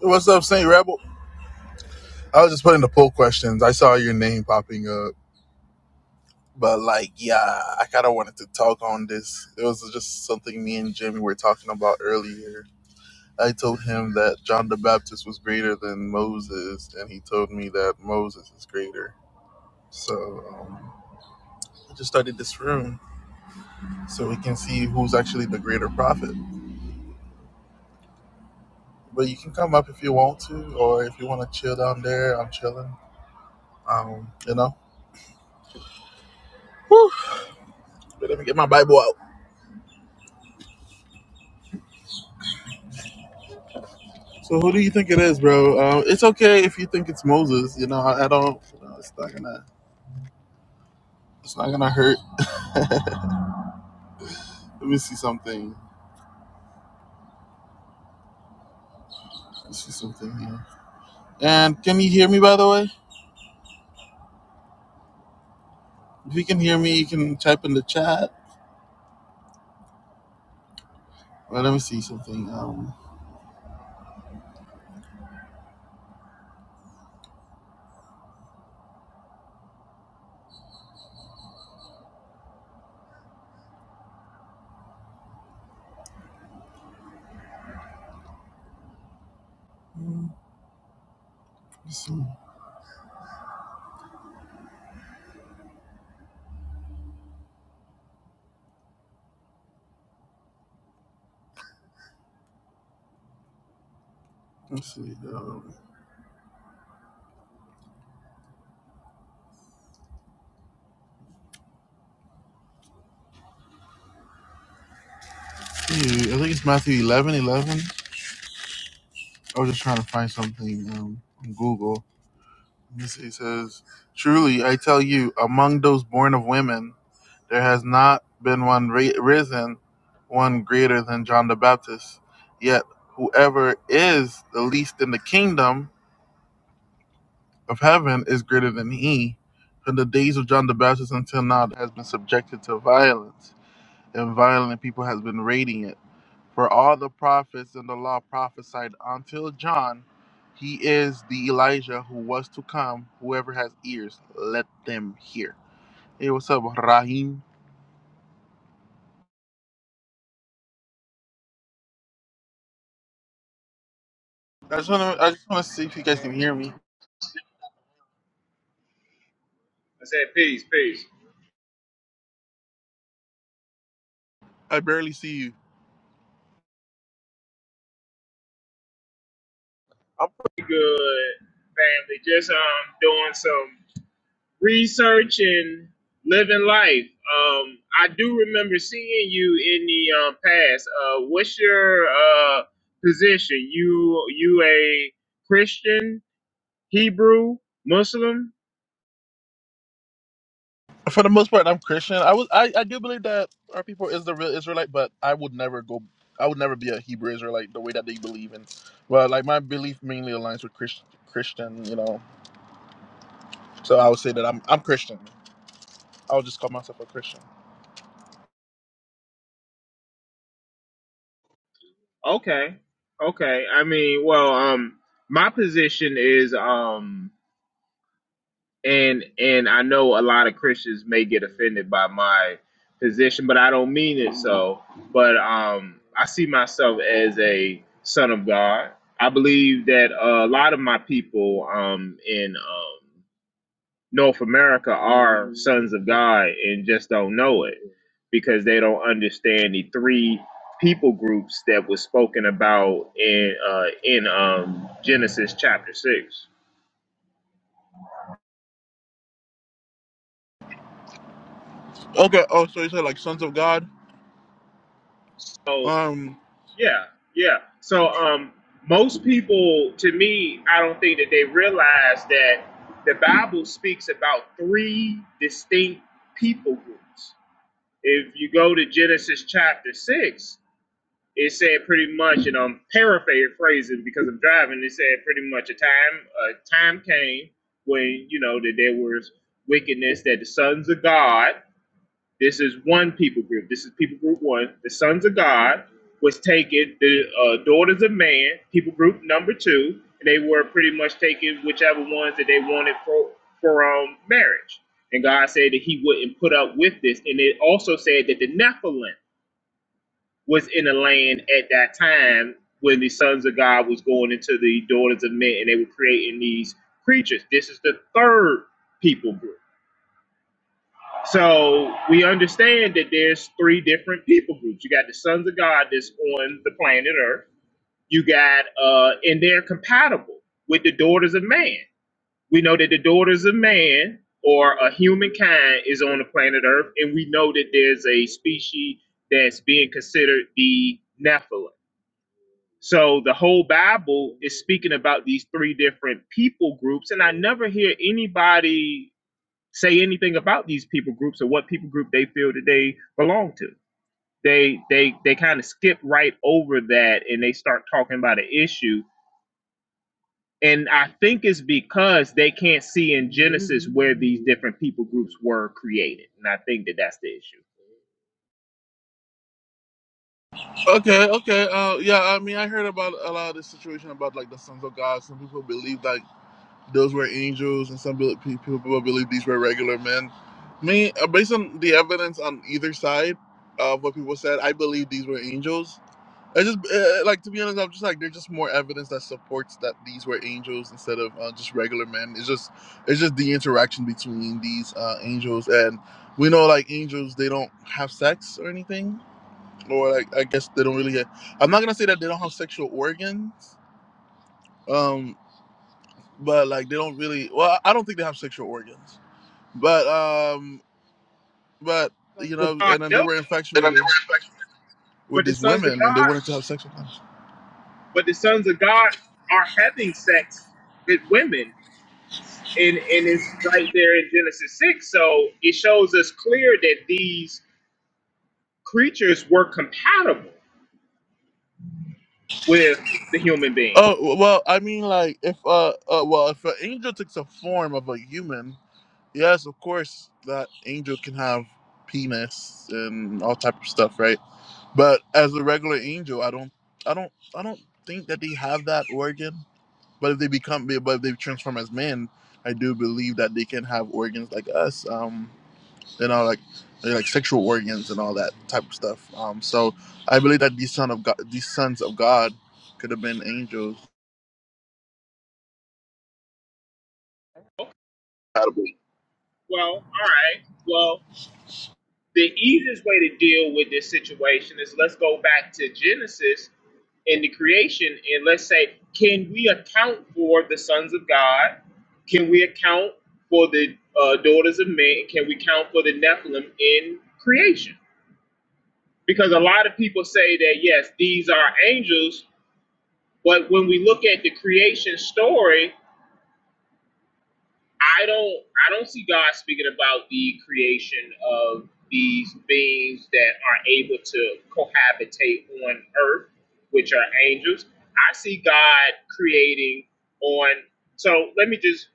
What's up, Saint Rebel? I was just putting the poll questions. I saw your name popping up, but like, yeah, I kind of wanted to talk on this. It was just something me and Jimmy were talking about earlier. I told him that John the Baptist was greater than Moses, and he told me that Moses is greater. So um, I just started this room so we can see who's actually the greater prophet. But you can come up if you want to, or if you want to chill down there, I'm chilling. Um, you know. Whew. let me get my Bible out. So who do you think it is, bro? Uh, it's okay if you think it's Moses. You know, I, I don't. You know, it's not gonna. It's not gonna hurt. Let me see something. Let me see something here. And can you hear me? By the way, if you can hear me, you can type in the chat. Well, let me see something. Um, mm, let's see. Let's see. Um, hmm, I think it's Matthew 11, 11. I was just trying to find something um, on Google. Let me see. It says, "Truly, I tell you, among those born of women." There has not been one ra- risen, one greater than John the Baptist. Yet whoever is the least in the kingdom of heaven is greater than he. From the days of John the Baptist until now, there has been subjected to violence, and violent people has been raiding it. For all the prophets and the law prophesied until John, he is the Elijah who was to come. Whoever has ears, let them hear. Hey, what's up, Rahim? I just want to, I just want to see if you guys can family. hear me. I said peace, peace. I barely see you. I'm Pretty good, family. Just um doing some research and living life. Um, I do remember seeing you in the um, past. Uh, what's your uh position? You you a Christian, Hebrew, Muslim? For the most part, I'm Christian. I was I, I do believe that our people is the real Israelite, but I would never go. I would never be a Hebrew Israelite the way that they believe in. Well, like my belief mainly aligns with Christ, Christian, you know. So I would say that I'm I'm Christian. I would just call myself a Christian. Okay, okay. I mean, well, um, my position is um. and and I know a lot of Christians may get offended by my position, but I don't mean it so. But um, I see myself as a son of God. I believe that uh, a lot of my people um, in um, North America are sons of God and just don't know it because they don't understand the three people groups that was spoken about in uh, in um, Genesis chapter six. Okay. Oh, so you said like sons of God. So, Um. Yeah, yeah. So um, most people, to me, I don't think that they realize that the Bible speaks about three distinct people groups. If you go to Genesis chapter six, it said pretty much, and I'm paraphrasing because I'm driving. It said pretty much a time a time came when you know that there was wickedness that the sons of God this is one people group. This is people group one. The sons of God was taken, the uh, daughters of man, people group number two, and they were pretty much taking whichever ones that they wanted for, for um, marriage. And God said that he wouldn't put up with this. And it also said that the Nephilim was in the land at that time when the sons of God was going into the daughters of men and they were creating these creatures. This is the third people group. So we understand that there's three different people groups. You got the sons of God that's on the planet Earth. You got uh and they're compatible with the daughters of man. We know that the daughters of man or a humankind is on the planet Earth, and we know that there's a species that's being considered the Nephilim. So the whole Bible is speaking about these three different people groups, and I never hear anybody say anything about these people groups or what people group they feel that they belong to. They they they kind of skip right over that and they start talking about an issue. And I think it's because they can't see in Genesis where these different people groups were created, and I think that that's the issue. Okay. Okay. Uh. Yeah. I mean, I heard about a lot of this situation about like the sons of God. Some people believe that those were angels, and some people believe these were regular men. Me, uh, based on the evidence on either side of what people said, I believe these were angels. I just uh, uh, like to be honest. I'm just like there's just more evidence that supports that these were angels instead of uh, just regular men. It's just it's just the interaction between these uh, angels, and we know like angels they don't have sex or anything, or like I guess they don't really. Have, I'm not gonna say that they don't have sexual organs, Um, but like they don't really well i don't think they have sexual organs but um but Sons you of know God and then they knows, were And then they infatuated were like, with but the these sons of women God, and they wanted to have sex with them but the sons of God are having sex with women, and and it's right there in Genesis six. So it shows us clear that these creatures were compatible with the human being. oh well i mean like if uh, uh well if an angel takes a form of a human yes of course that angel can have penis and all type of stuff right but as a regular angel i don't i don't i don't think that they have that organ But if they become, but if they transform as men, I do believe that they can have organs like us, um, you know, like like sexual organs and all that type of stuff. Um, so I believe that these son of God, these sons of God, could have been angels. Okay, Compatible. well, all right. Well, the easiest way to deal with this situation is let's go back to Genesis and the creation, and let's say, can we account for the sons of God? Can we account for the uh, daughters of men? Can we count for the Nephilim in creation? Because a lot of people say that yes, these are angels, but when we look at the creation story, I don't I don't see God speaking about the creation of these beings that are able to cohabitate on earth, which are angels. I see God creating on so let me just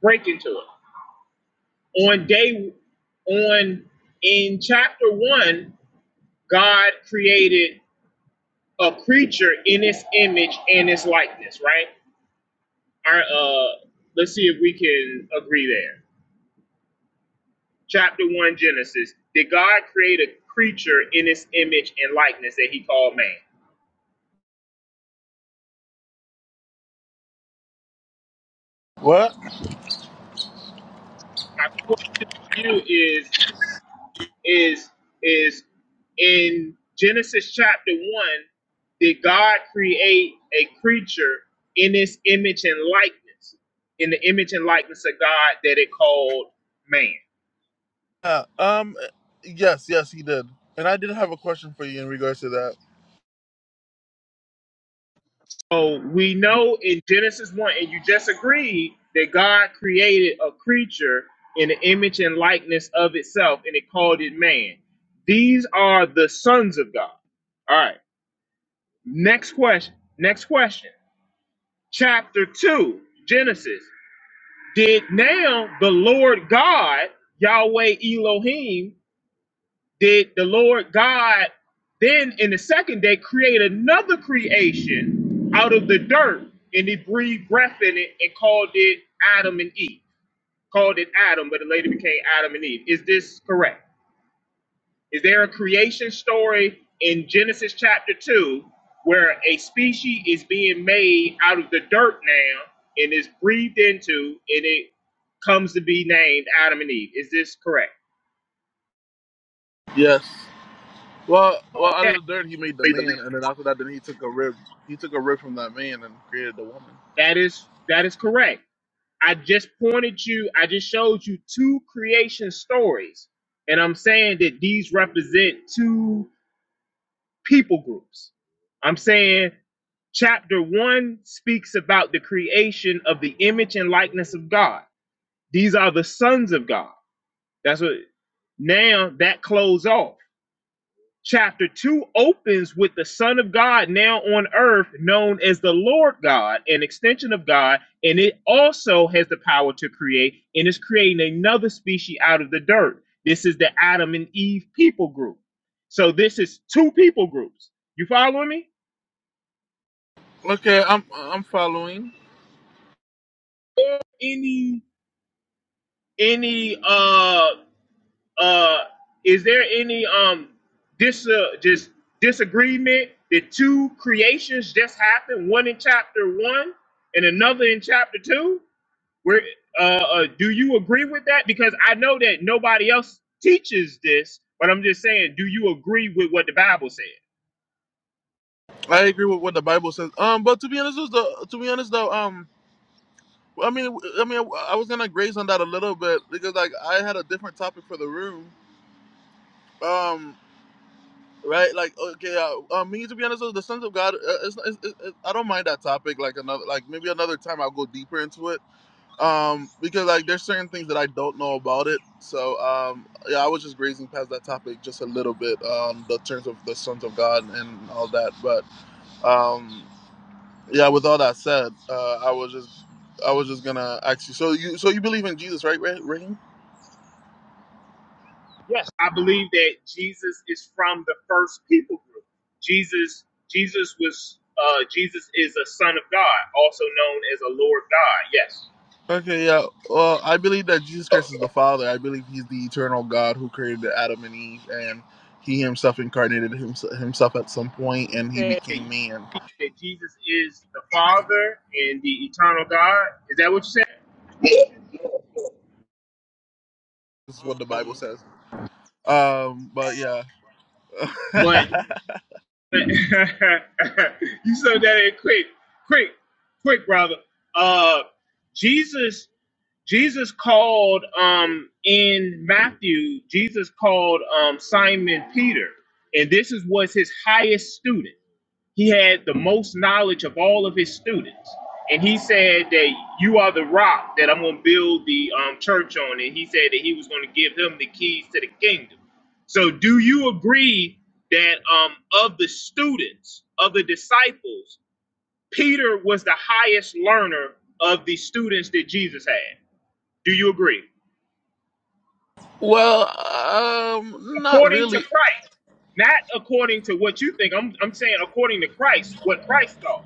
break into it. On day on in chapter one, God created a creature in his image and his likeness, right? Our uh let's see if we can agree there chapter 1 Genesis, did God create a creature in his image and likeness that he called man? What? My question to you is is is in Genesis chapter 1, did God create a creature in his image and likeness? In the image and likeness of God that it called man. Yeah. Um. Yes. Yes, he did. And I did have a question for you in regards to that. So we know in Genesis 1, and you just agreed that God created a creature in the image and likeness of itself, and it called it man. These are the sons of God. All right. Next question. Next question. Chapter 2, Genesis. Did now the Lord God, Yahweh Elohim, did the Lord God then in the second day create another creation out of the dirt, and he breathed breath in it and called it Adam and Eve. Called it Adam, but it later became Adam and Eve. Is this correct? Is there a creation story in Genesis chapter 2 where a species is being made out of the dirt now and is breathed into and it comes to be named Adam and Eve? Is this correct? Yes. Well, well, out Okay, of the dirt he made the man, and then after that, then he took a rib. He took a rib from that man and created the woman. that is that is correct. I just pointed you, I just showed you two creation stories. And I'm saying that these represent two people groups. I'm saying chapter one speaks about the creation of the image and likeness of God. These are the sons of God. That's what now that closed off chapter 2 opens with the Son of God now on earth, known as the Lord God, an extension of God, and it also has the power to create and is creating another species out of the dirt. This is the Adam and Eve people group. So this is two people groups. You following me? Okay, I'm I'm following. Or Any any uh uh is there any um dis uh, just disagreement that two creations just happened one in chapter one and another in chapter two where uh, uh do you agree with that because i know that nobody else teaches this but i'm just saying do you agree with what the bible said I agree with what the Bible says. Um, but to be honest, is the to be honest though, um, I mean, I mean, I was gonna graze on that a little bit because like I had a different topic for the room. Um, right, like okay, uh, uh, me to be honest, though, the sons of God. Uh, it's, it's, it's, it's- I don't mind that topic. Like another, like maybe another time I'll go deeper into it. Um, because like there's certain things that I don't know about it. So um, yeah, I was just grazing past that topic just a little bit. Um, the terms of the sons of God and all that, but. um. Yeah, with all that said, uh, I was just I was just gonna ask you. So you so you believe in Jesus, right, Ra- Raheem? yes i believe that jesus is from the first people group jesus jesus was uh jesus is a son of god also known as a lord god Okay, yeah. Well, I believe that Jesus Christ is the Father. I believe He's the eternal God who created Adam and Eve, and He Himself incarnated himself, himself at some point, and He yes became man. that Jesus is the Father and the eternal God. Is that what you said? This is what the Bible says. Um, but yeah. But, but you said that in quick, quick, quick, brother. Uh, Jesus, Jesus called um in Matthew, Jesus called um Simon Peter, and this is was his highest student. He had the most knowledge of all of his students. And he said that you are the rock that I'm going to build the um, church on. And he said that he was going to give him the keys to the kingdom. So, do you agree that um, of the students, of the disciples, Peter was the highest learner of the students that Jesus had? Do you agree? well, um, not According to really. Christ, not according to what you think. I'm, I'm saying according to Christ, what Christ thought.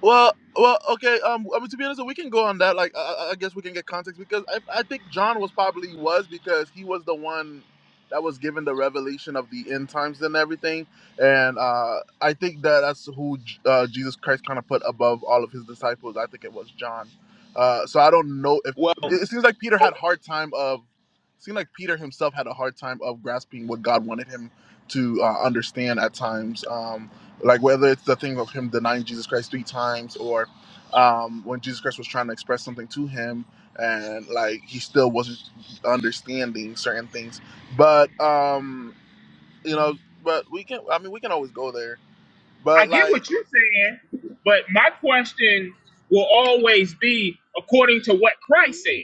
Well, well, okay. Um, I mean, to be honest, we can go on that. Like, I, I I guess we can get context because I, I think John was probably was because he was the one that was given the revelation of the end times and everything. And uh, I think that that's who J- uh, Jesus Christ kind of put above all of his disciples. I think it was John. Uh, so I don't know if Well. it, it seems like Peter had a hard time of. Seemed like Peter himself had a hard time of grasping what God wanted him to uh, understand at times. um, like whether it's the thing of him denying Jesus Christ three times or um, when Jesus Christ was trying to express something to him and like he still wasn't understanding certain things. But um, you know, but we can. I mean, we can always go there. I But get like, what you're saying, but my question will always be according to what Christ said.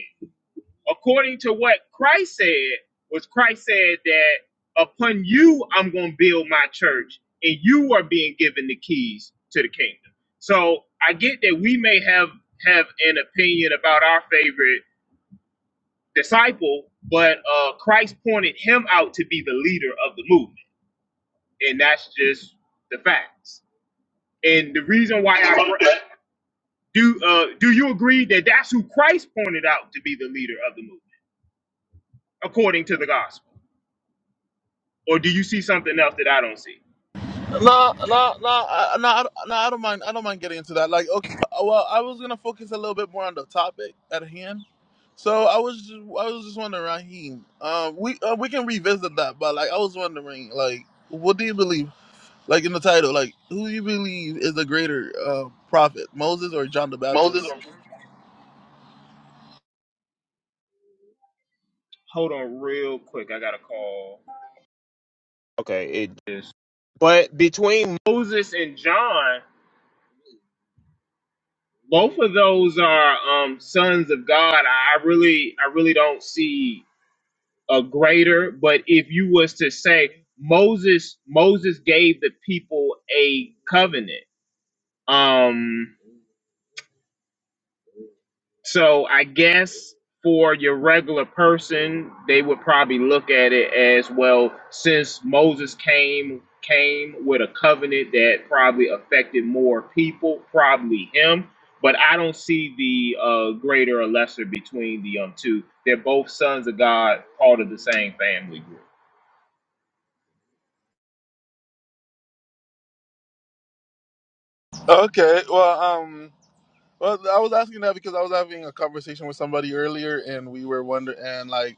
According to what Christ said, was Christ said that upon you I'm going to build my church, and you are being given the keys to the kingdom. So I get that we may have have an opinion about our favorite disciple, but uh, Christ pointed him out to be the leader of the movement, and that's just the facts. And the reason why I Do uh, do you agree that that's who Christ pointed out to be the leader of the movement, according to the gospel? Or do you see something else that I don't see? no, no, no, I- no, I don't- no. I don't mind. I don't mind getting into that. Like, okay, well, I was gonna focus a little bit more on the topic at hand. So I was, just, I was just wondering, Raheem. Um, we uh, we can revisit that, but like, I was wondering, like, what do you believe? Like in the title, like who do you believe is the greater uh, prophet, Moses or John the Moses Baptist? or Hold on, real quick. I got to call this. Moses and John, both of those are um, sons of God. I I really, I really don't see a greater. But if you was to say Moses, Moses gave the people a covenant. Um, So I guess for your regular person, they would probably look at it as well. Since Moses came came with a covenant that probably affected more people, probably him. But I don't see the uh, greater or lesser between the um two. They're both sons of God, part of the same family group. Okay, well, um, well, I was asking that because I was having a conversation with somebody earlier, and we were wondering, and like,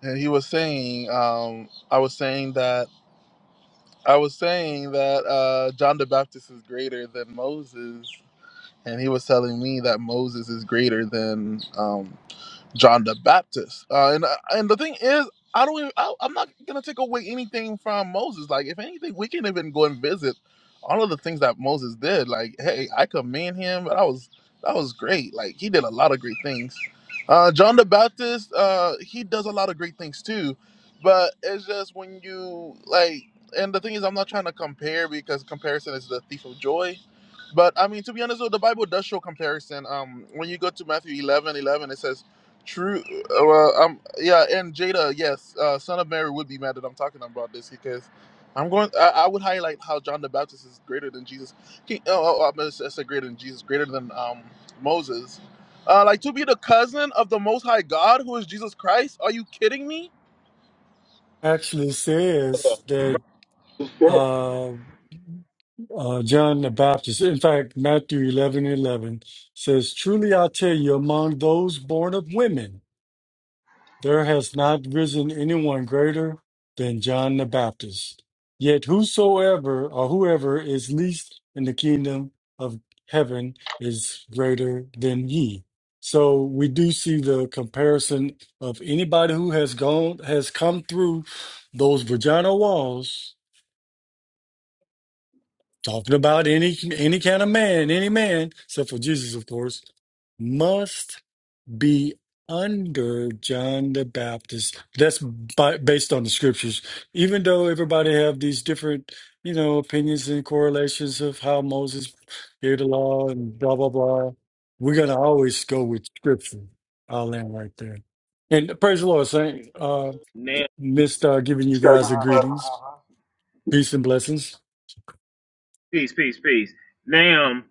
and he was saying, um, I was saying that I was saying that uh, John the Baptist is greater than Moses, and he was telling me that Moses is greater than um, John the Baptist. Uh, and uh, and the thing is, I don't. Even, I, I'm not gonna take away anything from Moses. Like, if anything, we can even go and visit all of the things that Moses did. Like, hey, I commend him. but I was that was great. Like, he did a lot of great things. Uh, John the Baptist, uh, he does a lot of great things too. But it's just when you like, and the thing is, I'm not trying to compare because comparison is the thief of joy. But I mean, to be honest, though, the Bible does show comparison. Um, when you go to Matthew 11 11, it says True. uh, Well, I'm yeah, and Jada, yes, uh, Son of Mary would be mad that I'm talking about this because I'm going. I, I would highlight how John the Baptist is greater than Jesus. He, oh, oh, oh, I said I said greater than Jesus, greater than um, Moses. Uh, like to be the cousin of the Most High God, who is Jesus Christ. Are you kidding me? actually says Brother, that it's dead. uh, uh, John the Baptist, in fact, Matthew 11 11 says, Truly I tell you, among those born of women, there has not risen anyone greater than John the Baptist. Yet whosoever or whoever is least in the kingdom of heaven is greater than he. So we do see the comparison of anybody who has gone, has come through those vagina walls Talking about any any kind of man, any man, except for Jesus, of course, must be under John the Baptist. That's by, based on the scriptures. Even though everybody have these different, you know, opinions and correlations of how Moses gave the law and blah blah blah, we're gonna always go with scripture. I'll land right there. And praise the Lord, Saint. Uh, Now, missed uh, giving you Just got it back guys the to greetings, huh? peace and blessings. peace, peace, peace. Now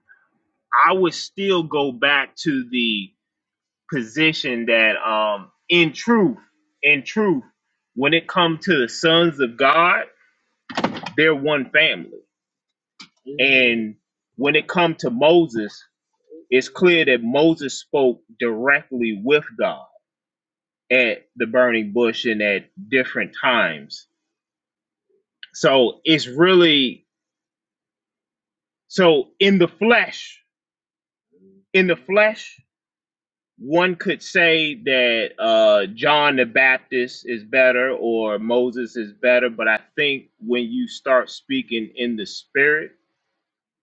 I would still go back to the position that um in truth, in truth, when it comes to the sons of God, they're one family. And when it comes to Moses, it's clear that Moses spoke directly with God at the burning bush and at different times. So it's really so in the flesh, in the flesh one could say that uh, John the Baptist is better or Moses is better, but I think when you start speaking in the spirit,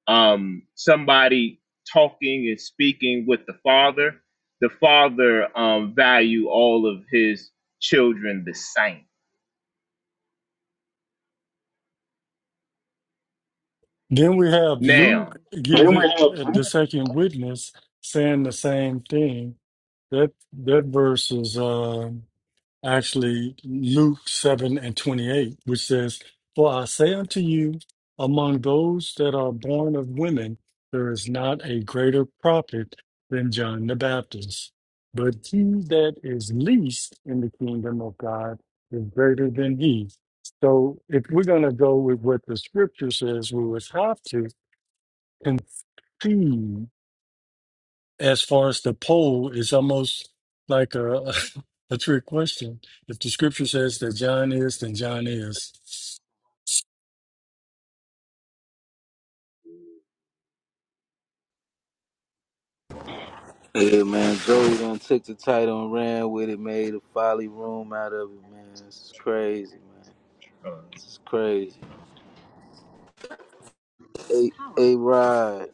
um, somebody talking and speaking with the Father, the Father um, value all of his children the same. Then we have Now, Luke give Then we it uh, the second witness saying the same thing. That that verse is uh, actually Luke seven and twenty eight, which says, "For I say unto you, among those that are born of women, there is not a greater prophet than John the Baptist. But he that is least in the kingdom of God is greater than he." So, if we're going to go with what the scripture says, we would have to conceived as far as the poll is almost like a, a trick question. If the scripture says that John is, then John is. Yeah, man, Joey done took the title and ran with it, made a folly room out of it, man. This is crazy, man. This is crazy. A A Rod,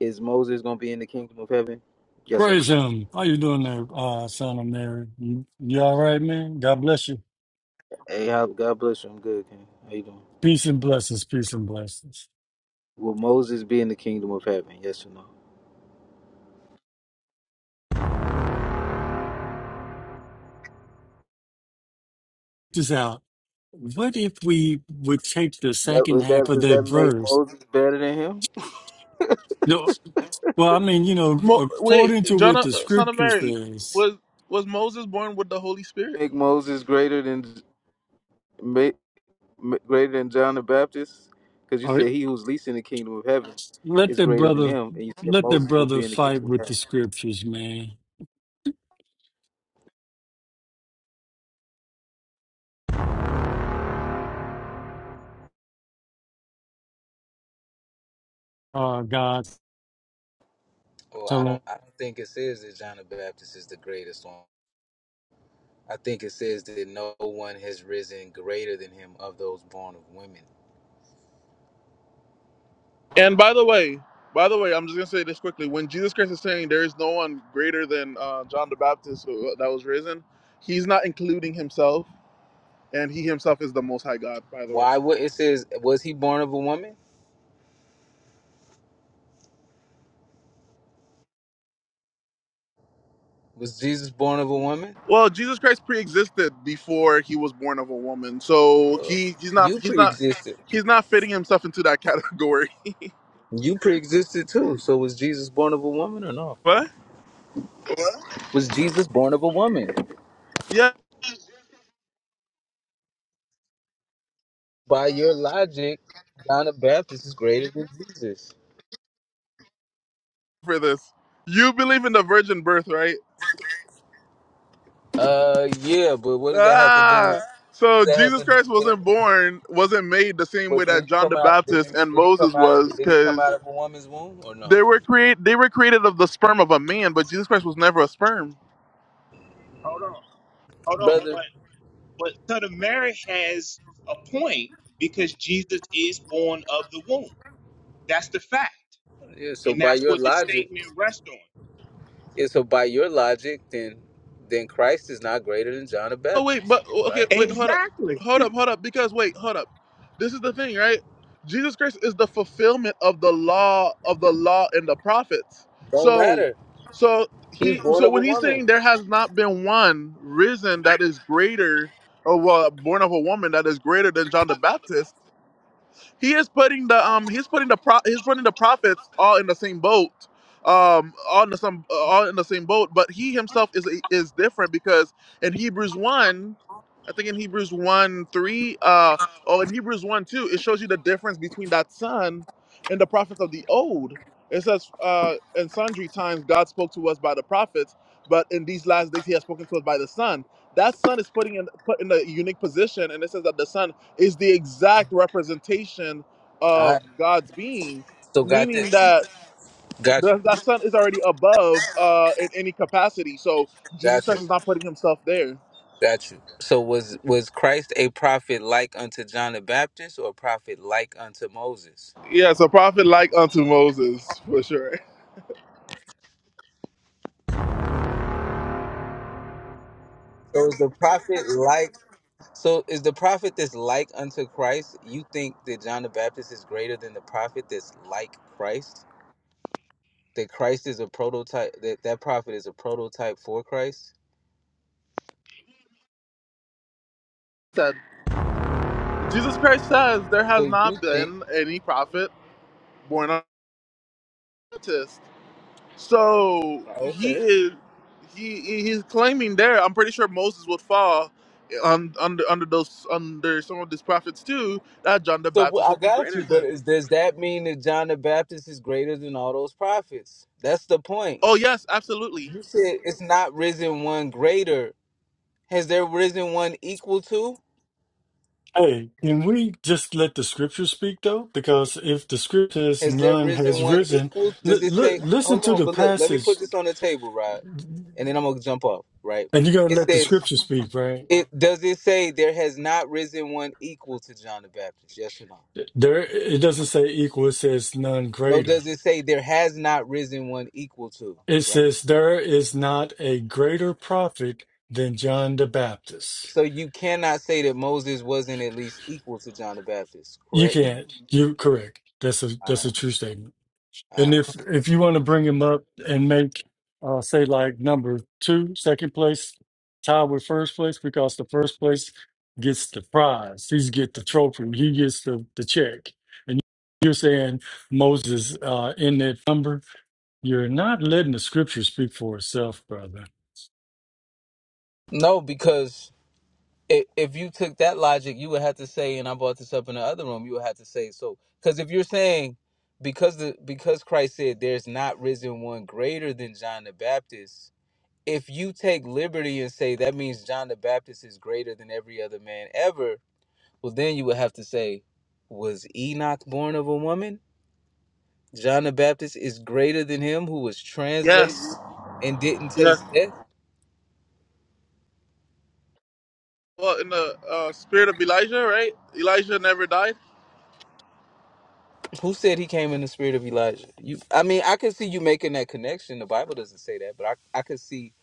is Moses gonna be in the kingdom of heaven? Yes or no? Praise him. How you doing there, uh, son of Mary? You, you all right, man? God bless you. Hey, how- God bless you. I'm good, King. How you doing? Peace and blessings. Peace and blessings. Will Moses be in the kingdom of heaven? Yes or no? Just out. What if we would take the That second was half that. of Does that that make verse? Moses better than him? No, well, I mean, you know, Mo- wait, according to John, what uh, the Son of scripture Mary, says, was was Moses born with the Holy Spirit? Make Moses greater than? m- greater than John the Baptist? Because you said he who's least in the kingdom of heaven Let is the greater than brother him, and you said let the Moses will brother be in the fight kingdom of with the heaven. scriptures, man. Uh God Well, I tell him don't. I don't think it says that John the Baptist is the greatest one. I think it says that no one has risen greater than him of those born of women. And by the way, by the way, I'm just gonna say this quickly. When Jesus Christ is saying there is no one greater than uh, John the Baptist who- uh, that was risen, he's not including himself, and he himself is the Most High God. By the way, Why? would it says? Was he born of a woman? Was Jesus born of a woman? well, Jesus Christ pre-existed before he was born of a woman, so Well, he he's not you he's not pre-existed. he's not fitting himself into that category. You pre-existed too. So was Jesus born of a woman or no? What? Was Jesus born of a woman? Yeah, By your logic, John the Baptist is greater than Jesus. for this, you believe in the virgin birth, right? Uh, yeah, but what does that have to do with? Ah, What does so that have Jesus to do Christ with it? wasn't born, wasn't made the same But way did that he John come the out? Did he, Baptist and did he Moses come out was, of? Did he come because out of a woman's womb or no, they were create they were created of the sperm of a man, but Jesus Christ was never a sperm. Hold on, hold on. brother? But but Southern Mary has a point because Jesus is born of the womb. That's the fact. Yeah. So and by that's your what the logic, statement rests on. yeah, so by your logic, then then Christ is not greater than John the Oh wait, Baptist, but okay, right? wait, hold up, Exactly. hold up, hold up. Because wait, hold up. This is the thing, right? Jesus Christ is the fulfillment of the law of the law and the prophets. Don't So, matter. so He's he, born so of a when he's woman. saying there has not been one risen that is greater, or well, born of a woman that is greater than John the Baptist, he is putting the um he's putting the pro he's putting the prophets all in the same boat um all in the some all in the same boat but he himself is is different because in hebrews 1 i think in hebrews 1 3 uh oh in hebrews 1 2 it shows you the difference between that son and the prophets of the old it says uh in sundry times god spoke to us by the prophets but in these last days he has spoken to us by the son that son is putting in put in a unique position and it says that the son is the exact representation All of right. God's being, So got meaning this. that Gotcha. the, that son is already above uh, in any capacity. So Jesus Christ Gotcha. is not putting himself there. Got you. So was was Christ a prophet like unto John the Baptist or a prophet like unto Moses? Yes, a prophet like unto Moses, for sure. So is the prophet like so is the prophet that's like unto Christ? You think that John the Baptist is greater than the prophet that's like Christ? That Christ is a prototype that that prophet is a prototype for Christ? Said Jesus Christ says there So has you not think been any prophet born of Titus. So he okay. is he he- he's claiming there. I'm pretty sure Moses would fall on, under under those under some of these prophets too. That John the So Baptist well, I would be got greater you, but than. is, does that mean that John the Baptist is greater than all those prophets? That's the point. Oh yes, absolutely. You said it's not risen one greater Has there risen one equal to? Hey, can we just let the scriptures speak though? Because if the scriptures Has there none risen has one risen, equal? Does li- it li- say, listen hold to on, the but look, let me passage put this on the table, Rod, and then I'm going to jump off, right? and you're gonna It let the says, scripture speak, right? it does it say there has not risen one equal to John the Baptist? Yes or no? There it doesn't say equal, it says none No, greater. does it say there has not risen one equal to, It right? says there is not a greater prophet than John the Baptist. So you cannot say that Moses wasn't at least equal to John the Baptist, You correct? can't. You correct. That's a that's a true statement. Uh, And if if you want to bring him up and make uh say like number two, second place, tied with first place, because the first place gets the prize. He's get the trophy. He gets the the check. And you're saying Moses uh in that number. You're not letting the scripture speak for itself, brother. no, because if, if you took that logic, you would have to say, and I brought this up in the other room, you would have to say so. Because if you're saying because the because Christ said there's not risen one greater than John the Baptist, if you take liberty and say that means John the Baptist is greater than every other man ever, well then you would have to say, was Enoch born of a woman? John the Baptist is greater than him who was translated Yes, and didn't yes. taste death. Well, in the uh, spirit of Elijah, right? Elijah never died. Who said he came in the spirit of Elijah? You, I mean, I could see you making that connection. The Bible doesn't say that, but I, I could see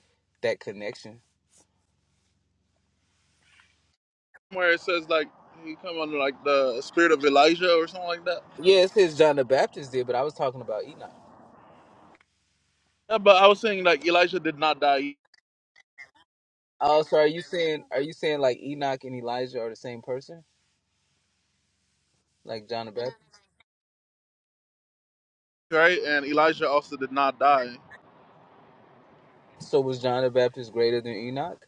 that connection. Where it says like he come under like the spirit of Elijah or something like that. Yeah, it says John the Baptist did, but I was talking about Enoch. Yeah, but I was saying like Elijah did not die, Oh, so are you saying are you saying like Enoch and Elijah are the same person, like John the Baptist? right? And Elijah also did not die. So was John the Baptist greater than Enoch?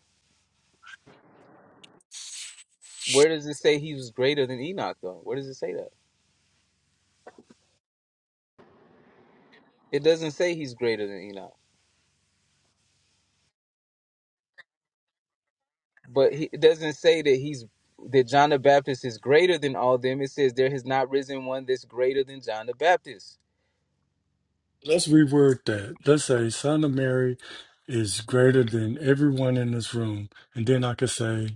Where does it say he was greater than Enoch though? Where does it say that? It doesn't say he's greater than Enoch, but he, it doesn't say that he's that John the Baptist is greater than all them. It says there has not risen one that's greater than John the Baptist. Let's reword that. Let's say son of Mary is greater than everyone in this room. And then I could say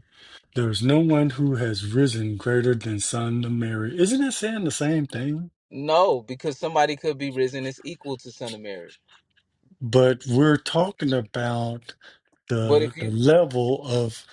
There is no one who has risen greater than Son of Mary. Isn't it saying the same thing? No, because somebody could be risen as equal to Son of Mary. But we're talking about But the if the you, level of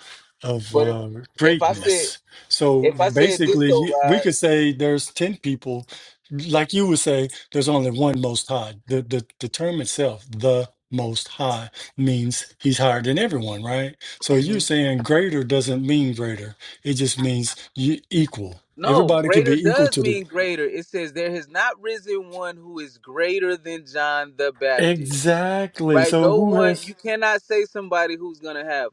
of but if uh, if I said greatness. So if I said this basically, though, you, we could Rod, say there's ten people, like you would say, there's only one Most High. The the, the term itself, the Most High, means He's higher than everyone, right? So you're hmm saying greater doesn't mean greater; it just means you equal. no, Everybody can greater be equal does to the mean greater. It says there has not risen one who is greater than John the Baptist. Exactly. Right? So No who one. has? You cannot say somebody who's gonna have.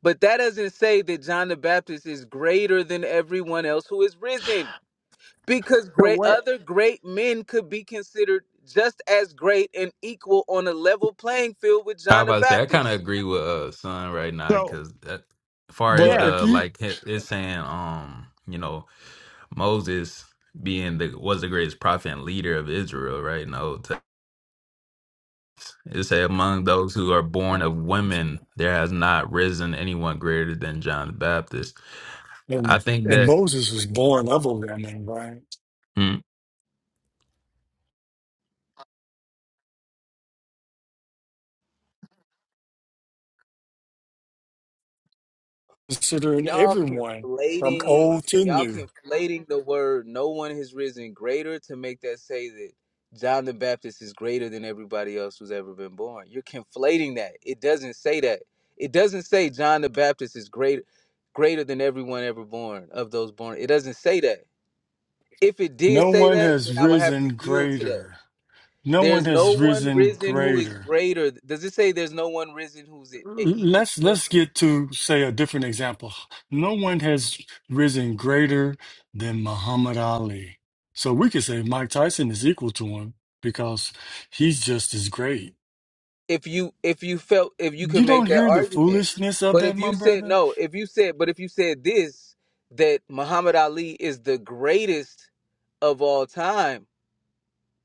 But that doesn't say that John the Baptist is greater than everyone else who is risen. because great other great men could be considered just as great and equal on a level playing field with I was John the about to say I kind of Baptist. agree with uh son right now So because as far Well, as yeah, if the you like it- it's saying um you know Moses being the was the greatest prophet and leader of Israel right in the Old Testament it say among those who are born of women there has not risen anyone greater than John the Baptist I and, think and that Moses was born of them, right? mm, Considering Y'all everyone from conflating old to y'all new, conflating the word no one has risen greater to make that say that John the Baptist is greater than everybody else who's ever been born. You're conflating that. It doesn't say that. It doesn't say John the Baptist is greater greater than everyone ever born of those born. It doesn't say that. If it did no say one that, then has I would have to risen yield to that. greater. No one There's no has one risen risen who is greater. greater. Does it say there's no one risen who's e- e-, equal Let's to him? let's get to say a different example. No one has risen greater than Muhammad Ali. So we could say Mike Tyson is equal to him because he's just as great. If you if you felt if you could You don't make that hear the argument, foolishness of but that, if my you said brother? no, if you said but if you said this that Muhammad Ali is the greatest of all time,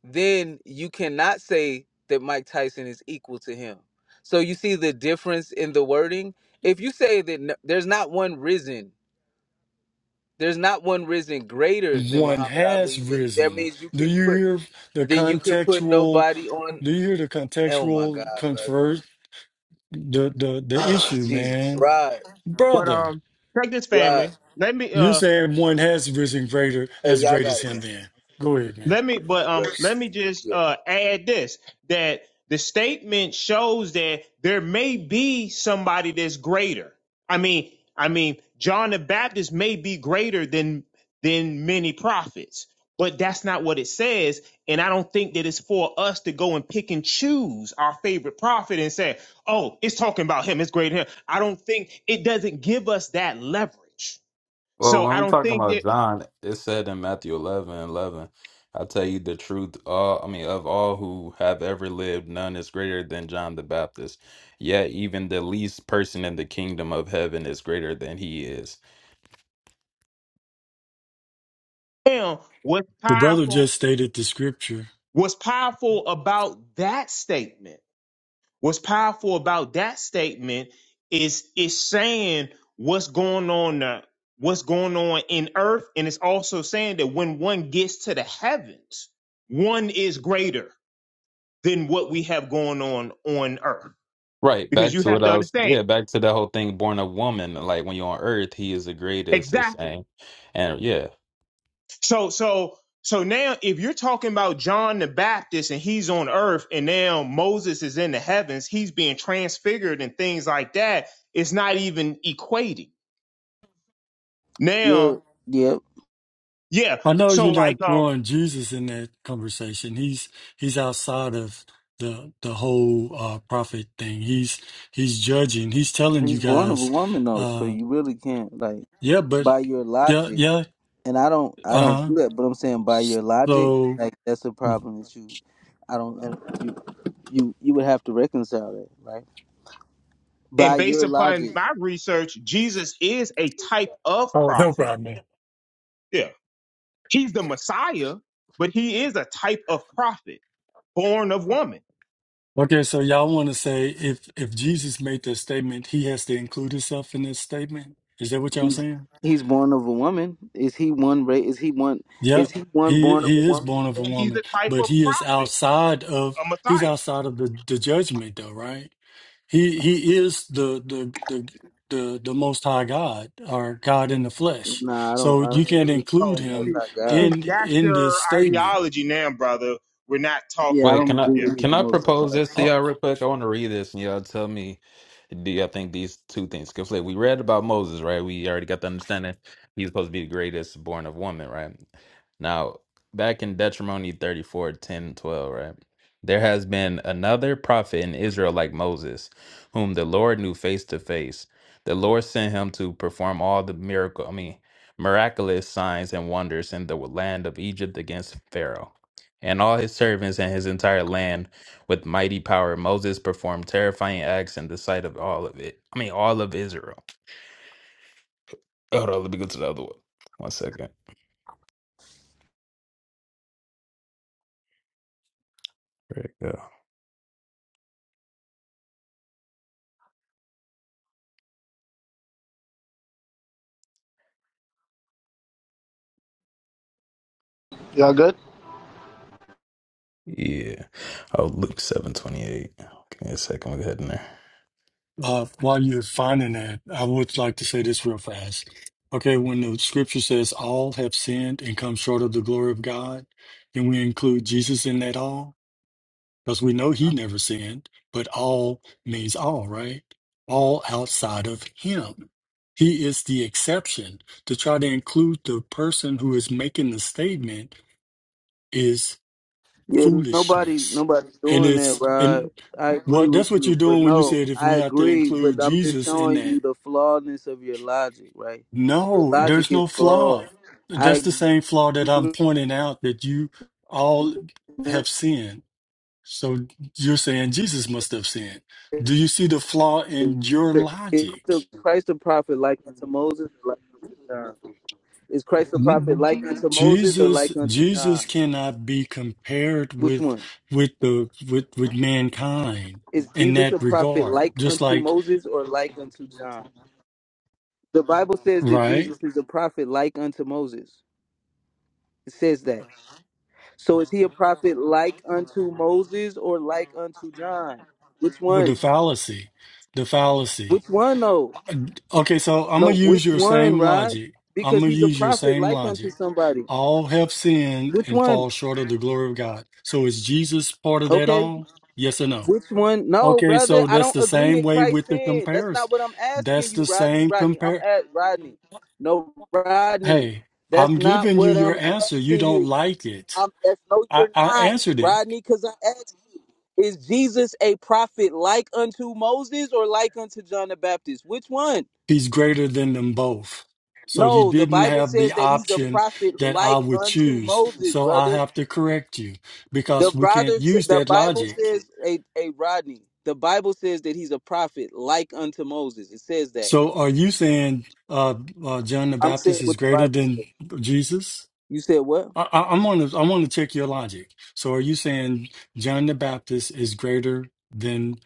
then you cannot say that Mike Tyson is equal to him. So you see the difference in the wording. If you say that n there's not one risen There's not one risen greater than One Muhammad has Ali. Then that risen. means you Do can you put hear the then you can put contextual? nobody on Do you hear the oh my god, contextual brother. convert the the the Oh issue, Jesus. man, Right. but brother? um, check this Right. family. Let me. You're uh. saying one has risen greater Hey, as y'all great as got it, him. man. Then go ahead, man. Let me, but Brother. um, let me just Yeah. uh add this that the statement shows that there may be somebody that's greater. I mean, I mean, John the Baptist may be greater than than many prophets, but that's not what it says. And I don't think that it's for us to go and pick and choose our favorite prophet and say, "Oh, it's talking about him. It's greater than him." I don't think it doesn't give us that leverage. Well, So when I we don't talking think about that John, it said in Matthew 11, and 11, I tell you the truth, all I mean, of all who have ever lived, none is greater than John the Baptist. Yet even the least person in the kingdom of heaven is greater than he is. him was The brother powerful just stated the scripture. What's powerful about that statement? What's powerful about that statement is it's saying what's going on uh, what's going on in earth, and it's also saying that when one gets to the heavens, one is greater than what we have going on on earth. Right, Because back you to have what to I was, understand yeah, back to that whole thing, born a woman, like when you're on earth, he is the greatest, it's exactly saying. And yeah. So so so now if you're talking about John the Baptist and he's on earth and now Moses is in the heavens, he's being transfigured and things like that, it's not even equating. Yeah, Now, yep. yeah. I know you're So like not um throwing Jesus in that conversation. He's he's outside of the the whole uh, prophet thing. He's he's judging. He's telling you He's born of a guys, woman though, so uh, you really can't like yeah, but by your yeah, logic. yeah, And I don't, I uh don't huh. do that. But I'm saying by your logic, So, like that's a problem that you, I don't, I don't- you, you, you would have to reconcile that, right? By and based your upon logic. my research, Jesus is a type of oh, no prophet. problem. man. Yeah. He's the Messiah, but he is a type of prophet, born of woman. Okay, so y'all want to say if if Jesus made that statement, he has to include himself in this statement. Is that what y'all He's saying? he's born of a woman. Is he one ra Is he one? Is Yep. he one He born of a he is woman? born of a And he's woman, a type but of he is prophet, outside of a he's Messiah. outside of the, the judgment though, right? He he is the the the the the most high God or God in the flesh. Nah, I don't. So I you don't can't believe he's include the Oh, Most him see, High God. see, in that's in this your statement. ideology now, brother. We're not talking. Yeah, I to- Wait, don't can I agree Yeah, that he's can the I Most High propose God. this to Uh, y'all real quick? I want to read this and y'all tell me do y'all think these two things Because, like, We read about Moses, right? We already got the understanding he's supposed to be the greatest born of woman, right? Now, back in Deuteronomy 34 10 12, right? There has been another prophet in Israel like Moses, whom the Lord knew face to face. The Lord sent him to perform all the miracle, I mean, miraculous signs and wonders in the land of Egypt against Pharaoh and all his servants and his entire land with mighty power. Moses performed terrifying acts in the sight of all of it. I mean, all of Israel. Hold on, let me go to the other one. One second. There you go. Y'all good? Yeah. Oh, Luke seven twenty eight. Give me a second. We're heading there. uh, while you're finding that, I would like to say this real fast. Okay, when the scripture says all have sinned and come short of the glory of God, can we include Jesus in that all? because we know he never sinned, but all means all, right? All outside of him. He is the exception. To try to include the person who is making the statement is Yeah, nobody, foolishness. nobody's And doing that, it's bro. and I agree what that's with what you're you, but doing when you no, said if I we have to agree. include But I'm just Jesus in showing that. you the flawedness of your logic, right? Your No, logic there's is no flawed. flaw. That's I the same flaw that I'm agree. pointing out that you all have sinned So you're saying Jesus must have sinned. Do you see the flaw in your Is logic? Christ the prophet like unto Moses? Like, Is Christ a prophet like Mhm. unto Moses or Jesus like unto Jesus John? cannot be compared Which with one? with the with with mankind Is in Jesus a that prophet regard. like Just unto like Moses or like unto John? The Bible says that right Jesus is a prophet like unto Moses. It says that. So is he a prophet like unto Moses or like unto John? Which with the one? fallacy, the fallacy. Which one though? Okay, so I'm No, gonna which use your one, same Rod? logic. I'm Because gonna he's a use your prophet same like unto logic. somebody. All have sinned Which and one? fall short of the glory of God. So is Jesus part of that Okay. all? Yes or no? Which one? No, Okay, brother, so I that's don't the agree same that way Christ with the sinned. That's comparison. not what I'm asking That's you, the Rodney. same Rodney, I'm compare. at Rodney. No, Rodney, Hey, that's I'm not giving you what your I'm answer. You asking don't you. like it. I'm that's no, I, you're I not, answered it. Rodney, because I asked, is Jesus a prophet like unto Moses or like unto John the Baptist? Which one? He's greater than them both. So you No, the didn't Bible have the says that he's a option prophet that I like would unto choose. Moses, So I brother. have to correct you The because we brother, can't s- use the that Bible logic. says, a a Rodney. The Bible says that he's a prophet, like unto Moses. It says that. So are you saying uh, uh, John the I'm Baptist saying is what the greater Bible than says. Jesus? You said what? I, I- I'm on to I want to check your logic. So are you saying John the Baptist is greater than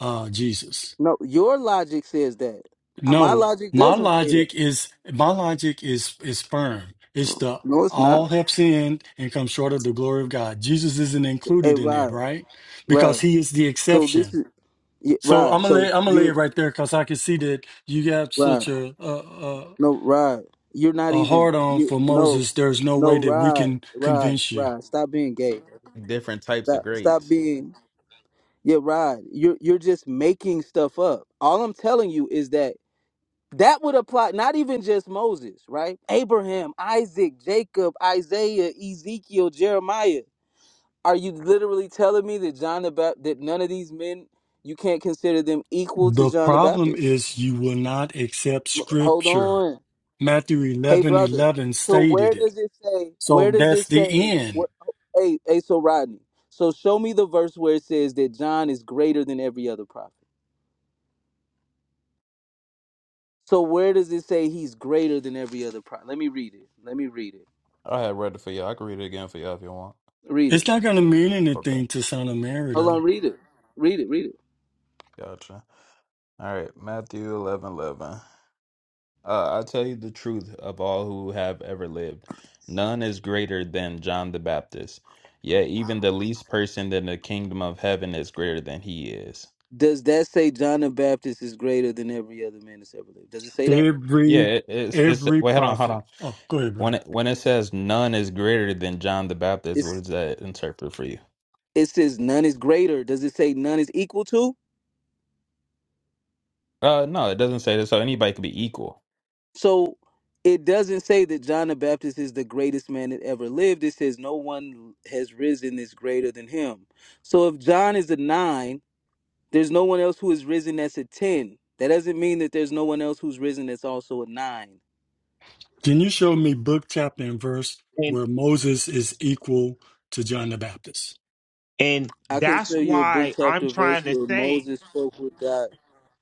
uh, Jesus? No, your logic says that. Uh, My No, logic my doesn't say that. logic is my logic is is firm. It's the No, it's not. all have sinned and come short of the glory of God. Jesus isn't Hey, included in that, Rod, right? Because Rod. he is the So this exception. is yeah, So I'm Rod. gonna lay, So I'm gonna lay it you, right there because I can see that you got such Rod. a a, a No, Rod. You're not a even. hard on You for no, Moses. There's no way no, that we Rod, can Rod, convince you. Rod. Stop being gay. Different types of Stop, stop grades. being. Yeah, Rod. You're you're just making stuff up. All I'm telling you is that that would apply not even just Moses, right? Abraham, Isaac, Jacob, Isaiah, Ezekiel, Jeremiah. Are you literally telling me that John the Baptist that none of these men you can't consider them equal to The John the problem Baptist? is you will not accept Hold scripture. on. Matthew Hey eleven brother. eleven So stated where it. does it say where So does that's it the say end. where, hey hey so Rodney. So show me the verse where it says that John is greater than every other prophet. So where does it say he's greater than every other prophet? Let me read it. Let me read it. I had read it for y'all. I can read it again for y'all if you want. Read it. It's not going to mean Okay. anything to Son of Mary, Hold on, though. read it. Read it, read it. Gotcha. All right. Matthew eleven eleven. Uh, I'll tell you the truth of all who have ever lived. None is greater than John the Baptist. Yet even the least person in the kingdom of heaven is greater than he is. Does that say John the Baptist is greater than every other man that's ever lived? Does it say that? Yeah, Every, it, it's it's. every Wait, hold on, hold prophet. on. Oh, go ahead, brother. When it, when it says none is greater than John the Baptist, what It's does that interpret for you? it says none is greater. Does it say none is equal to? Uh, no, it doesn't say that. So anybody could be equal. So it doesn't say that John the Baptist is the greatest man that ever lived. It says no one has risen is greater than him. So if John is a nine, there's no one else who is risen that's a ten. That doesn't mean that there's no one else who's risen that's also a nine Can you show me book, chapter, and verse and where Moses is equal to John the Baptist? and I can that's show you a book why I'm chapter verse trying to where say Moses spoke with God.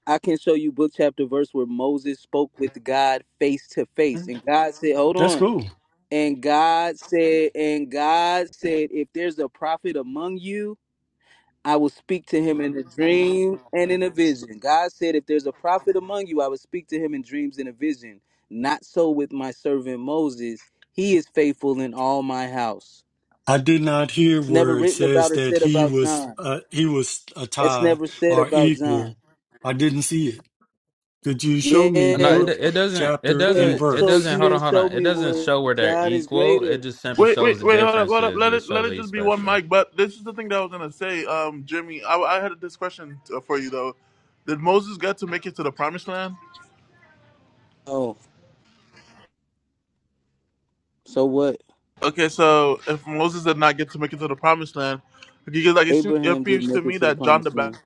I can show you book chapter verse where Moses spoke with God face to face. And God said, Hold That's on. cool. And God said, and God said, if there's a prophet among you, I will speak to him in a dream and in a vision. God said, if there's a prophet among you, I will speak to him in dreams and a vision. Not so with my servant Moses. He is faithful in all my house. I did not hear It's never where it written about says or that said he about was John. uh, he was a That's tie never said or about John. equal. I didn't see it. Could you show me No, it Yeah. book, it doesn't. It chapter, and So doesn't. It so verse? doesn't. you Hold on, didn't hold show on. It me doesn't where show where they're God is equal. It greater. just simply Wait, shows wait, the wait, hold up, hold up. differences. Let It it, let shows it they just be one special. mic. But this is the thing that I was gonna say, um, Jimmy. I, I had this question uh, for you though. Did Moses get to make it to the promised land? Oh, so what? Okay, so if Moses did not get to make it to the promised land, because like it, seems, it Abraham didn't appears to make it me to the that John the promised Baptist. land.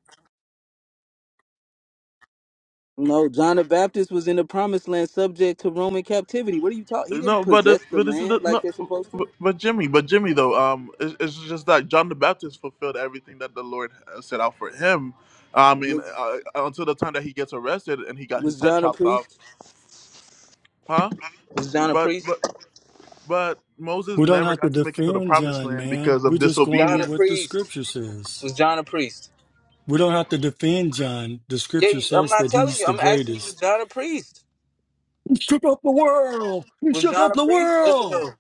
No, John the Baptist was in the promised land subject to Roman captivity. What are you talking? He didn't No, but the, possess the but this is the land like no. they're supposed to. But but Jimmy, but Jimmy though, um, it's, it's just that John the Baptist fulfilled everything that the Lord uh, set out for him. I mean, Was uh, until the time that he gets arrested and he got his was head John a chopped off, priest? huh? Was John a But priest? but But Moses We don't never have to got to make it to the defend promised John, land man. because We're of just going John with a disobedience. what the priest. scripture says. Was John a priest? We don't have to defend John. The Yeah, scripture you- I'm says not that telling he's you. the I'm asking you, was greatest. John a priest? He shook up the world. He Was shook John up a the priest? Yes or world. no?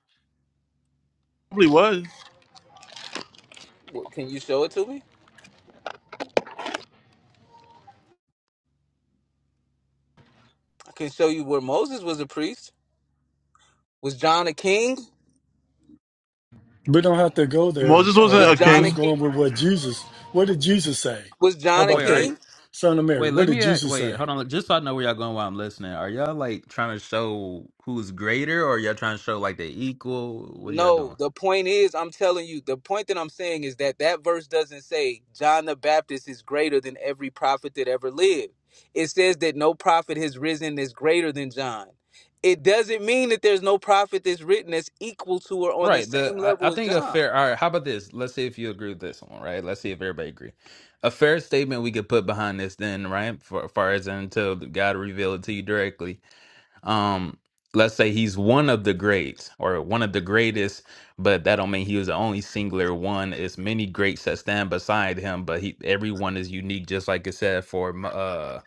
Probably was. What, can you show it to me? I can show you where Moses was a priest. Was John a king? We don't have to go there. Moses wasn't Uh, Was a we're John a just king. king? going with what Jesus. What did Jesus say? Was How John a about Wait, are that, you? king? Son of Mary? Wait, What let did me ask, Jesus wait, say? hold on. Just so I know where y'all going while I'm listening, are y'all like trying to show who's greater, or y'all trying to show like they equal? What are y'all No. doing? The point is, I'm telling you, the point that I'm saying is that that verse doesn't say John the Baptist is greater than every prophet that ever lived. It says that no prophet has risen is greater than John. It doesn't mean that there's no prophet that's written that's equal to or on the Right. The same I, I level as think a John. fair. All right. How about this? Let's see if you agree with this one. Right. Let's see if everybody agree. A fair statement we could put behind this, then, right? For far as until God reveal it to you directly, um let's say he's one of the greats or one of the greatest but that don't mean he was the only singular one it's many greats that stand beside him but he everyone is unique just like it said for M- uh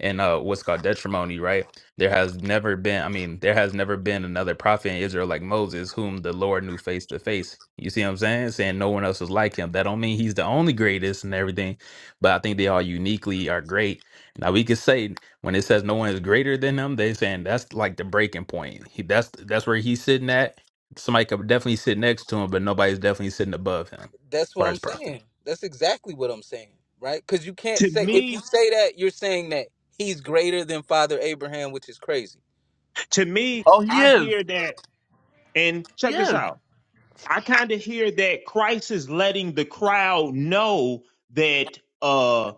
and uh what's called detrimony, right? There has never been, I mean, there has never been another prophet in Israel like Moses, whom the Lord knew face to face. You see what I'm saying? Saying no one else was like him. That don't mean he's the only greatest and everything, but I think they all uniquely are great. Now we could say when it says no one is greater than him, they saying that's like the breaking point. He, that's that's where he's sitting at. Somebody could definitely sit next to him, but nobody's definitely sitting above him as That's what far I'm as prophet. saying. That's exactly what I'm saying, right? Because you can't to say, if you me, say that, you're saying that he's greater than Father Abraham, which is crazy. to me, Oh, he I is. hear that. And He check this is. out. I kind of hear that Christ is letting the crowd know that uh,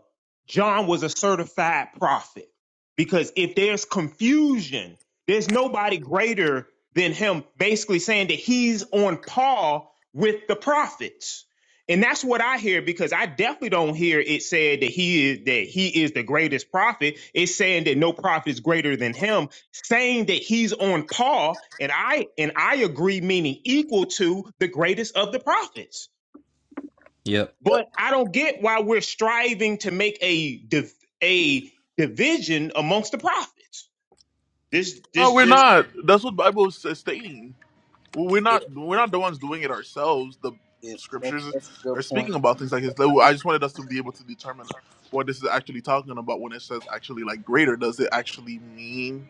John was a certified prophet. Because if there's confusion, there's nobody greater than him, basically saying that he's on par with the prophets. And that's what I hear because I definitely don't hear it said that he is that he is the greatest prophet. It's saying that no prophet is greater than him saying that he's on par and i and i agree meaning equal to the greatest of the prophets Yep. but Yep. i don't get why we're striving to make a div- a division amongst the prophets this No, this we're just not. That's what Bible is is stating. We're not. We're not the ones doing it ourselves. The Yeah, that's scriptures that's a good are point. speaking about things like this. I just wanted us to be able to determine what this is actually talking about when it says actually like greater. Does it actually mean?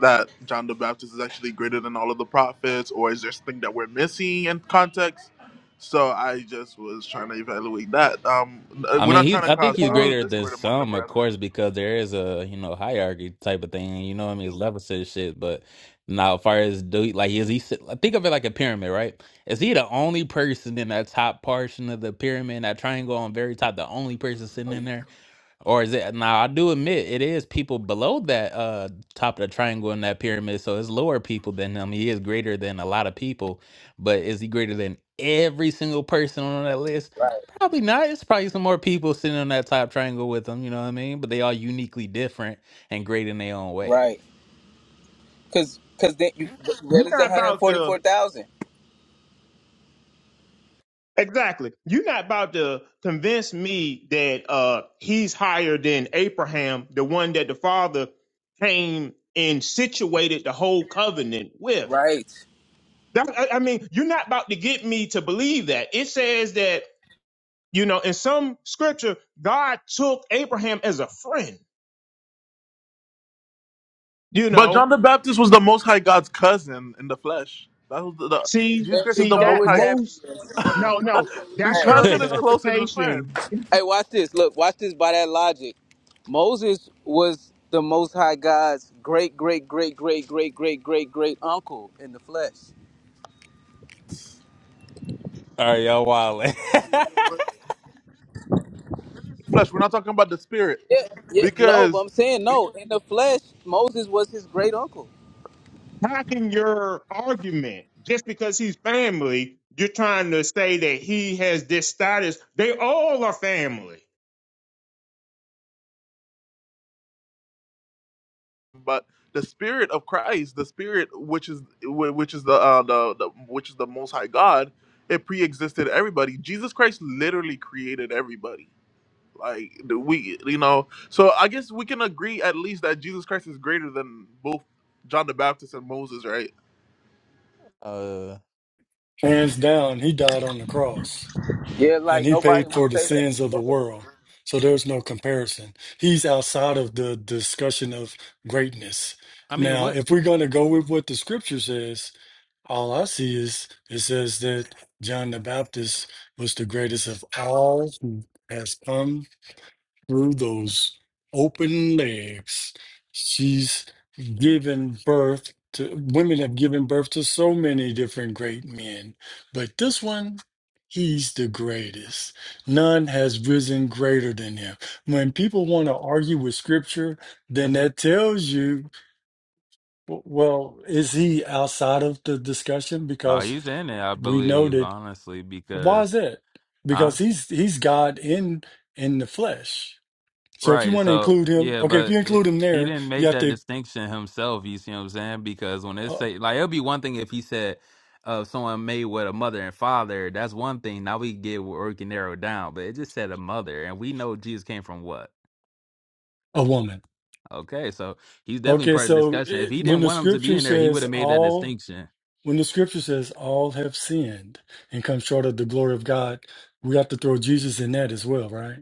that John the Baptist is actually greater than all of the prophets, or is there something that we're missing in context? So I just was trying to evaluate that. Um, uh, I we're mean, not trying he's. to I think cause he's uh, greater than discord among the some, of brethren. course, because there is a you know hierarchy type of thing. You know, what I mean, it's levels to this shit. But now, as far as do like is he? sit- like, Think of it like a pyramid, right? Is he the only person in that top portion of the pyramid, that triangle on very top, the only person Oh, sitting in you- there? Or is it now I do admit it is people below that uh top of the triangle in that pyramid, so it's lower people than him. He is greater than a lot of people, but is he greater than every single person on that list? Right, Probably not. It's probably some more people sitting on that top triangle with him, you know what I mean? But they are uniquely different and great in their own way. right. Cause, cause then you, what you're is one not hundred about forty to four thousand? exactly you're not about to convince me that uh he's higher than abraham the one that the father came and situated the whole covenant with Right. That, I I mean, you're not about to get me to believe that. It says that, you know, in some scripture, God took Abraham as a friend, you But know. John the Baptist was the Most High God's cousin in the flesh. That was the, the See, Jesus There Christ you is see, the go Most that with High. that. most, BS, man. no, no, The that's Hey, your cousin is closer than the interpretation. friend. hey, watch this. Look, watch this. By that logic, Moses was the Most High God's great, great, great, great, great, great, great, great uncle in the flesh. All right, y'all wild. Flesh. We're not talking about the spirit Yeah, yeah. No, but because I'm saying no. In the flesh, Moses was his great uncle. How can your argument, just because he's family, you're trying to say that he has this status? They all are family. but the spirit of Christ, the spirit which is which is the, uh, the the which is the Most High God, it pre-existed everybody. Jesus Christ literally created everybody. Like the- we, you know, so I guess we can agree at least that Jesus Christ is greater than both John the Baptist and Moses, right? uh Hands down, he died on the cross, Yeah, and like he nobody paid would for the say that. sins of the world. So there's no comparison. He's outside of the discussion of greatness. I mean Now, what if we're going to go with what the Scripture says, all I see is it says that John the Baptist was the greatest of all who has come through those open legs, she's given birth to women have given birth to so many different great men, but this one, he's the greatest. None has risen greater than him. When people want to argue with scripture, then is it? that tells you, w- well, is he outside of the discussion? No, Because he's in it, I we know believe, that. honestly, Why is because that? huh? Because he's he's God in in the flesh so if you Right. want to So include him, yeah, okay, if but you it, include him he there, didn't you make have that to distinction himself. You see what I'm saying? Because when it uh, say like it'll be one thing if he said uh someone made with a mother and father. That's one thing. Now we get where we can narrow it down. But it just said a mother, and we know Jesus came from what? a woman. Okay, so he's definitely Okay, part of the so discussion. If it, he when didn't the want him to be scripture in there, he would says have made that all, distinction. when the scripture says all have sinned and come short of the glory of God, we have to throw Jesus in that as well, right?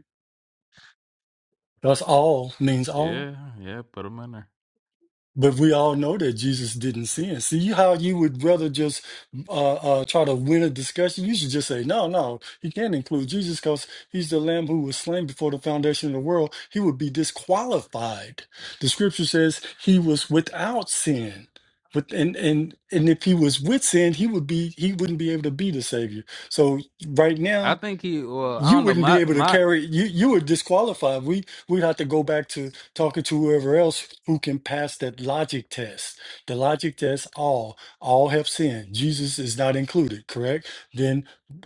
Thus, all means all. Yeah, yeah, put him in there. But we all know that Jesus didn't sin. See how you would rather just uh, uh, try to win a discussion? You should just say, no, no, he can't include Jesus because he's the lamb who was slain before the foundation of the world. He would be disqualified. The scripture says he was without sin. But, and, and and if he was with sin, he would be he wouldn't be able to be the savior. So right I now think he. Well, I you don't know. wouldn't be My able to my. carry you you would disqualify we we'd have to go back to talking to whoever else who can pass that logic test the logic test all all have sinned jesus is not included correct then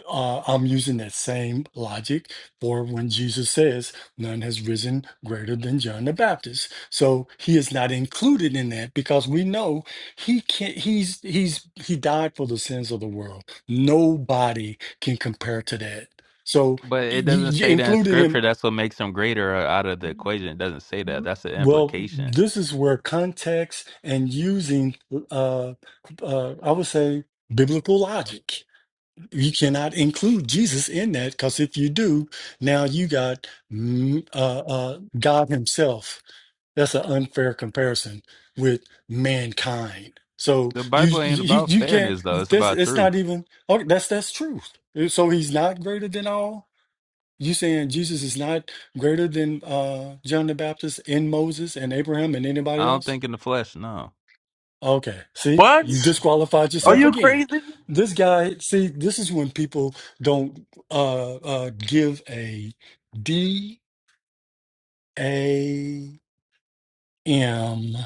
uh, i'm using that same logic for when jesus says none has risen greater than john the baptist so he is not included in that because we know he can't he's he's he died for the sins of the world nobody can compare to that so But y- it doesn't y- say that in including him. scripture. That's what makes him greater uh, out of the equation. It doesn't say that. That's the Well, implication. this is where context and using, uh, uh, I would say, biblical logic. You cannot include Jesus in that because if you do, now you got mm, uh, uh, God Himself. That's an unfair comparison with mankind. So The you Bible ain't you, about you can't. fairness though. It's This about it's truth. not even. Okay, that's that's truth. So He's not greater than all. You saying Jesus is not greater than uh John the Baptist and Moses and Abraham and I anybody don't else? think in the flesh, no. Okay, see, you What? disqualified Are yourself Uh. you again. crazy? This guy, see, this is when people don't uh uh give a D A M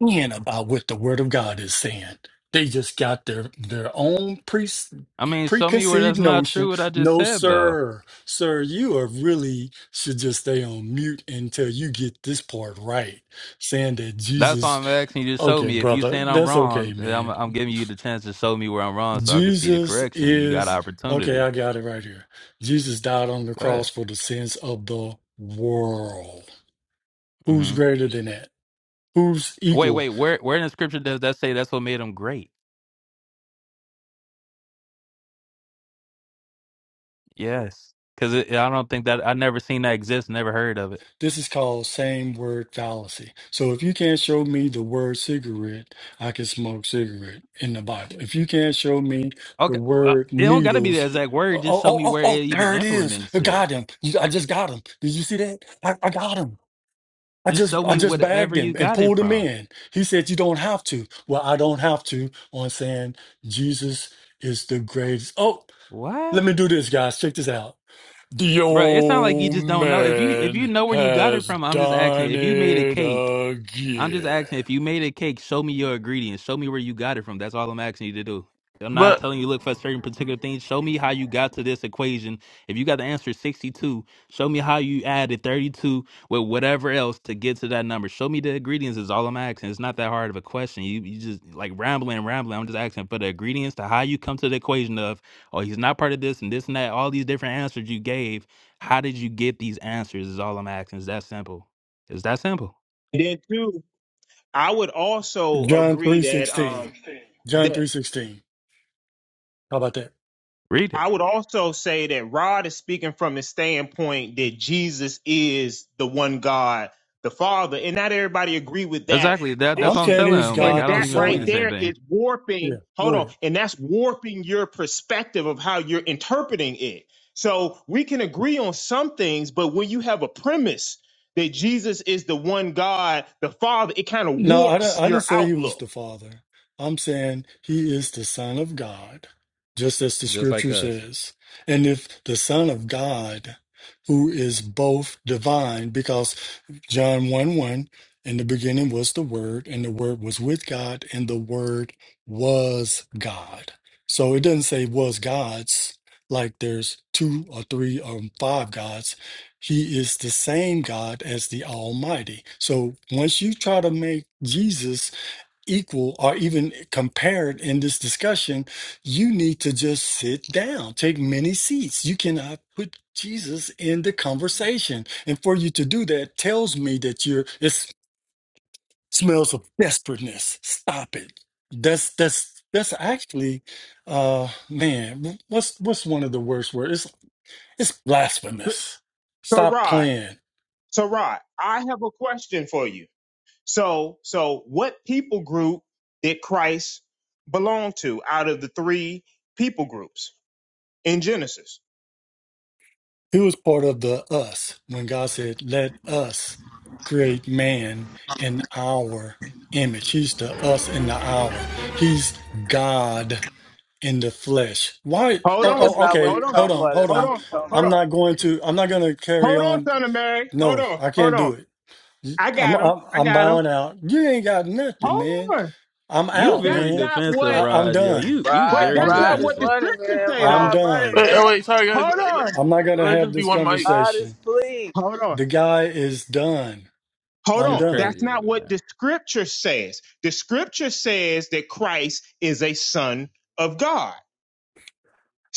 in about what the Word of God is saying. They just got their their own pre, I mean, show me where preconceived that's not true notion. what I just No, said though. sir, sir, you are really should just stay on mute until you get this part right. Saying that That's why Jesus, I'm asking you to show okay, me. If you brother, saying I'm that's okay, wrong, then I'm man. I'm giving you the chance to show me where I'm wrong so I can see the Jesus correction. You got is okay. opportunity. I got it right here. Jesus died on the Go ahead. cross for the sins of the world. Who's hmm greater than that? Who's Wait, equal wait, where where in the scripture does that say that's what made them great? Yes. Cause I don't think that I never seen that exist, never heard of it. This is called same word fallacy. So if you can't show me the word cigarette, I can smoke cigarette in the Bible. If you can't show me the Okay. well, word It don't gotta be the needles, exact oh, word. Just oh, show oh, me oh where oh, it even there it is. I implements it. got him. You- I just got him. Did you see that? I, I got him. I Just just show I me just bagged whatever you him and got it pulled him from. in. He said you don't have to. Well, I don't have to on saying Jesus is the greatest. Oh, What? let me do this, guys. Check this out. The Bro, it's not like you old just don't know. If you if you man know where you got it has from, I'm just asking. done If you made a it cake I'm just again. asking if you made a cake, show me your ingredients. Show me where you got it from. That's all I'm asking you to do. I'm not But telling you look for certain particular things. Show me how you got to this equation. If you got the answer 62, show me how you added 32 with whatever else to get to that number. Show me the ingredients is all I'm asking. It's not that hard of a question. You you just like rambling rambling. I'm just asking for the ingredients to how you come to the equation of oh he's not part of this and this and that. All these different answers you gave. How did you get these answers? Is all I'm asking. It's that simple? It's that simple. And then, too, I would also John agree three that sixteen. um, John that three sixteen. How about that? Read it. I would also say that Rod is speaking from the standpoint that Jesus is the one God, the Father, and not everybody agree with that Exactly. That that's I'm what I'm position. saying telling he's him. Like And God I the don't that even believe right the Son. same there thing. is Yeah, warping. go Hold ahead. on, and that's warping your perspective of how you're interpreting it. So we can agree on some things, but when you have a premise that Jesus is the one God, the Father, it kind of No, I, di- warps I your didn't say he was outlook. the father. I'm saying he is the son of God, just as the Just like scripture us. says. And if the son of God, who is both divine, because John 1 1, in the beginning was the word, and the word was with God, and the word was God. So it doesn't say was God's, like there's two or three or five gods. He is the same God as the Almighty. So once you try to make Jesus equal or even compared in this discussion, you need to just sit down, take many seats. You cannot put Jesus in the conversation. And for you to do that tells me that you're it smells of desperateness. Stop it. That's that's that's actually uh man, what's what's one of the worst words? It's it's blasphemous. So Stop Rod, playing. so Rod, I have a question for you. So, so what people group did Christ belong to out of the three people groups in Genesis? He was part of the us when God said, Let us create man in our image. He's the us in the hour. He's God in the flesh. Why? Hold Oh, on, That's oh, not what okay. hold he's on, Hold talking on, about. hold That's hold not on. what on, he's talking hold I'm on, about. not going to, I'm not going to carry hold on, on. son of Mary. Hold No, on, I hold can't on. do it. I I'm, got him. I'm, I I'm got him. bowing out. You ain't got nothing, Hold man. on. I'm You But out, that's very man. not defensive, what. I, I'm Raj. Yo, done. you you But Rod, very I'm that's not Rod done. is what the defensive. running, scriptures man. say, I'm though. Rod running, done. wait, man. oh wait, sorry guys. Hold Let, on, I'm not going to let it have just be this one mic. Rod is conversation. fleeing. hold on. The guy is done. Hold I'm It's on. done. That's crazy. not what man. the scripture says. The scripture says that Christ is a son of God.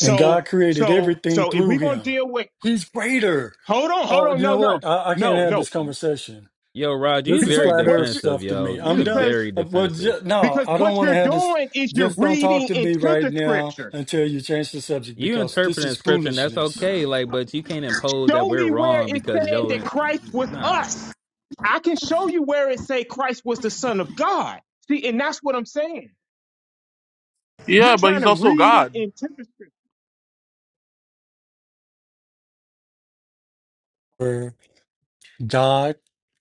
And God created so, everything so if through we're gonna him. deal with, He's greater. hold on, hold Oh, on, you no, know no, what? I, I can't no, have no, this conversation. Yo, Raj, This you is very because flat what earth you, defensive. stuff to me. Yo, I'm you done. because, very Uh, Well, ju- defensive. no, because I don't what want to you're have this. doing is you're Just don't talk reading to me into right the now scripture. until you change the subject You because this interpreting is scripture, and that's foolishness. okay. Like, but you can't impose that Show we're me where wrong it because said that yo, Christ was nah. us. I can show you where it say Christ was the Son of God. See, and that's what I'm saying. Yeah, You're but trying he's to also read it God. into the scripture. For God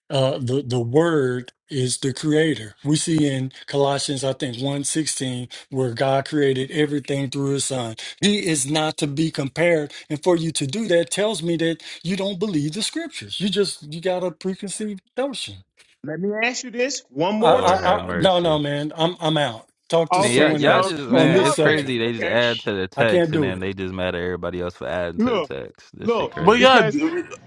uh the the word is the creator we see in colossians i think one sixteen, where god created everything through his son he is not to be compared and for you to do that tells me that you don't believe the scriptures you just you got a preconceived notion Let me ask you this one i more Lord i, have time. I no no mercy. man i'm i'm out talk to Man, y'all Okay, someone y'all else so just on he's man, this it's out there. crazy. subject They just Okay, add to the i can't text and do then it they just mad at everybody else for adding to the look, text. This shit look. But crazy. yeah, because.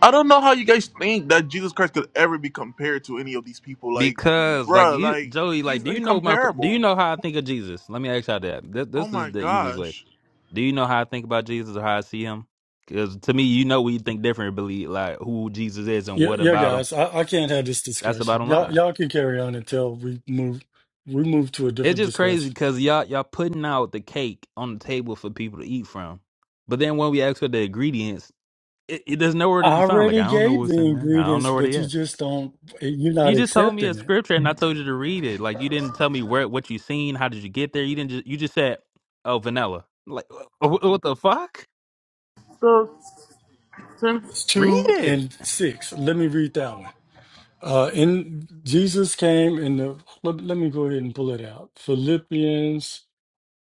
I don't know how you guys think that Jesus Christ could ever be compared to any of these people. Like, Because like bruh, you, like Joey, like he's do you know my? Do you incomparable. know how I think of Jesus? Let me ask y'all that. This, Oh this is my the easiest way. gosh. Do you know how I think about Jesus or how I see him? Because to me, you know we think different, believe like like, who Jesus is and yeah what yeah about him. guys i, I can't have this That's the discussion bottom y'all line. y'all can carry on until we move we move to a It's different just crazy discussion because y'all y'all putting out the cake on the table for people to eat from, but then when we ask for the ingredients, it, it there's nowhere to I be found. Like already I don't know gave what's the in there. I don't ingredients, know where but they at. you just don't, you're not You just told me a accepting it. scripture and I told you to read it. Like you didn't tell me where what you seen. How did you get there? You didn't just you just said, "Oh, vanilla." Like wh- wh- what the fuck? So since It's Read two it. and six. Let me read that one. Uh, in Jesus came in the, let, let me go ahead and pull it out. Philippians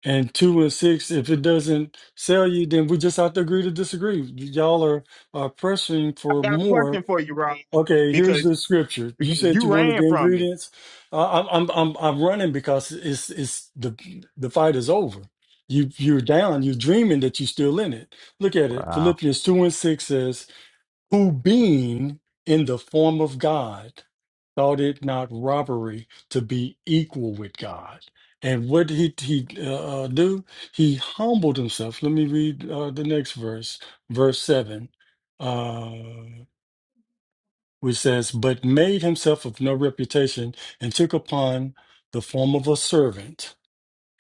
and two and six. If it doesn't sell you, then we just have to agree to disagree. Y'all are, are pressing I for got a more question for you, Rod. Okay, here's Because the scripture. You because said you you wanted ran the from me. ingredients. Uh, I'm I'm I'm I'm running because it's it's the the fight is over. You you're down. You're dreaming that you're still in it. Look at it. Wow. Philippians two and six says, "Who being in the form of God, thought it not robbery to be equal with God." And what did he he uh, uh, do? He humbled himself. Let me read uh, the next verse, verse seven. Uh, which says, But made himself of no reputation, and took upon the form of a servant,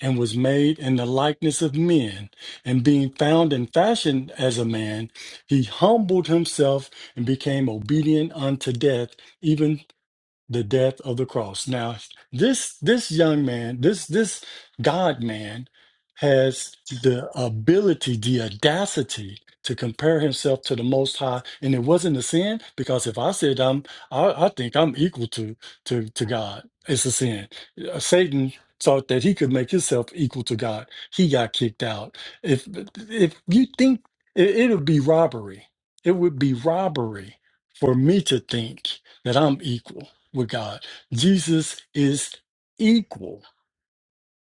and was made in the likeness of men. And being found and fashioned as a man, he humbled himself and became obedient unto death, even the death of the cross. Now, this this young man, this this God man, has the ability, the audacity to compare himself to the Most High, and it wasn't a sin because if I said I'm, I, I think I'm equal to to to God, it's a sin. Uh, Satan thought that he could make himself equal to God. He got kicked out. If if you think it, it'll be robbery, it would be robbery for me to think that I'm equal with God. Jesus is equal.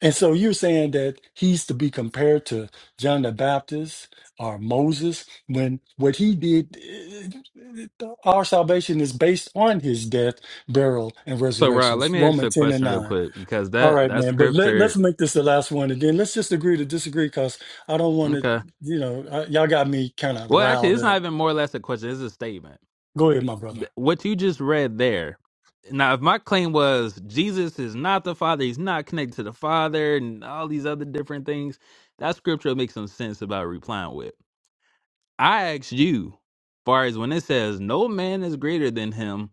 And so you're saying that he's to be compared to John the Baptist or Moses when what he did, eh, our salvation is based on his death, burial, and So Rod, resurrections. let me ask you Romans a 10 and question real 9. quick because All that right, that man. But let, scripture. let's make this the last one. And then let's just agree to disagree because I don't want to, Okay. you know, I, y'all got me kind of Well, actually, riled it's not up. even more or less a question. It's a statement. Go ahead, my brother. Th- What you just read there. Now, if my claim was Jesus is not the Father, he's not connected to the Father, and all these other different things, that scripture makes some sense about replying with. I asked you, far as when it says, no man is greater than him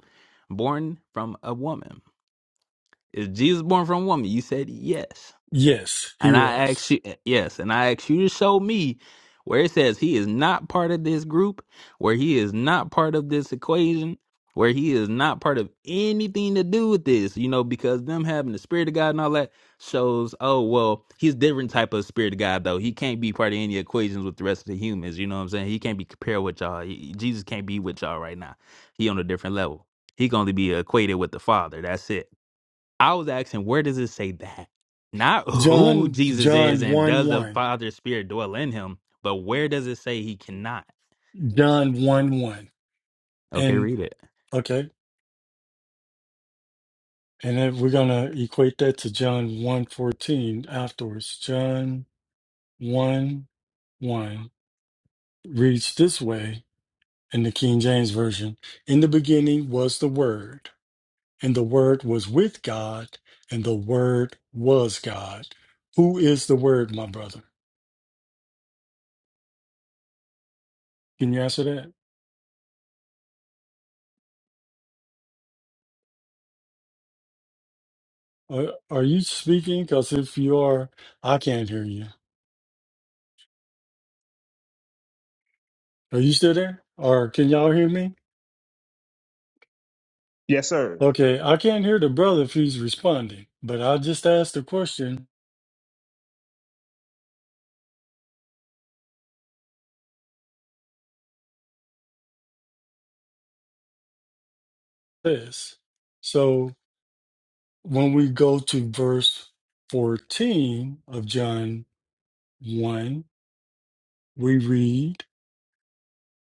born from a woman. Is Jesus born from a woman? You said yes. Yes, he And I ask was. you, eh, yes, and I ask you to show me where it says he is not part of this group, where he is not part of this equation, where he is not part of anything to do with this, you know, because them having the spirit of God and all that shows, oh, well, he's different type of spirit of God, though. He can't be part of any equations with the rest of the humans, you know what I'm saying? He can't be compared with y'all. He- Jesus can't be with y'all right now. He on a different level. He can only be equated with the Father. That's it. I was asking, where does it say that? Not who John, Jesus is John and 1 does the 1. Father's Spirit dwell in him, but where does it say he cannot? John 1 1. Okay, And read it. okay. And then we're going to equate that to John one 14 afterwards. John 1 1 reads this way in the King James Version In the beginning was the Word, and the Word was with God, and the Word was God. Who is the Word, my brother? Can you answer that? Are, are you speaking? Because if you are, I can't hear you. Are you still there? Or can y'all hear me? Yes, sir. Okay, I can't hear the brother if he's responding, but I just asked the question this. So when we go to verse 14 of John 1, we read,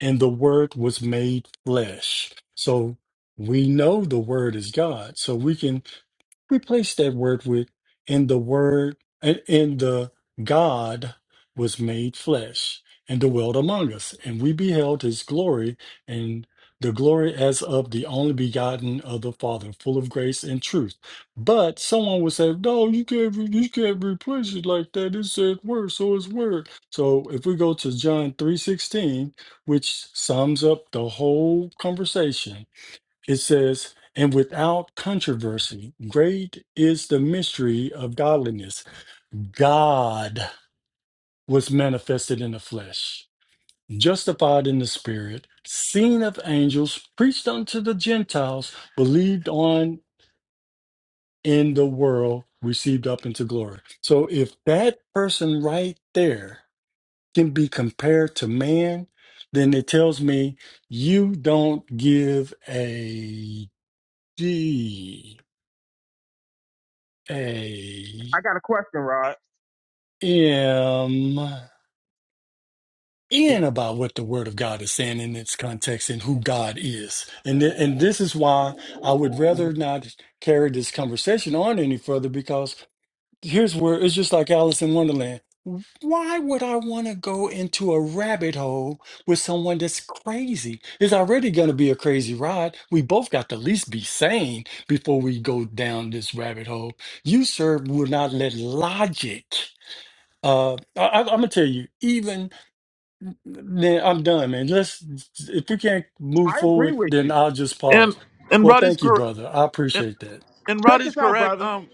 and the word was made flesh. So we know the word is God. So we can Replace that word with in the word and in the God was made flesh and dwelt among us, and we beheld his glory and the glory as of the only begotten of the Father, full of grace and truth. But someone would say, No, you can't re- you can't replace it like that. It said word, so it's word. So if we go to John 3:16, which sums up the whole conversation, it says, and without controversy, great is the mystery of godliness. God was manifested in the flesh, justified in the spirit, seen of angels, preached unto the Gentiles, believed on in the world, received up into glory. So if that person right there can be compared to man, then it tells me you don't give a D a I got a question, Rod. am in about what the word of God is saying in its context and who God is. And th- and this is why I would rather not carry this conversation on any further because here's where it's just like Alice in Wonderland. Why would I want to go into a rabbit hole with someone that's crazy? It's already going to be a crazy ride. We both got to at least be sane before we go down this rabbit hole. You, sir, will not let logic Uh, I, I, I'm gonna tell you, even man, I'm done, man. Let's if we can't move I agree forward, with then you. I'll just and pause. and Well, Rod is thank you, correct. brother. I And, appreciate that and Rod Check is this out, correct. brother. Um.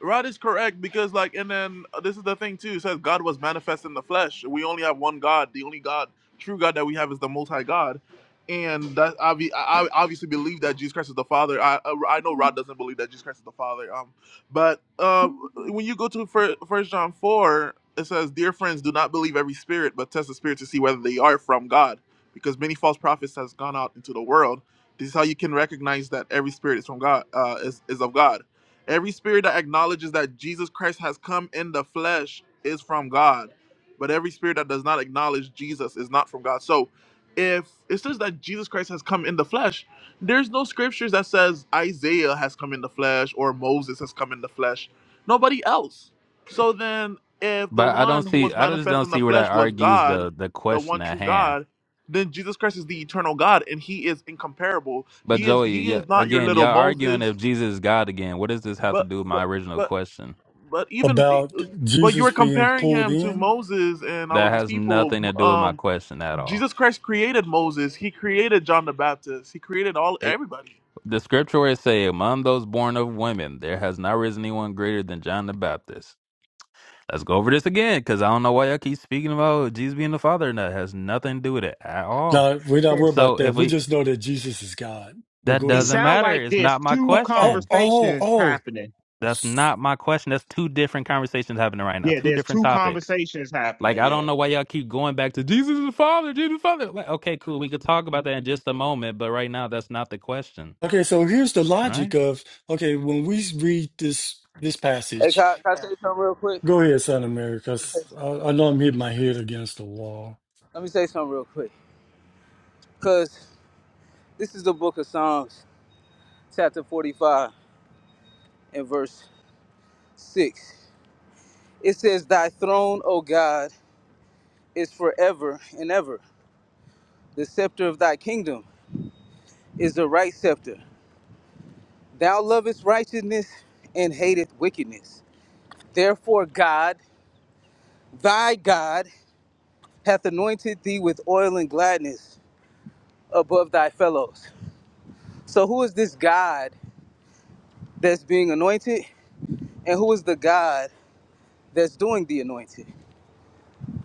Rod is correct because, like, and then uh, this is the thing too. It says God was manifest in the flesh. We only have one God. The only God, true God that we have is the Most High God, and that obvi- I I obviously believe that Jesus Christ is the Father. I uh, I know Rod doesn't believe that Jesus Christ is the Father. Um, but uh, when you go to First John four, it says, "Dear friends, do not believe every spirit, but test the spirit to see whether they are from God, because many false prophets has gone out into the world. This is how you can recognize that every spirit is from God. Uh, is is of God." Every spirit that acknowledges that Jesus Christ has come in the flesh is from God, but every spirit that does not acknowledge Jesus is not from God. So, if it says that Jesus Christ has come in the flesh, there's no scriptures that says Isaiah has come in the flesh or Moses has come in the flesh. Nobody else. So then, if the But I don't one who see. was I just manifest don't in the see where that flesh was argues God, the the the question one at true hand. God, then Jesus Christ is the eternal God, and He is incomparable. But He is Joey, He yeah, is not your again, little y'all arguing Moses. if Jesus is God again. What does this have to But do with my but original but question? but even eh, about but you Jesus were being comparing pulled him to in. Moses and all That of these has people. nothing to do with my Um, question at all. Jesus Christ created Moses. He created John the Baptist. He created all It, everybody. the scripture where it say, "Among those born of women, there has not risen anyone greater than John the Baptist." Let's go over this again because I don't know why y'all keep speaking about Jesus being the Father, and that has nothing to do with it at all. No, we're not And worried about So that. if We we just know that Jesus is God. But that go it ahead. doesn't sounds matter, like it's there's not my two Oh, oh, question. oh, conversations oh. happening. That's not my question. That's two different conversations happening right now. Yeah, Two there's different two topics. conversations Like happening. I don't Yeah. know why y'all keep going back to Jesus is the Father, Jesus is the Father. Like, okay, cool. We could talk about that in just a moment, but right now that's not the question. Okay, so here's the Right? logic of okay when we read this this Hey, can passage. I, can I say something real quick? Go ahead, son of Mary, because I, I know I'm hitting my head against the wall. Let me say something real quick. Because this is the book of Psalms, chapter 45 and verse 6. It says, Thy throne, O God, is forever and ever. The scepter of thy kingdom is the right scepter. Thou lovest righteousness and hateth wickedness. Therefore, God, thy God, hath anointed thee with oil and gladness above thy fellows. So, who is this God that's being anointed, and who is the God that's doing the anointing?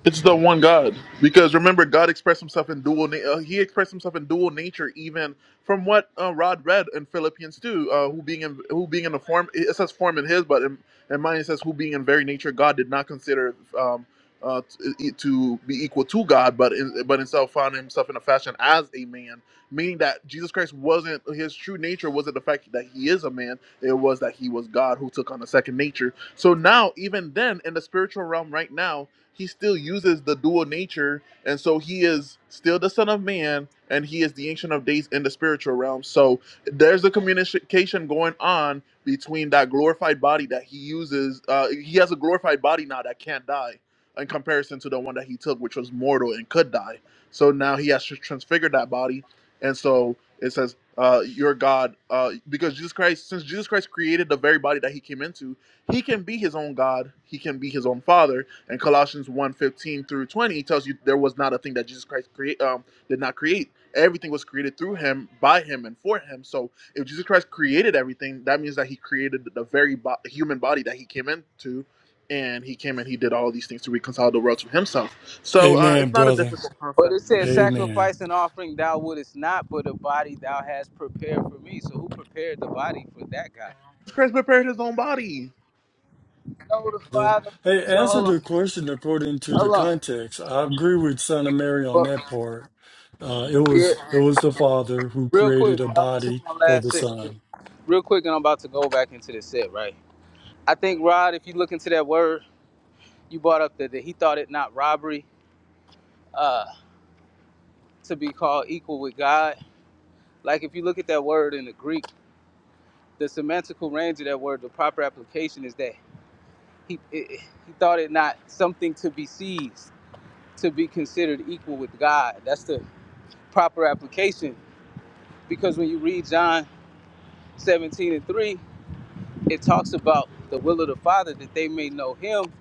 It's the one God. Because remember, God expressed himself in dual na- uh, he expressed himself in dual nature even from what uh, Rod read in Philippians 2, uh, who being in who being in the form it says form in his but in, in mine it says who being in very nature God did not consider um uh, to, e, to be equal to God, but in, but himself found himself in a fashion as a man, meaning that Jesus Christ wasn't his true nature wasn't the fact that he is a man; it was that he was God who took on a second nature. So now, even then, in the spiritual realm, right now, he still uses the dual nature, and so he is still the Son of Man, and he is the Ancient of Days in the spiritual realm. So there's a communication going on between that glorified body that he uses. Uh, he has a glorified body now that can't die, in comparison to the one that he took, which was mortal and could die. So now he has to transfigure that body, and so it says, uh, "Your God," uh, because Jesus Christ, since Jesus Christ created the very body that he came into, he can be his own God, he can be his own Father and Colossians one fifteen through 20 tells you there was not a thing that Jesus Christ create, um, did not create. Everything was created through him, by him, and for him. So if Jesus Christ created everything, that means that he created the very bo- human body that he came into. And he came and he did all these things to reconcile the world to himself. So uh, it's Amen, not a brother. difficult But concept. it says, Amen. Sacrifice and offering thou wouldest not, but a body thou hast prepared for me. So, who prepared the body for that God? Jesus Christ prepared his own body. No, the Brother. Father. Hey, So, answer hold on, the question according to the hold on. context. I agree with son of Mary on But, that part. Uh, it yeah, was it was the father who real created quick, a uh, this body my for the last set. son. Real quick, and I'm about to go back into the set, right? I think, Rod, if you look into that word, you brought up that, that he thought it not robbery uh, to be called equal with God Like if you look at that word in the Greek, the semantical range of that word, the proper application is that he it, he thought it not something to be seized, to be considered equal with God. That's the proper application because when you read John 17 and 3, it talks about the will of the Father that they may know him,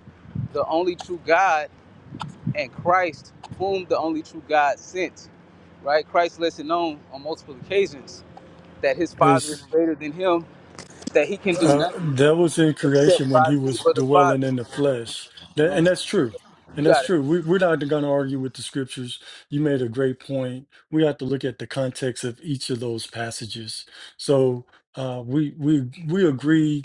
the only true God, and Christ, whom the only true God sent. Right? Christ lets it known on multiple occasions that his Hey, Father is greater than him, that he can do Uh, nothing that was in except creation when by he me, was but the Father. dwelling in the flesh. You know That, what I'm and that's saying? true. And You that's got it. true. We, we're not going to argue with the scriptures. You made a great point. We have to look at the context of each of those passages. So uh, we we we agree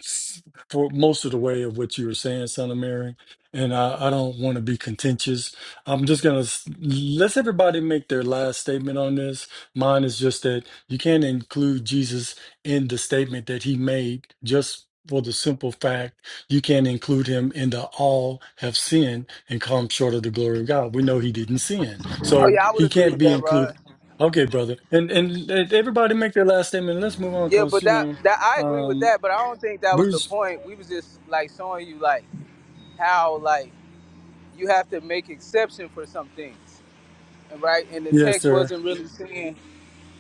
for most of the way of what you were saying, Son of Mary. And I, I don't want to be contentious. I'm just going to let's everybody make their last statement on this. Mine is just that you can't include Jesus in the statement that he made just for the simple fact you can't include him in the all have sinned and come short of the glory of God. We know he didn't sin. Oh So yeah, I would he agree can't with be that, Rod. included. Okay, brother. And and, and everybody make their last statement. Let's move on Yeah, because but you that know, that I agree with um that, but I don't think that was we're the point. We was just like showing you like how like you have to make exception for some things, and right? And the yes, text sir. wasn't really saying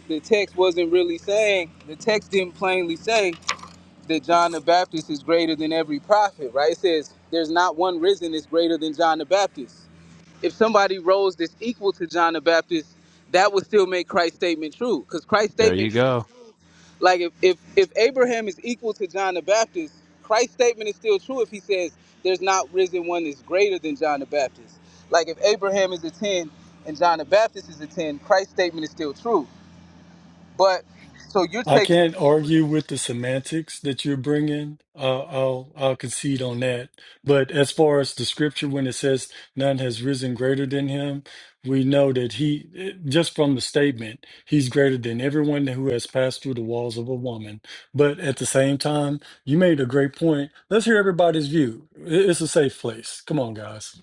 the text wasn't really saying the text didn't plainly say that John the Baptist is greater than every prophet, right? It says there's not one risen is greater than John the Baptist. if somebody rose that's equal to John the Baptist, that would still make Christ's statement true. Because Christ's There statement, you can, go. like if, if if Abraham is equal to John the Baptist, Christ's statement is still true if he says there's not risen one that's greater than John the Baptist. Like if Abraham is a ten and John the Baptist is a ten, Christ's statement is still true. But so you're I taking. can't argue with the semantics that you're bringing. Uh, I'll I'll concede on that. But as far as the scripture, when it says none has risen greater than him, we know that he just from the statement he's greater than everyone who has passed through the walls of a woman. But at the same time, you made a great point. Let's hear everybody's view. I- It's a safe place. Come on, guys.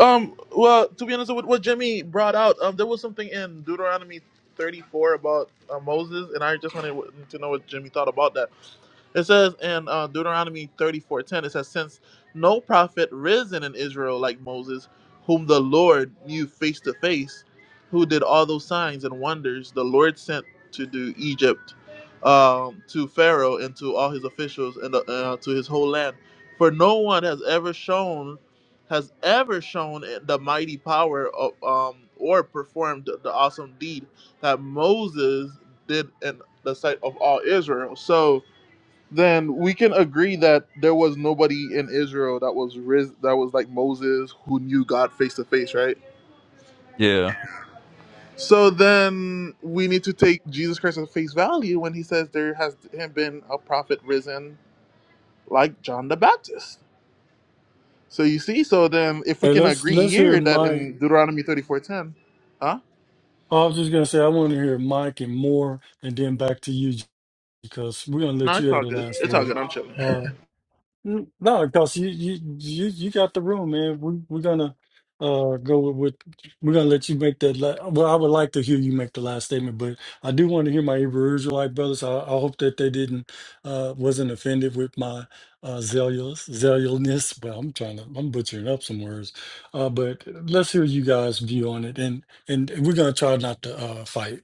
Um, well, to be honest with what Jimmy brought out, um, there was something in Deuteronomy 34 about uh, Moses, and I just wanted to know what Jimmy thought about that. It says in uh, Deuteronomy 34:10, it says, Since no prophet risen in Israel like Moses, whom the Lord knew face to face, who did all those signs and wonders the Lord sent to do Egypt, um, to Pharaoh and to all his officials and uh, to his whole land. For no one has ever shown has ever shown the mighty power of um or performed the awesome deed that Moses did in the sight of all Israel. So then we can agree that there was nobody in Israel that was ris- that was like Moses who knew God face to face, right? Yeah, So then we need to take Jesus Christ at face value when he says there has been a prophet risen like John the Baptist. So you see, so then if we Hey, can let's agree let's hear here that Mike. in Deuteronomy 34:10, huh? I was just gonna say I want to hear Mike and more, and then back to you, because we're gonna let No, you it's have all the good. last It's all word. good. I'm chilling. Uh, n- no, because you you you you got the room, man. We we're gonna uh go with, with we're gonna let you make that. La- well, I would like to hear you make the last statement, but I do want to hear my Hebrew Israelite brothers. I, I hope that they didn't uh wasn't offended with my uh zealous zealousness. Well, I'm trying to I'm butchering up some words, uh, but let's hear you guys' view on it, and and we're gonna try not to uh fight.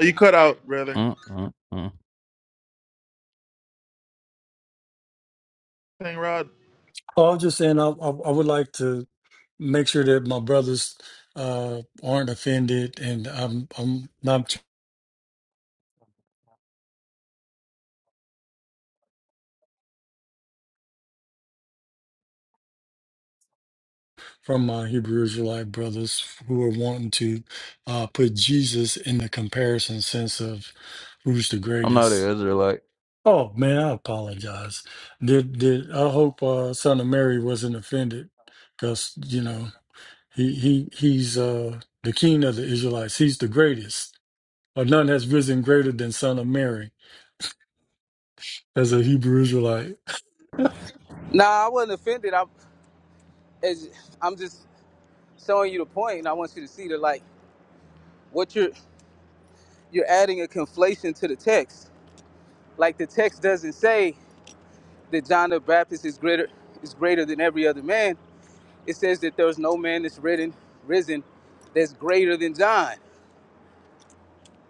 You cut out, brother. Mm, mm, mm. Dang, Rod. Oh, I was just saying I I, I would like to. make sure that my brothers uh, aren't offended, and I'm I'm not from my Hebrew Israelite brothers who are wanting to uh, put Jesus in the comparison sense of who's the I'm not an greatest. Israelite. Oh man, I apologize. Did did I hope uh, Son of Mary wasn't offended? Because you know he he he's uh, the king of the Israelites. He's the greatest, or none has risen greater than Son of Mary as a Hebrew Israelite. Nah, I wasn't offended. I'm as I'm just showing you the point, and I want you to see that like what you're you're adding a conflation to the text Like the text doesn't say that John the Baptist is greater is greater than every other man. It says that there's no man that's risen risen that's greater than John.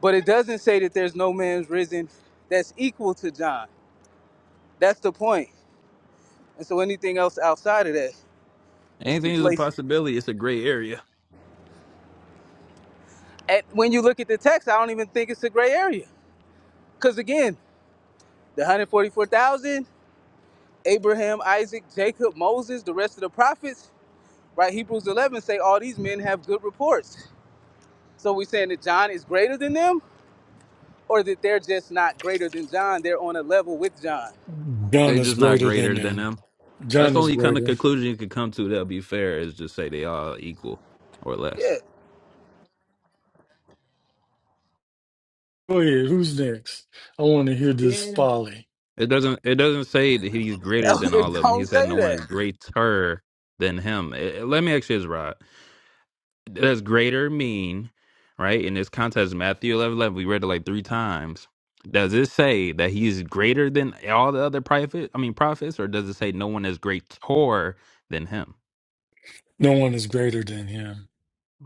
But it doesn't say that there's no man risen that's equal to John. That's the point. And so anything else outside of that is Anything is a conflation. possibility. It's a gray area. And when you look at the text, I don't even think it's a gray area. Because again, the 144,000, Abraham, Isaac, Jacob, Moses, the rest of the prophets, right? Hebrews 11 say all these men have good reports. So we saying that John is greater than them, or that they're just not greater than John? They're on a level with John. Gun They is just not greater than greater than them. them. That's Gun the is only kind of greater. conclusion you could come to that'll be fair is just say they all equal or less. Yeah, Go ahead. Who's next? I want to hear this Then folly. It doesn't it doesn't say that he's greater than it all of them. don't He said say no one that. is greater than him. Eh, eh, let me ask you this, Rod. Does greater mean, right, in this context, Matthew 11 11. we read it like three times. Does it say that he's greater than all the other prophet? I mean prophets, or does it say no one is greater than him? No one is greater than him.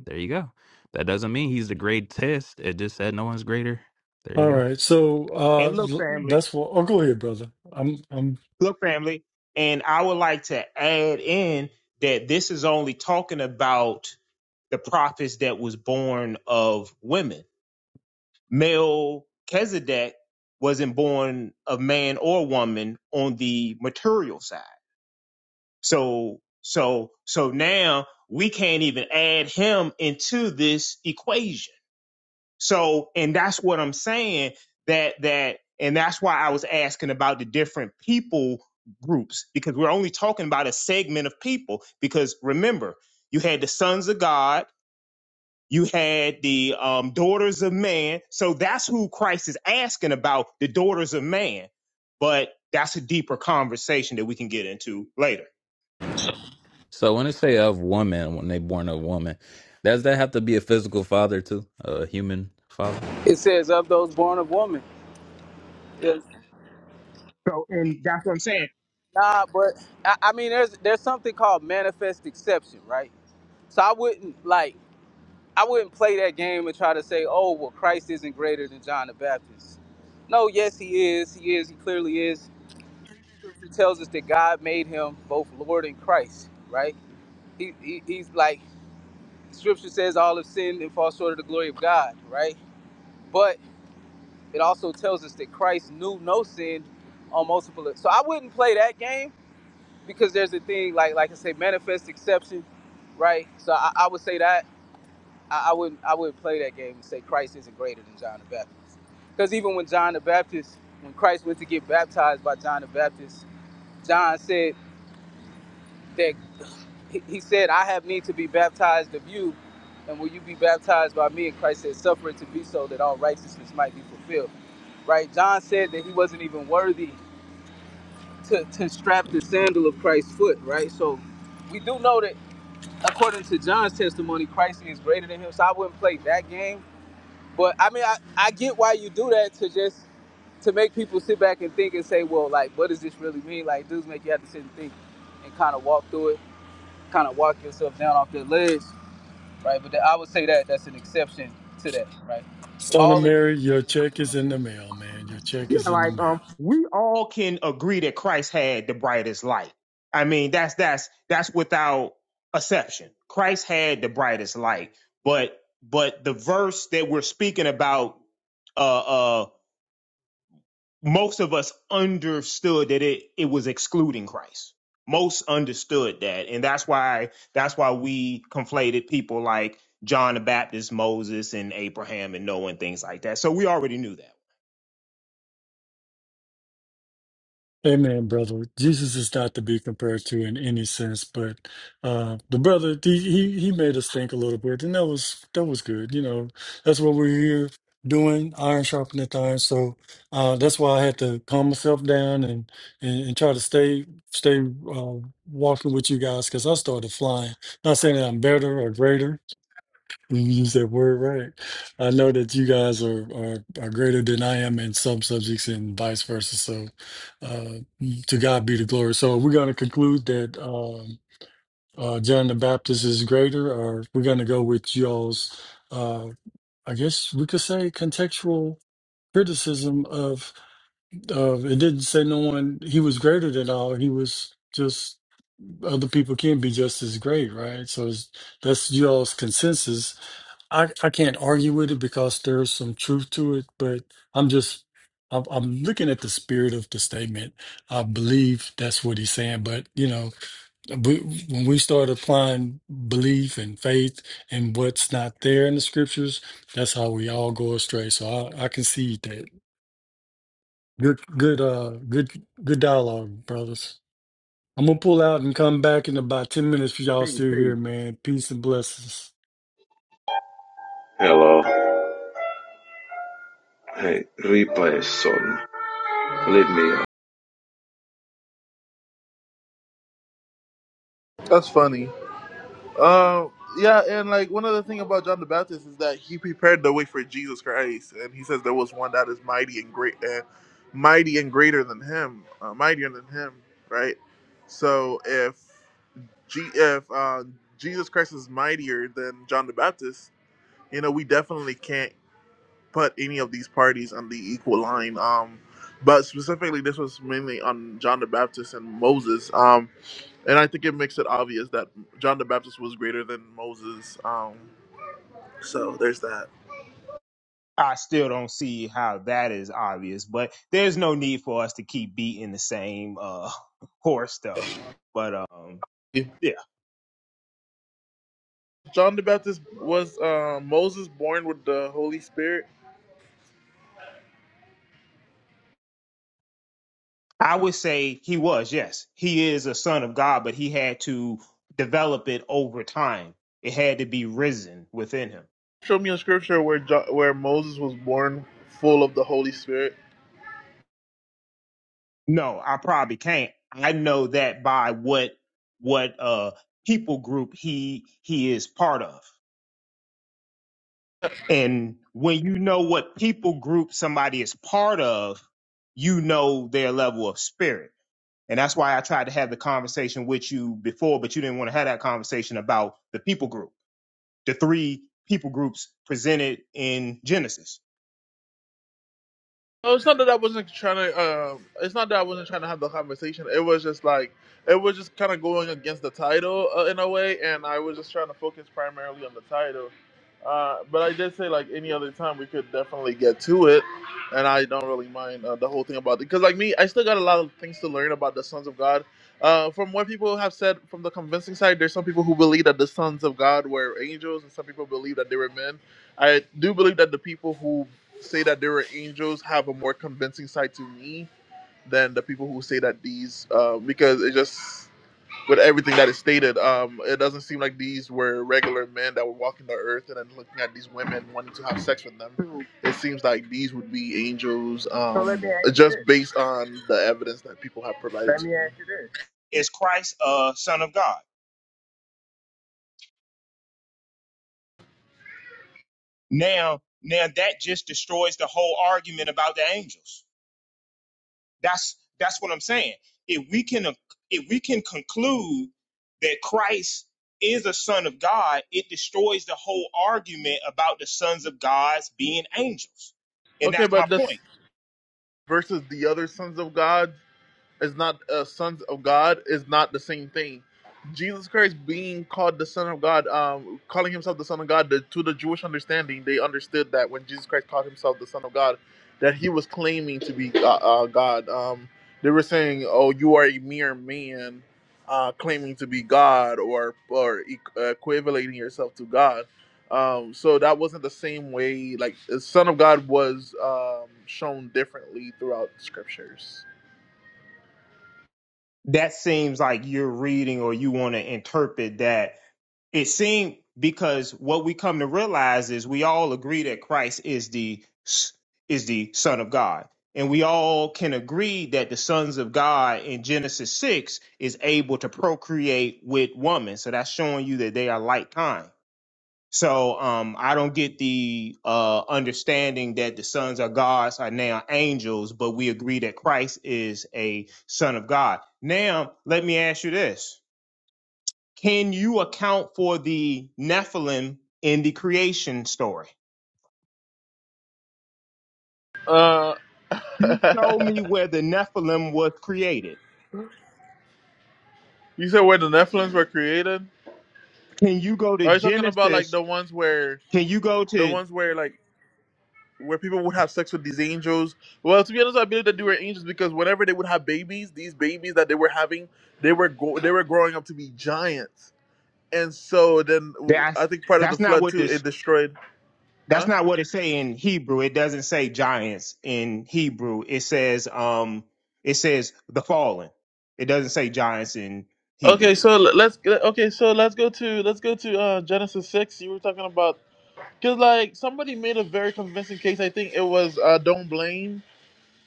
There you go. That doesn't mean he's the greatest. It just said no one's greater. There you All go. right. So uh and look, l- family, that's what. Oh, go ahead, brother. I'm I'm look, family, and I would like to add in that this is only talking about the prophets that was born of women. Melchizedek wasn't born of man or woman on the material side. So, so, so now we can't even add him into this equation. So, and that's what I'm saying that, that, and that's why I was asking about the different people groups because we're only talking about a segment of people. Because remember, you had the sons of God you had the um, daughters of man. So that's who Christ is asking about the daughters of man. But that's a deeper conversation that we can get into later. So when they say of woman, when they born of woman, does that have to be a physical father too? A human father? It says of those born of woman. So, and that's what I'm saying. Nah, but I, I mean, there's there's something called manifest exception, right? So I wouldn't like I wouldn't play that game and try to say, oh, well, Christ isn't greater than John the Baptist. No, yes, he is. He is. He clearly is. Scripture tells us that God made him both Lord and Christ, right? He, he, he's like Scripture says all have sinned and fall short of the glory of God, right? But it also tells us that Christ knew no sin on multiple. So I wouldn't play that game because there's a thing like like I say, manifest exception, right? So I, I would say that I, I wouldn't I wouldn't play that game and say Christ isn't greater than John the Baptist. Because even when John the Baptist, when Christ went to get baptized by John the Baptist, John said that he, he said, I have need to be baptized of you, and will you be baptized by me? And Christ said, Suffer it to be so that all righteousness might be fulfilled. Right? John said that he wasn't even worthy to, to strap the sandal of Christ's foot, right? So we do know that according to John's testimony, Christ is greater than him. So I wouldn't play that game. But I mean I, I get why you do that to just to make people sit back and think and say, Well, like, what does this really mean? Like dudes make you have to sit and think and kind of walk through it, kind of walk yourself down off the ledge right? But I would say that that's an exception to that, right? son of All of Mary. this Your check is in the mail, man. Your check Yeah, is in the like mail. um, we all can agree that Christ had the brightest light. I mean, that's that's that's without exception. Christ had the brightest light, but but the verse that we're speaking about, uh, uh, most of us understood that it it was excluding Christ. Most understood that, and that's why that's why we conflated people like John the Baptist, Moses, and Abraham, and Noah, and things like that. So we already knew that. Amen, brother. Jesus is not to be compared to in any sense, but uh, the brother he, he he made us think a little bit, and that was that was good. You know, that's what we're here doing, iron sharpening iron. So uh, that's why I had to calm myself down and and, and try to stay stay uh, walking with you guys because I started flying. Not saying that I'm better or greater, you use that word right. I know that you guys are, are are greater than I am in some subjects and vice versa. So uh to God be the glory. So we're gonna conclude that um uh John the Baptist is greater, or we're gonna go with y'all's uh I guess we could say contextual criticism of of it didn't say no one he was greater than all, he was just other people can be just as great, right? So it's, that's y'all's consensus I, I can't argue with it because there's some truth to it, but I'm just I'm, I'm looking at the spirit of the statement. I believe that's what he's saying, but you know, we, when we start applying belief and faith and what's not there in the scriptures, that's how we all go astray. So I, I concede that. Good, good, uh, good, good dialogue, brothers. I'm gonna pull out and come back in about ten minutes for y'all See, still see, here, man. Peace and blessings. Hello. Hey, replay is on. Leave me That's funny. Uh, yeah, and like one other thing about John the Baptist is that he prepared the way for Jesus Christ, and he says there was one that is mighty and great, and mighty and greater than him, uh, mightier than him, right? So if G- if uh, Jesus Christ is mightier than John the Baptist, you know we definitely can't put any of these parties on the equal line. Um, but specifically, this was mainly on John the Baptist and Moses. Um, and I think it makes it obvious that John the Baptist was greater than Moses. Um, so there's that. I still don't see how that is obvious, but there's no need for us to keep beating the same uh horse though. But um yeah, John the Baptist was uh, Moses born with the Holy Spirit. I would say he was, yes. He is a son of God, but he had to develop it over time. It had to be risen within him. Show me a scripture where jo- where Moses was born full of the Holy Spirit. No, I probably can't. I know that by what what uh people group he he is part of. And when you know what people group somebody is part of, you know their level of spirit. And that's why I tried to have the conversation with you before, but you didn't want to have that conversation about the people group, the three people groups presented in Genesis. No, it's not that I wasn't trying to. Um, it's not that I wasn't trying to have the conversation. It was just like it was just kind of going against the title uh, in a way, and I was just trying to focus primarily on the title. Uh, but I did say like any other time we could definitely get to it, and I don't really mind uh, the whole thing about it because like me, I still got a lot of things to learn about the sons of God. Uh, from what people have said from the convincing side, there's some people who believe that the sons of God were angels, and some people believe that they were men. I do believe that the people who say that there were angels have a more convincing side to me than the people who say that these uh, because it just with everything that is stated um, it doesn't seem like these were regular men that were walking the earth and then looking at these women wanting to have sex with them it seems like these would be angels So let, um, just based on the evidence that people have provided let to me me ask you this. Is Christ a son of God? Now, now that just destroys the whole argument about the angels. That's that's what I'm saying. If we can if we can conclude that Christ is a son of God, it destroys the whole argument about the sons of God's being angels. And okay that's my but this point. versus the other sons of god is not uh, sons of God is not the same thing. Jesus Christ being called the Son of God, um, calling himself the Son of God, the, to the Jewish understanding, they understood that when Jesus Christ called himself the Son of God, that he was claiming to be uh, uh, God. Um, they were saying, "Oh, you are a mere man, uh, claiming to be God, or or equating yourself to God." Um, so that wasn't the same way. Like the Son of God was um, shown differently throughout the scriptures. That seems like you're reading or you want to interpret that it seemed because what we come to realize is we all agree that Christ is the is the Son of God, and we all can agree that the sons of God in Genesis six is able to procreate with woman. So that's showing you that they are like kind. So um, I don't get the uh, understanding that the sons of God are now angels, but we agree that Christ is a son of God. Now let me ask you this can you account for the Nephilim in the creation story? Uh, You show me where the Nephilim was created. you said where the Nephilim were created? Can you go to Are you talking about like Genesis? the ones where Can you go the to ones where like where people would have sex with these angels? Well, to be honest, I believe that they were angels because whenever they would have babies, these babies that they were having, they were go- they were growing up to be giants. And so then w- I that's think part of the that's not flood what too this it destroyed. that's Huh? not what it say in Hebrew. It doesn't say giants in Hebrew. It says um it says the fallen. It doesn't say giants in Okay, Hebrew. so l- let's okay, so let's go to let's go to uh, Genesis six. You were talking about because like somebody made a very convincing case. I think it was uh, don't blame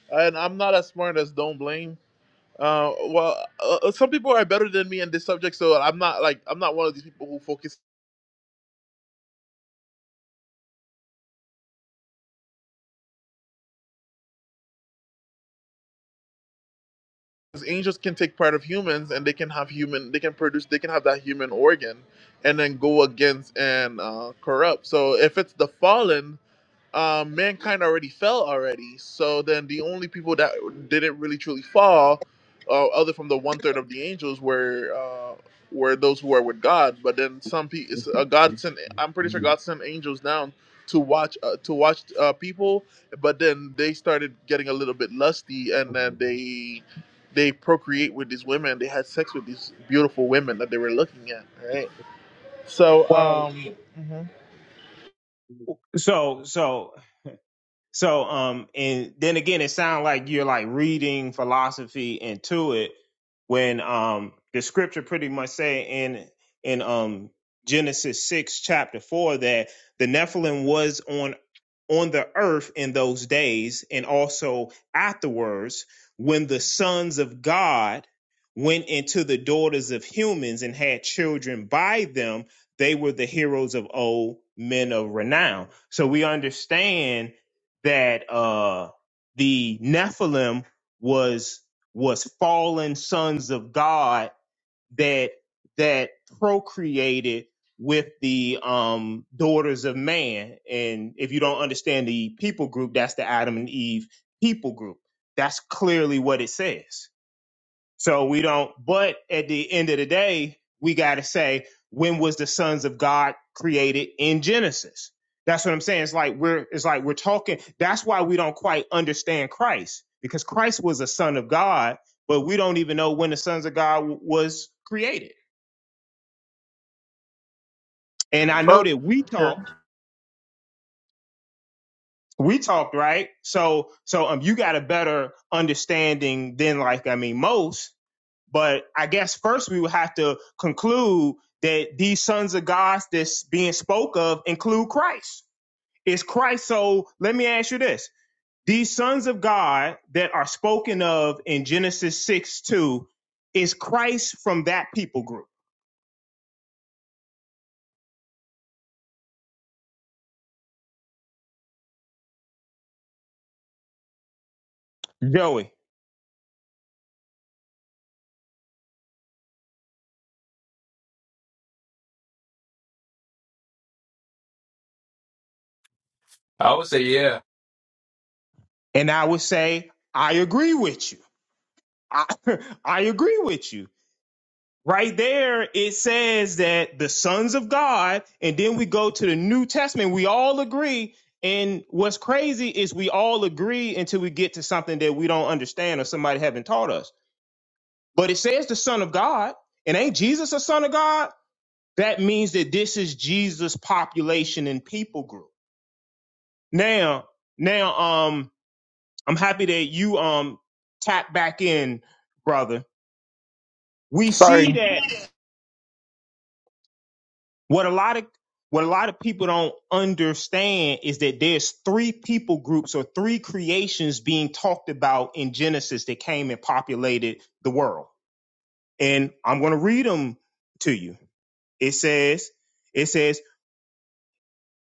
and I'm not as smart as Don't Blame. Uh, well, uh, uh, some people are better than me in this subject, so I'm not like I'm not one of these people who focus. Angels can take part of humans, and they can have human, they can produce, they can have that human organ, and then go against and uh, corrupt. So if it's the fallen, um, mankind already fell already. So then the only people that didn't really truly fall, uh, other from the one third of the angels, were uh, were those who are with God. But then some people, uh, God sent. I'm pretty sure God sent angels down to watch uh, to watch uh, people. But then they started getting a little bit lusty, and then they they procreate with these women. They had sex with these beautiful women that they were looking at. Right. So Well, um. mhm. so so So, um, and then again, it sounds like you're like reading philosophy into it when um the scripture pretty much say in in um Genesis six chapter four that the Nephilim was on on the earth in those days and also afterwards when the sons of God went into the daughters of humans and had children by them, they were the heroes of old men of renown. So we understand that uh the Nephilim was was fallen sons of God that that procreated with the um daughters of man. And if you don't understand the people group, that's the Adam and Eve people group. That's clearly what it says. So we don't, but at the end of the day, we got to say, when was the sons of God created in Genesis? That's what I'm saying. It's like we're, it's like we're talking. That's why we don't quite understand Christ because Christ was a son of God, but we don't even know when the sons of God w- was created. And I know Oh, that we okay. talked, we talked, right? So, so, um, you got a better understanding than like, I mean, most But I guess first we would have to conclude that these sons of God that's being spoke of include Christ. Is Christ so? Let me ask you this: These sons of God that are spoken of in Genesis six two, is Christ from that people group? Joey, I would say, yeah. and I would say I agree with you. I, I agree with you. Right there, it says that the sons of God, and then we go to the New Testament. We all agree. And what's crazy is we all agree until we get to something that we don't understand or somebody haven't taught us. But it says the Son of God, and ain't Jesus a Son of God? That means that this is Jesus' population and people group. Now, now, um, I'm happy that you um tap back in, brother. We see Sorry. that. What a lot of what a lot of people don't understand is that there's three people groups or three creations being talked about in Genesis that came and populated the world. And I'm going to read them to you. It says it says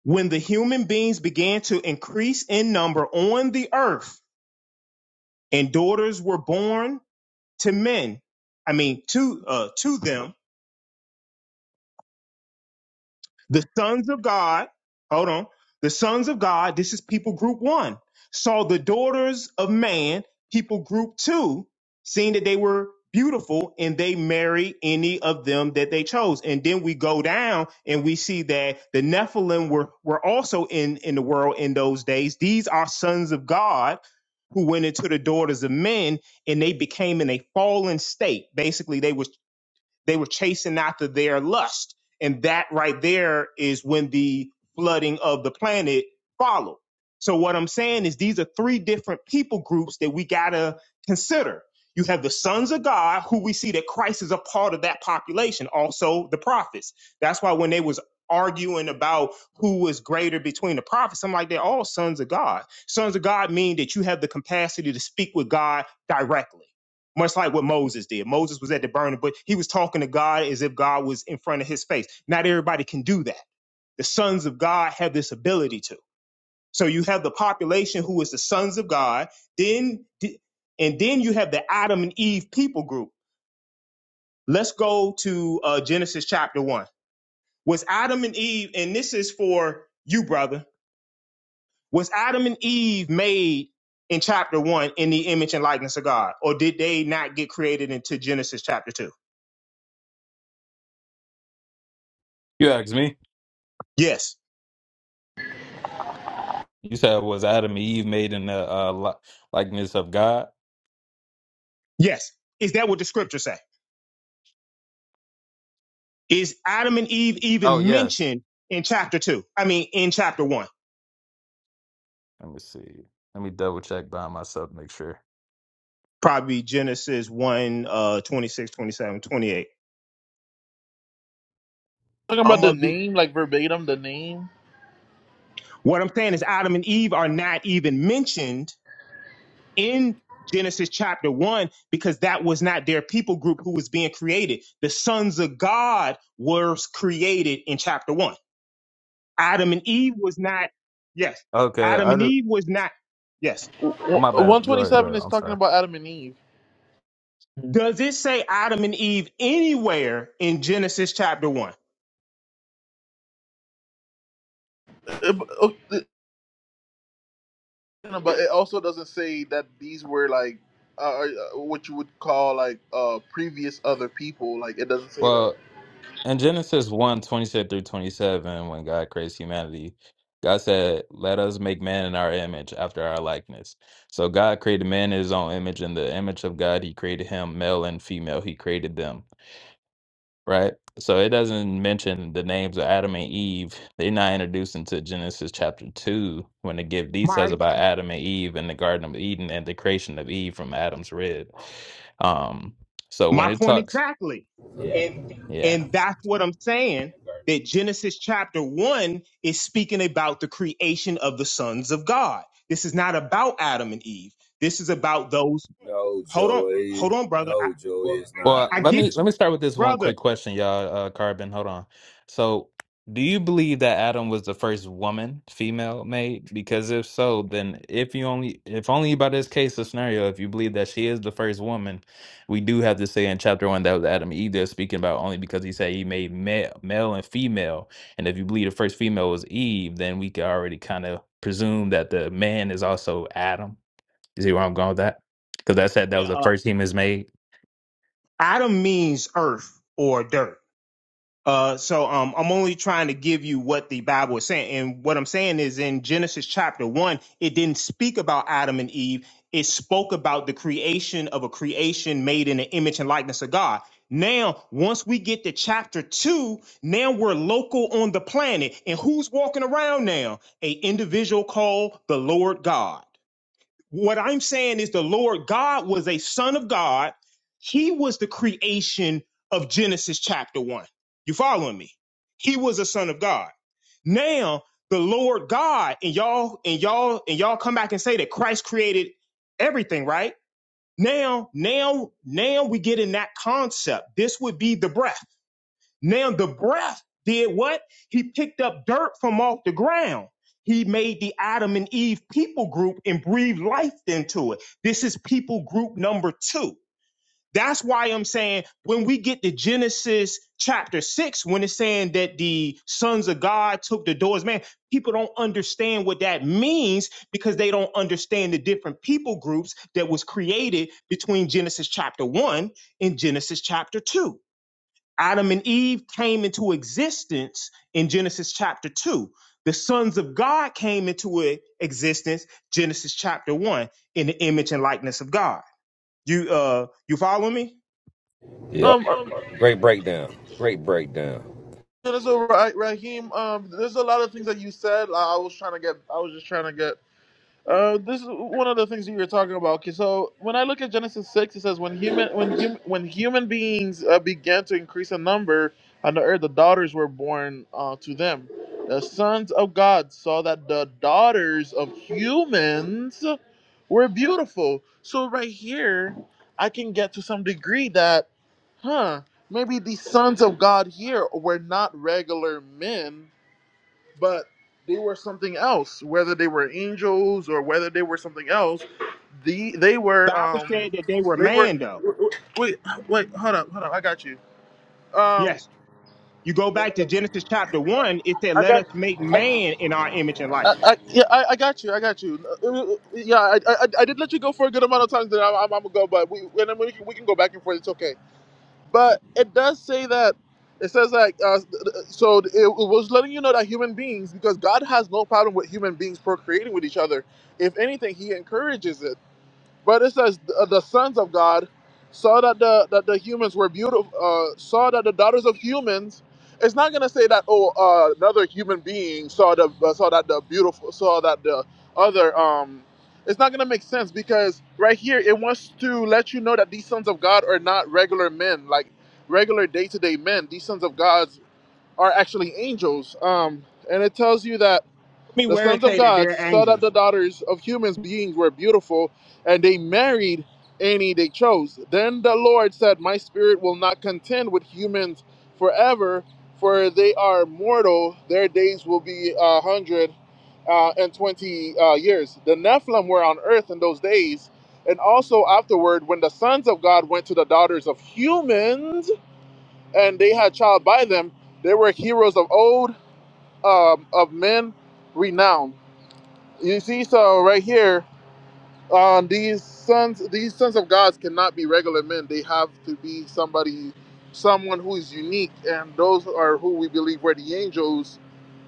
when the human beings began to increase in number on the earth and daughters were born to men, I mean to uh to them The sons of God, hold on. The sons of God, this is people group one, saw the daughters of man, people group two, seeing that they were beautiful and they married any of them that they chose. And then we go down and we see that the Nephilim were, were also in, in the world in those days. These are sons of God who went into the daughters of men and they became in a fallen state. Basically, they were they were chasing after their lust. And that right there is when the flooding of the planet followed. So what I'm saying is these are three different people groups that we gotta consider. You have the sons of God, who we see that Christ is a part of that population, also the prophets. That's why when they was arguing about who was greater between the prophets, I'm like, they're all sons of God. Sons of God mean that you have the capacity to speak with God directly much like what Moses did. Moses was at the burning bush. He was talking to God as if God was in front of his face. Not everybody can do that. The sons of God have this ability to. So you have the population who is the sons of God, then and then you have the Adam and Eve people group. Let's go to uh, Genesis chapter 1. Was Adam and Eve and this is for you brother. Was Adam and Eve made in chapter 1 in the image and likeness of God or did they not get created into Genesis chapter 2? You ask me. Yes. You said was Adam and Eve made in the uh, li- likeness of God? Yes. Is that what the scripture say? Is Adam and Eve Oh even yes. mentioned in chapter two? I mean, in chapter one, Let me see. Let me double check by myself, to make sure. probably Genesis 1, uh, 26, twenty-seven, twenty-eight. Talking about I'm the of the, name, like verbatim, the name. what I'm saying is Adam and Eve are not even mentioned in Genesis chapter one because that was not their people group who was being created. The sons of God were created in chapter one. Adam and Eve was not, yes. Okay, Adam I and do. Eve was not, yes. Oh, my bad. One Go twenty ahead. Go seven ahead. is I'm talking sorry. about Adam and Eve, Does it say Adam and Eve anywhere in Genesis chapter one? Uh, but uh, th- but it also doesn't say that these were like uh, uh, what you would call like uh previous other people. Like it doesn't say that. Well. In Genesis one 26 through 27, when God creates humanity, God said, Let us make man in our image, after our likeness. So God created man in his own image. In the image of God, he created him, male and female, he created them, right? So it doesn't mention the names of Adam and Eve. They're not introduced into Genesis chapter 2 when it give details My about Adam and Eve in the Garden of Eden and the creation of Eve from Adam's rib. Um, so when my it point talks, exactly. Yeah. yeah. And that's what I'm saying. That Genesis chapter one is speaking about the creation of the sons of God. This is not about Adam and Eve. This is about those. No, Hold on, Joey. hold on, brother. I, No, Joey, it's not. Well, I let get me you, let me start with this one brother. quick question, y'all. Uh, Carbon, hold on. So, do you believe that Adam was the first woman, female made? Because if so, then if you only if only by this case or scenario, if you believe that she is the first woman, we do have to say in chapter one that was Adam and Eve they're speaking about only because he said he made male, male and female. And if you believe the first female was Eve, then we could already kind of presume that the man is also Adam. You see where I'm going with that? Because that said that was Yeah, the uh, first humans made. Adam means earth or dirt Uh, so um, I'm only trying to give you what the Bible is saying, and what I'm saying is in Genesis chapter one, it didn't speak about Adam and Eve. It spoke about the creation of a creation made in the image and likeness of God. Now, once we get to chapter two, now we're local on the planet, and who's walking around now? A individual called the Lord God. What I'm saying is the Lord God was a son of God. He was the creation of Genesis chapter one. You following me? He was a son of God. Now the Lord God and y'all and y'all and y'all come back and say that Christ created everything, right? Now, now, now we get in that concept. This would be the breath. Now the breath did what? He picked up dirt from off the ground. He made the Adam and Eve people group and breathed life into it. This is people group number two. That's why I'm saying when we get to Genesis chapter six, when it's saying that the sons of God took the doors, man, people don't understand what that means because they don't understand the different people groups that was created between Genesis chapter one and Genesis chapter two. Adam and Eve came into existence in Genesis chapter 2. The sons of God came into e- existence Genesis chapter 1 in the image and likeness of God. You uh you follow me? Yep. Um, um, Great breakdown. Great breakdown. uh, so Ra- Raheem, um, there's a lot of things that you said. I I was trying to get. I was just trying to get Uh, this is one of the things that you were talking about. Okay, so when I look at Genesis six, it says when human when hum, when human beings uh, began to increase in number on the earth, the daughters were born uh, to them. The sons of God saw that the daughters of humans were beautiful. So right here, I can get to some degree that, huh? Maybe the sons of God here were not regular men but they were something else. Whether they were angels or whether they were something else, the they were Bible um said that they were they were man though. wait wait hold up hold up I got you um Yes. You go wait back hold to up Genesis chapter 1, it said I let got us make man in our image and I, I, likeness. yeah, I, I got you. I got you. Uh, uh, Yeah, I, I, I did let you go for a good amount of times. That I'm, I'm, I'm gonna go, but we, and then we, can, we can go back and forth. It's okay. But it does say that it says like uh, so it was letting you know that human beings because God has no problem with human beings procreating with each other. If anything, He encourages it. But it says uh, the sons of God saw that the that the humans were beautiful. Uh, saw that the daughters of humans. It's not gonna say that oh uh, another human being saw the uh, saw that the beautiful saw that the other. Um, it's not gonna make sense because right here it wants to let you know that these sons of God are not regular men, like regular day to day men. These sons of God are actually angels. Um, and it tells you that Let me the where it sons of say that God they're saw that the angels. daughters of humans beings were beautiful, and they married any they chose. Then the Lord said, My spirit will not contend with humans forever, for they are mortal. Their days will be a hundred uh, and twenty uh, years. The Nephilim were on earth in those days, and also afterward, when the sons of God went to the daughters of humans, and they had child by them, they were heroes of old, um, of men renowned. You see, so right here, um, these sons, these sons of gods cannot be regular men. They have to be somebody, someone who is unique, and those are who we believe were the angels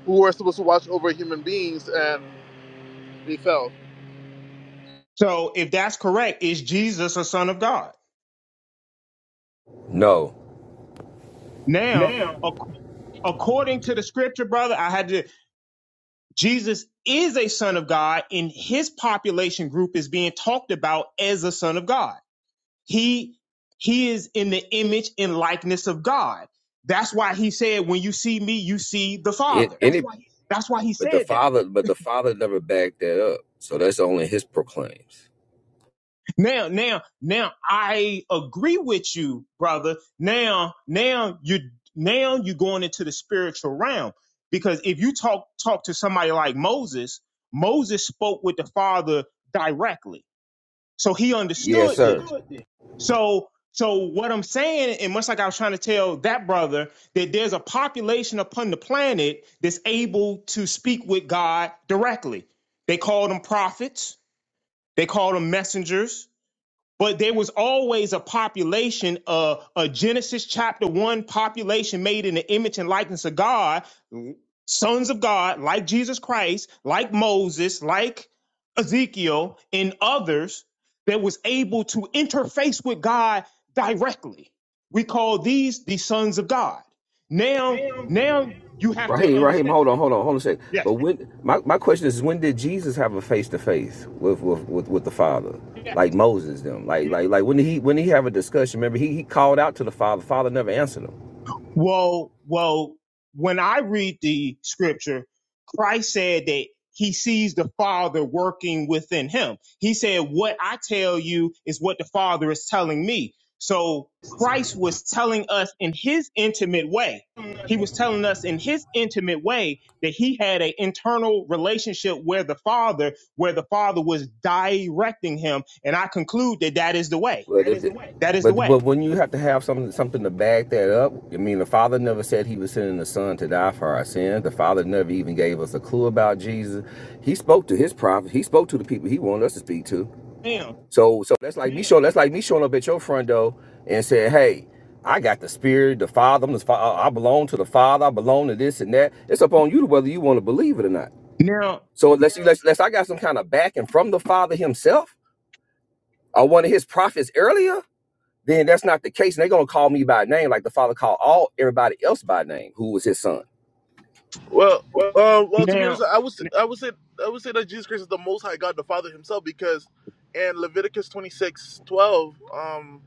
who were supposed to watch over human beings, and they fell. So if that's correct, is Jesus a son of God? No, Now, ac- according to the scripture, brother, I had to. Jesus is a son of God, and his population group is being talked about as a son of God. He he is in the image and likeness of God. That's why he said, "When you see me, you see the it, Father." any, That's why he but the said that. father, but the father never backed that up. So that's only his proclaims. Now, now, now, I agree with you, brother. Now, now you now you're going into the spiritual realm because if you talk talk to somebody like Moses, Moses spoke with the Father directly So he Yes, understood sir. this. understood. So so what I'm saying, and much like I was trying to tell that brother, that there's a population upon the planet that's able to speak with God directly. They call them prophets, they call them messengers, but there was always a population, uh, a Genesis chapter one population made in the image and likeness of God, sons of God, like Jesus Christ, like Moses, like Ezekiel, and others that was able to interface with God directly. We call these the sons of God. Now, now you have to Raheem, Raheem, understand. hold on, hold on, hold on a second. Yes. But when my, my question is, when did Jesus have a face to face with with with with the Father, like Moses them, like like like when did he when did he have a discussion? Remember, he he called out to the Father. The Father never answered him. Well, well, when I read the scripture, Christ said that he sees the Father working within him. He said, What I tell you is what the Father is telling me. So Christ was telling us in his intimate way. He was telling us in his intimate way that he had an internal relationship where the Father, where the Father was directing him. And I conclude that that is the way. But if it, That is the but way. but when you have to have something something to back that up, I mean, the Father never said He was sending the Son to die for our sins. The Father never even gave us a clue about Jesus. He spoke to His prophets. He spoke to the people He wanted us to speak to. Now, So so that's like me showing that's like me showing up at your front door and saying, Hey, I got the Spirit, the Father. I'm the, Fa- I belong to the Father. I belong to this and that. It's up on you to whether you want to believe it or not. now, So unless you unless, unless I got some kind of backing from the Father Himself or one of His prophets earlier then that's not the case. And they're gonna call me by name, like the father called all everybody else by name who was his son. Well, uh, well, to be honest, now, I would s- I would say I would say that Jesus Christ is the Most High God, the Father Himself, because in Leviticus twenty six twelve, um,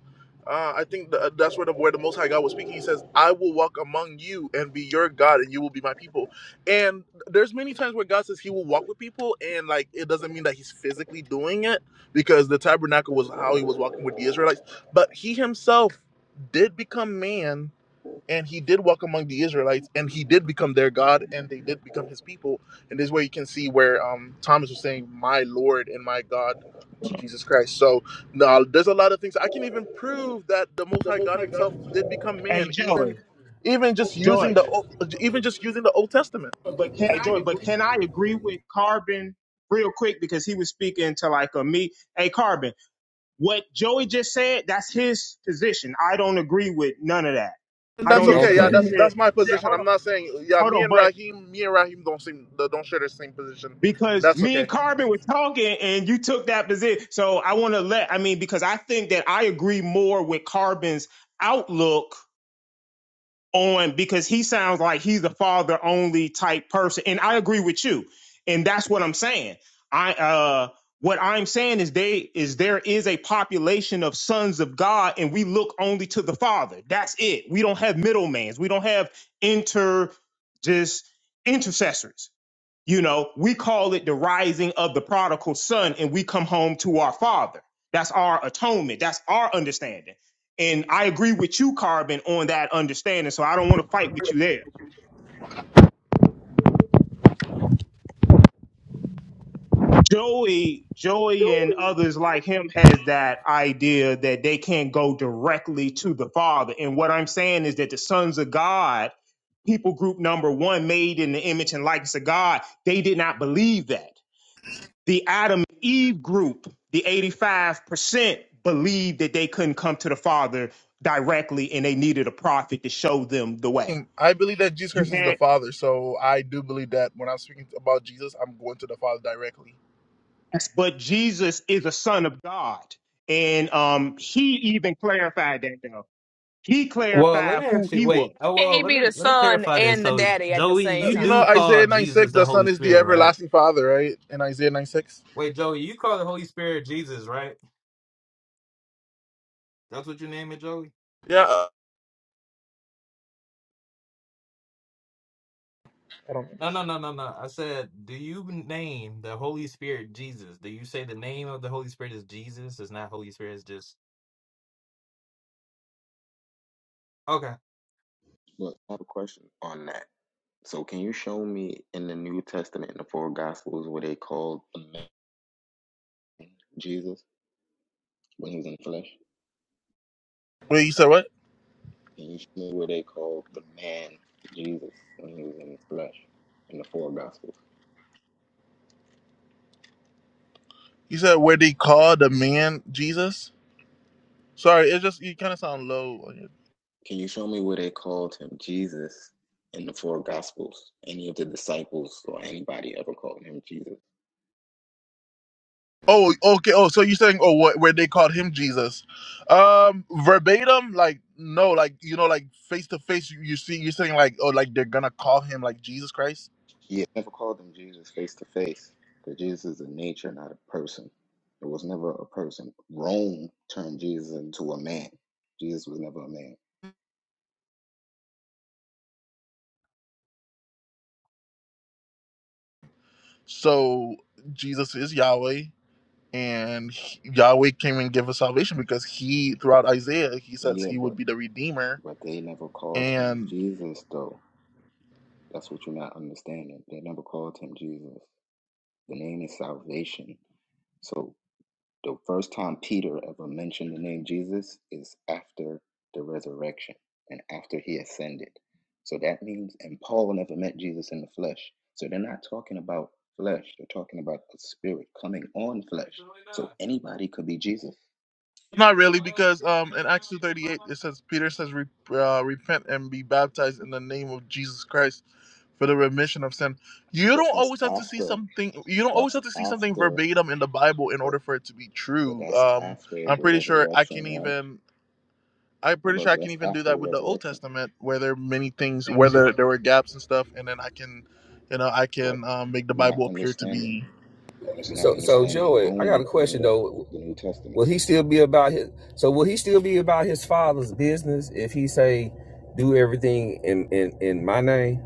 uh, I think th- that's where the where the Most High God was speaking. He says, "I will walk among you and be your God, and you will be my people." And there's many times where God says He will walk with people, and like it doesn't mean that He's physically doing it, because the tabernacle was how He was walking with the Israelites, but He Himself did become man and he did walk among the Israelites, and he did become their God, and they did become his people. And this is where you can see where um, Thomas was saying, "My Lord and my God." To Jesus Christ. So now there's a lot of things I can even prove that the Most High God Himself did become hey, man, even Joey. even just using Joy. the Old- even just using the Old Testament. Hey, Joy, but can I agree with Carbon real quick because he was speaking to like a me? Hey, Carbon, what Joey just said, that's his position. I don't agree with none of that. And I that's don't Yeah. okay. Yeah, Okay. agree that's that. that's my Yeah, position. hold I'm on, not saying yeah. hold Me on. and But Raheem, me and Raheem don't seem don't share the same position. because That's me okay. and Carbon were talking and you took that position. So I want to let, I mean, because I think that I agree more with Carbon's outlook on because he sounds like he's a father only type person and i agree with you and that's what i'm saying i uh what i'm saying is they is there is a population of sons of god and we look only to the father that's it we don't have middlemans we don't have inter just intercessors you know, we call it the rising of the prodigal son, and we come home to our father. That's our atonement. That's our understanding. And I agree with you, Carbon, on that understanding. So I don't want to fight with you there. Joey, Joey, and others like him has that idea that they can't go directly to the Father. And what I'm saying is that the sons of God, people group number one, made in the image and likeness of God, they did not believe that The Adam and Eve group, the 85%, believed that they couldn't come to the Father directly and they needed a prophet to show them the way. Mm, I believe that Jesus You Christ is the had, Father, so I do believe that when I'm speaking about Jesus, I'm going to the Father directly. but Jesus is a son of God. And um, he even clarified that though. He Well, let clarified me who actually he wait. was. Oh Can well, he let be the me let me son clarify this. and the So, daddy at the Joey, same Uh, you You time? know, do Isaiah call 9 Jesus 6, the the Son Holy is the Spirit, right? everlasting Father, right? In Isaiah 9 6? Wait, Joey, you call the Holy Spirit Jesus, right? That's what you name it, Joey? Yeah. uh, I don't No, no, no, no, no. I said, do you name the Holy Spirit Jesus? Do you say the name of the Holy Spirit is Jesus? It's not Holy Spirit, it's just Okay. Wait, you said what? You said where they call the man Jesus? Sorry, it's just, you kind of sound low. Oh, okay. Oh, so you're saying, oh, what, where they called him Jesus? Um, verbatim, like, no, like, you know, like face to face, you you see, you're saying, like, oh, like they're gonna call him like Jesus Christ? So Jesus is Yahweh, and he- Yahweh came and gave us salvation because he, throughout Isaiah, he says he would be the redeemer, and not really because um in Acts two thirty eight it says Peter says "Re- uh, repent and be baptized in the name of Jesus Christ for the remission of sin. You don't always have to see something. You don't always have to see something verbatim in the Bible in order for it to be true. Um, I'm pretty sure I can even. I'm pretty sure I can even do that with the Old Testament, where there are many things, where there, there were gaps and stuff, and then I can, you know, I can um, make the Bible appear to be So so Joey, I got a question though. Will he still be about his so will he still be about his father's business if he say do everything in in, in my name?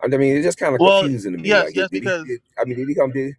I mean, it's just kind of well. confusing to me. Yes, Like, did yes, he? because Did, I mean, did he come? Did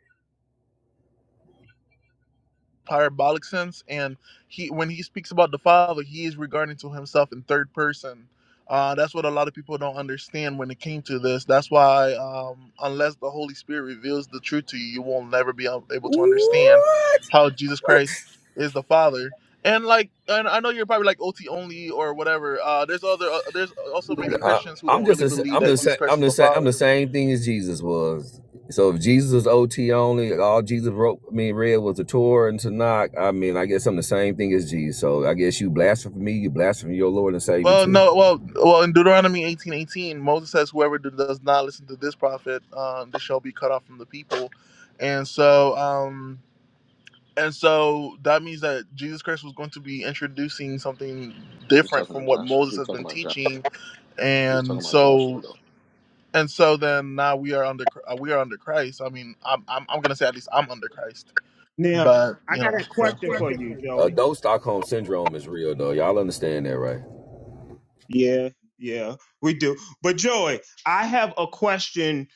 parabolic sense and he when he speaks about the father he is regarding to himself in third person uh, that's what a lot of people don't understand when it came to this that's why um, unless the holy spirit reveals the truth to you you will never be ab- able to understand what? how jesus What? christ is the father and like and i know you're probably like ot only or whatever uh, there's other uh, there's also many I, christians who I'm don't just really a, believe I'm the that jesus same christ I'm is the the same I'm the father which same thing as Jesus was. So if Jesus was OT only, all Jesus wrote I mean read was the Torah and Tanakh. I mean, I guess I'm the same thing as Jesus. So I guess you blaspheme me, you blaspheme your Lord and Savior Well, too. no, well, well, in Deuteronomy eighteen eighteen, Moses says, "Whoever do- does not listen to this prophet, um, they shall be cut off from the people." And so, um, and so that means that Jesus Christ was going to be introducing something different from what Moses has been teaching. And so, and so then now we are under uh, we are under Christ. I mean, I'm I'm, I'm gonna say at least I'm under Christ. Now, But I you got know, a so question for you, Joey. Adult Stockholm syndrome is real though. Y'all understand that, right? Yeah, yeah, we do. But Joey, I have a question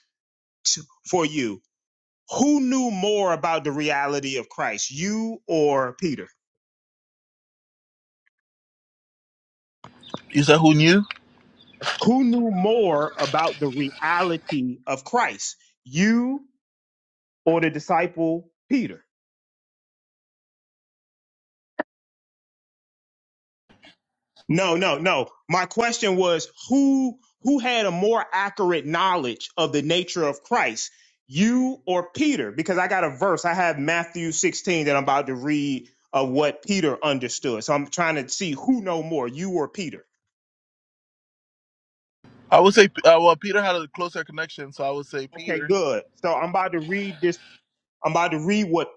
to, for you who knew more about the reality of Christ, you or Peter? you said who knew? Who knew more about the reality of Christ, you or the disciple Peter? No, no, no. My question was who who had a more accurate knowledge of the nature of Christ, you or Peter? Because I got a verse. I have Matthew 16 that I'm about to read of what Peter understood. So I'm trying to see who know more, you or Peter. I would say uh, well, Peter had a closer connection, so I would say Okay, Peter good. So I'm about to read this I'm about to read what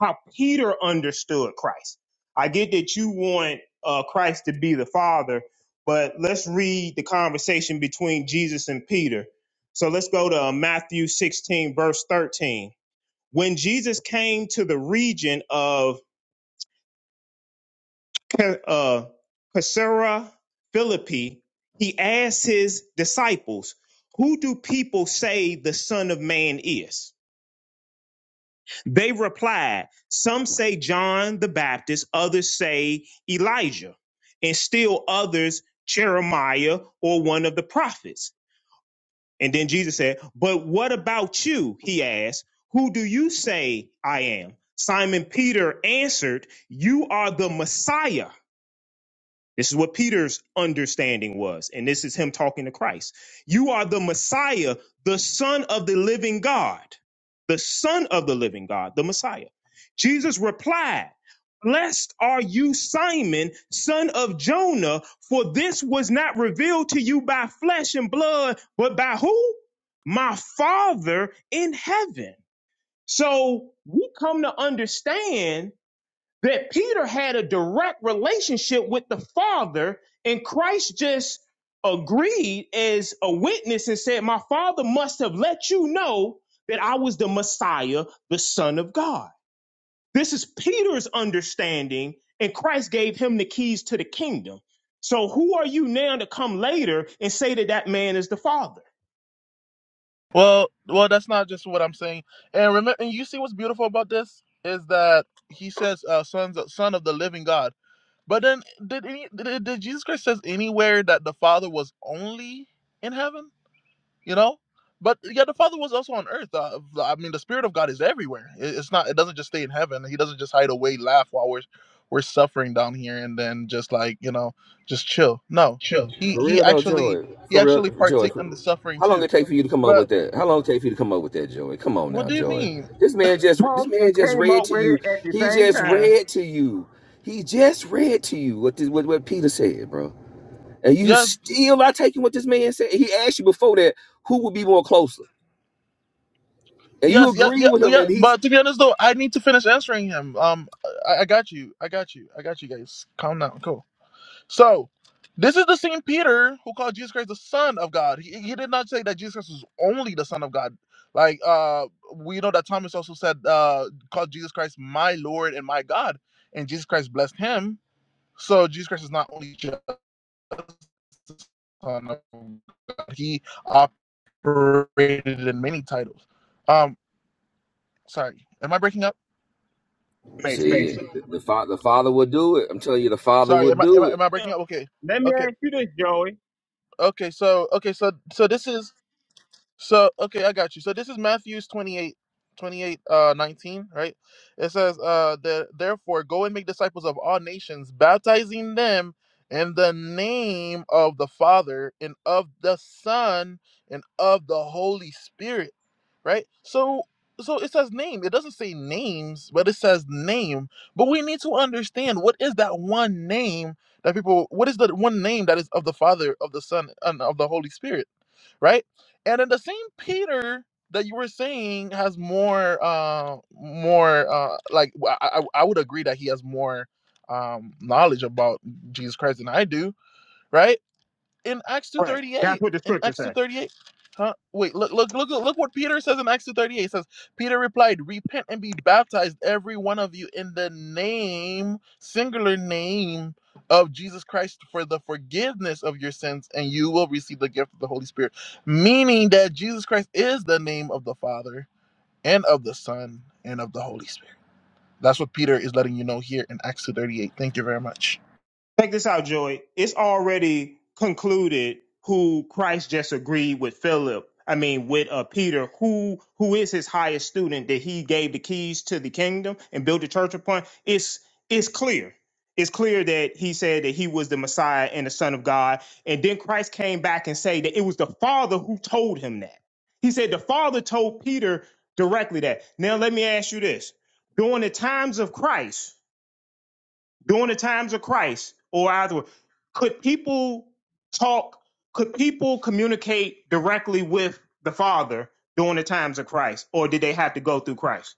how Peter understood Christ. I get that you want uh, Christ to be the Father, but let's read the conversation between Jesus and Peter. So let's go to uh, Matthew 16, verse 13. When Jesus came to the region of Ca- uh, Caesarea Philippi, he asked his disciples, "Who do people say the Son of Man is?" They replied, Some say John the Baptist, others say Elijah, and still others Jeremiah or one of the prophets. And then Jesus said, But what about you? He asked, Who do you say I am? Simon Peter answered, You are the Messiah this is what Peter's understanding was. And this is him talking to Christ. You are the Messiah, the Son of the living God. The Son of the living God, the Messiah. Jesus replied, Blessed are you, Simon, son of Jonah, for this was not revealed to you by flesh and blood, but by who? My Father in heaven. So we come to understand that Peter had a direct relationship with the Father, and Christ just agreed as a witness and said, My Father must have let you know that I was the Messiah, the Son of God. This is Peter's understanding, and Christ gave him the keys to the kingdom. So, who are you now to come later and say that that man is the Father? Well, well, that's not just what I'm saying. And remember, and you see what's beautiful about this is that he says, uh, "Sons, son of the living God." But then, did any, did, did Jesus Christ says anywhere that the Father was only in heaven? You know, but yeah, the Father was also on earth. Uh, I mean, the Spirit of God is everywhere. It, it's not. It doesn't just stay in heaven. He doesn't just hide away, laugh while we're we're suffering down here, and then just like you know, just chill. No, he For he real though, actually Joey. he For actually real, Joey. partake For, in the suffering how long too. it take for you to come up But with that? How long it take for you to come up with that, Joey? Come on what now, do you Joey. mean? This man just this Talk and man just came read up to with you. it at the He same just time. read to you. He just read to you what this, what, what Peter said, bro. And you Yes, still not taking what this man said. He asked you before that who would be more closer, and you yes, yes, agree yeah, with him. yeah. And he's But to be honest, though, I need to finish answering him. Um, I, I got you, I got you, I got you guys. Calm down, cool. So, this is the same Peter who called Jesus Christ the Son of God. He, he did not say that Jesus Christ was only the Son of God. Like, uh, we know that Thomas also said, uh, called Jesus Christ my Lord and my God, and Jesus Christ blessed him. So Jesus Christ is not only just the Son of God. He operated in many titles. Um, sorry, am I breaking up? Matrix. see the, the father. The father would do it. I'm telling you, the father Sorry, would am I, am do I it. am I Yeah. breaking up? Okay, Let me okay, ask you this, Joey. okay. So okay, so so this is so okay, I got you. So this is Matthew's 28, 28, uh, 19, right? It says, uh, that therefore go and make disciples of all nations, baptizing them in the name of the Father and of the Son and of the Holy Spirit, right? So so it says name. It doesn't say names, but it says name. But we need to understand what is that one name that people what is the one name that is of the Father, of the Son, and of the Holy Spirit? right? And then the same Peter that you were saying has more, uh, more uh, like w- I, I I would agree that he has more um, knowledge about Jesus Christ than I do, right? in Acts two Right. thirty That's eight. what the In scripture Acts two says. thirty eight. Huh? Wait, look, look, look, look what Peter says in Acts two thirty eight. says, Peter replied, Repent and be baptized, every one of you, in the name, singular name of Jesus Christ for the forgiveness of your sins, and you will receive the gift of the Holy Spirit. Meaning that Jesus Christ is the name of the Father and of the Son and of the Holy Spirit. That's what Peter is letting you know here in Acts two thirty eight. Thank you very much. Check this out, Joey. It's already concluded who Christ just agreed with Philip. I mean, with uh, Peter, who who is his highest student that he gave the keys to the kingdom and built the church upon. It's it's clear. It's clear that he said that he was the Messiah and the Son of God. And then Christ came back and said that it was the Father who told him that. He said the Father told Peter directly that. Now let me ask you this: during the times of Christ, during the times of Christ or either could people talk could people communicate directly with the father during the times of Christ or did they have to go through Christ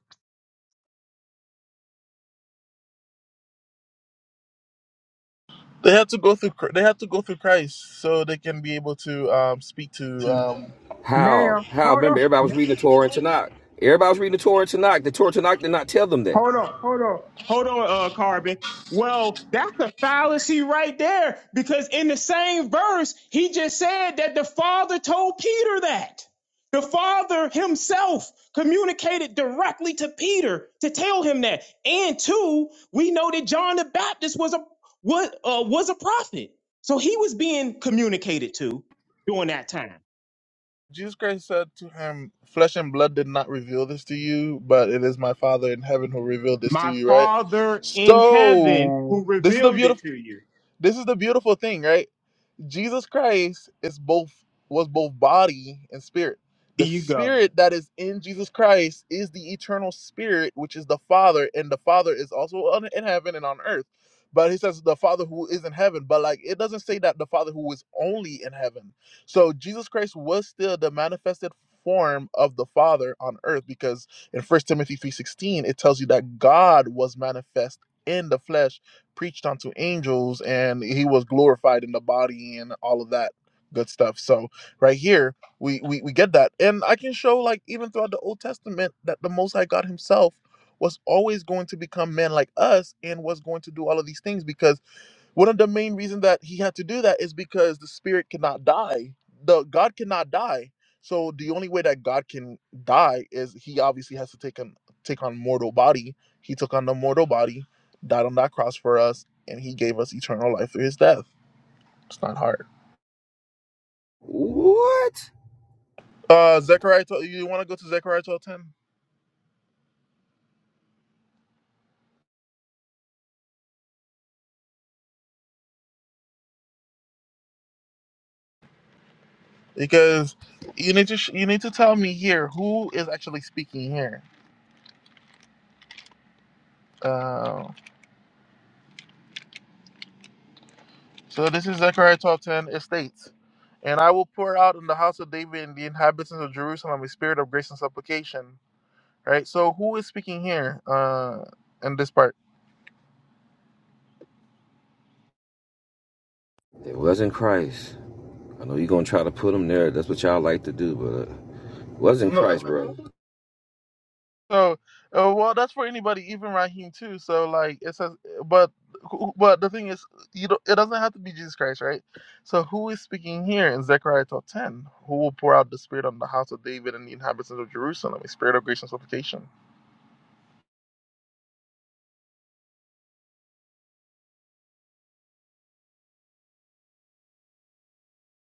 They have to go through. Chr- They have to go through Christ so they can be able to um, speak to. Um, How? Now, How? hold Remember, everybody was reading the Torah and Tanakh. Everybody was reading the Torah and Tanakh. The Torah and Tanakh did not tell them that. Hold on, hold on, hold on, uh, Carbon. Well, that's a fallacy right there because in the same verse, he just said that the Father told Peter that. The Father himself communicated directly to Peter to tell him that. And two, we know that John the Baptist was a was, uh, was a prophet. So he was being communicated to during that time. Jesus Christ said to him, "Flesh and blood did not reveal this to you, but it is my Father in heaven who revealed this to My you." Right. Father in heaven So who this is the revealed it beautiful. to you. This is the beautiful thing, right? Jesus Christ is both was both body and spirit. The Here you go. spirit that is in Jesus Christ is the eternal spirit, which is the Father, and the Father is also on, in heaven and on earth. But he says the Father who is in heaven, but like it doesn't say that the Father who is only in heaven. So Jesus Christ was still the manifested form of the Father on earth because in First Timothy 3:16 it tells you that God was manifest in the flesh preached unto angels and he was glorified in the body and all of that good stuff so right here we, we we get that and i can show like even throughout the old testament that the most high god himself was always going to become man like us and was going to do all of these things because one of the main reasons that he had to do that is because the spirit cannot die. The God cannot die. So the only way that God can die is he obviously has to take on take on mortal body. He took on the mortal body, died on that cross for us, and he gave us eternal life through his death. It's not hard. What? Uh Zechariah 12, you want to go to Zechariah 12:10? Because you need to sh- you need to tell me here who is actually speaking here. Uh, So this is Zechariah 12:10. It states, "And I will pour out in the house of David and the inhabitants of Jerusalem a spirit of grace and supplication." Right. So who is speaking here uh, in this part? It wasn't Christ. I know you're going to try to put them there. That's what y'all like to do, but uh, it wasn't Christ, bro. So, uh, well, that's for anybody, even Raheem too. So like it says, but who- but the thing is, you don't, it doesn't have to be Jesus Christ, right? So who is speaking here in Zechariah 12:10? Who will pour out the spirit on the house of David and the inhabitants of Jerusalem a spirit of grace and supplication?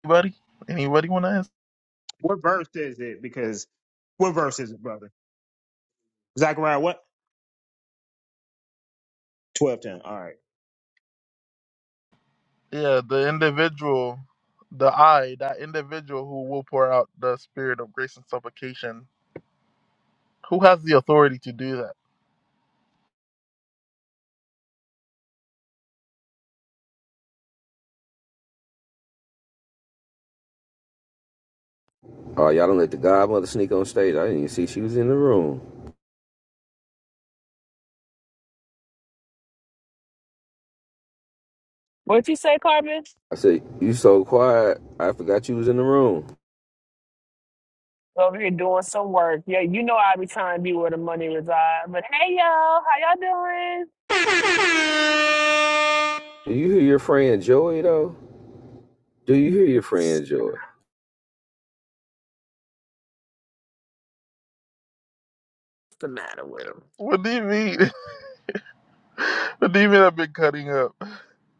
Anybody? Anybody want to answer? What verse is it? Because what verse is it, brother? Zechariah what? Twelve ten. All right. Yeah, the individual, the I, that individual who will pour out the spirit of grace and supplication. Who has the authority to do that? Oh, y'all don't let the godmother sneak on stage. I didn't even see she was in the room. What you say, Carmen? I said, you so quiet. I forgot you was in the room. Over here doing some work. Yeah, you know I be trying to be where the money reside. But hey, y'all, how y'all doing? Do you hear your friend Joey, though? Do you hear your friend Joey? What's the matter with him? What do you mean? what do you mean I've been cutting up?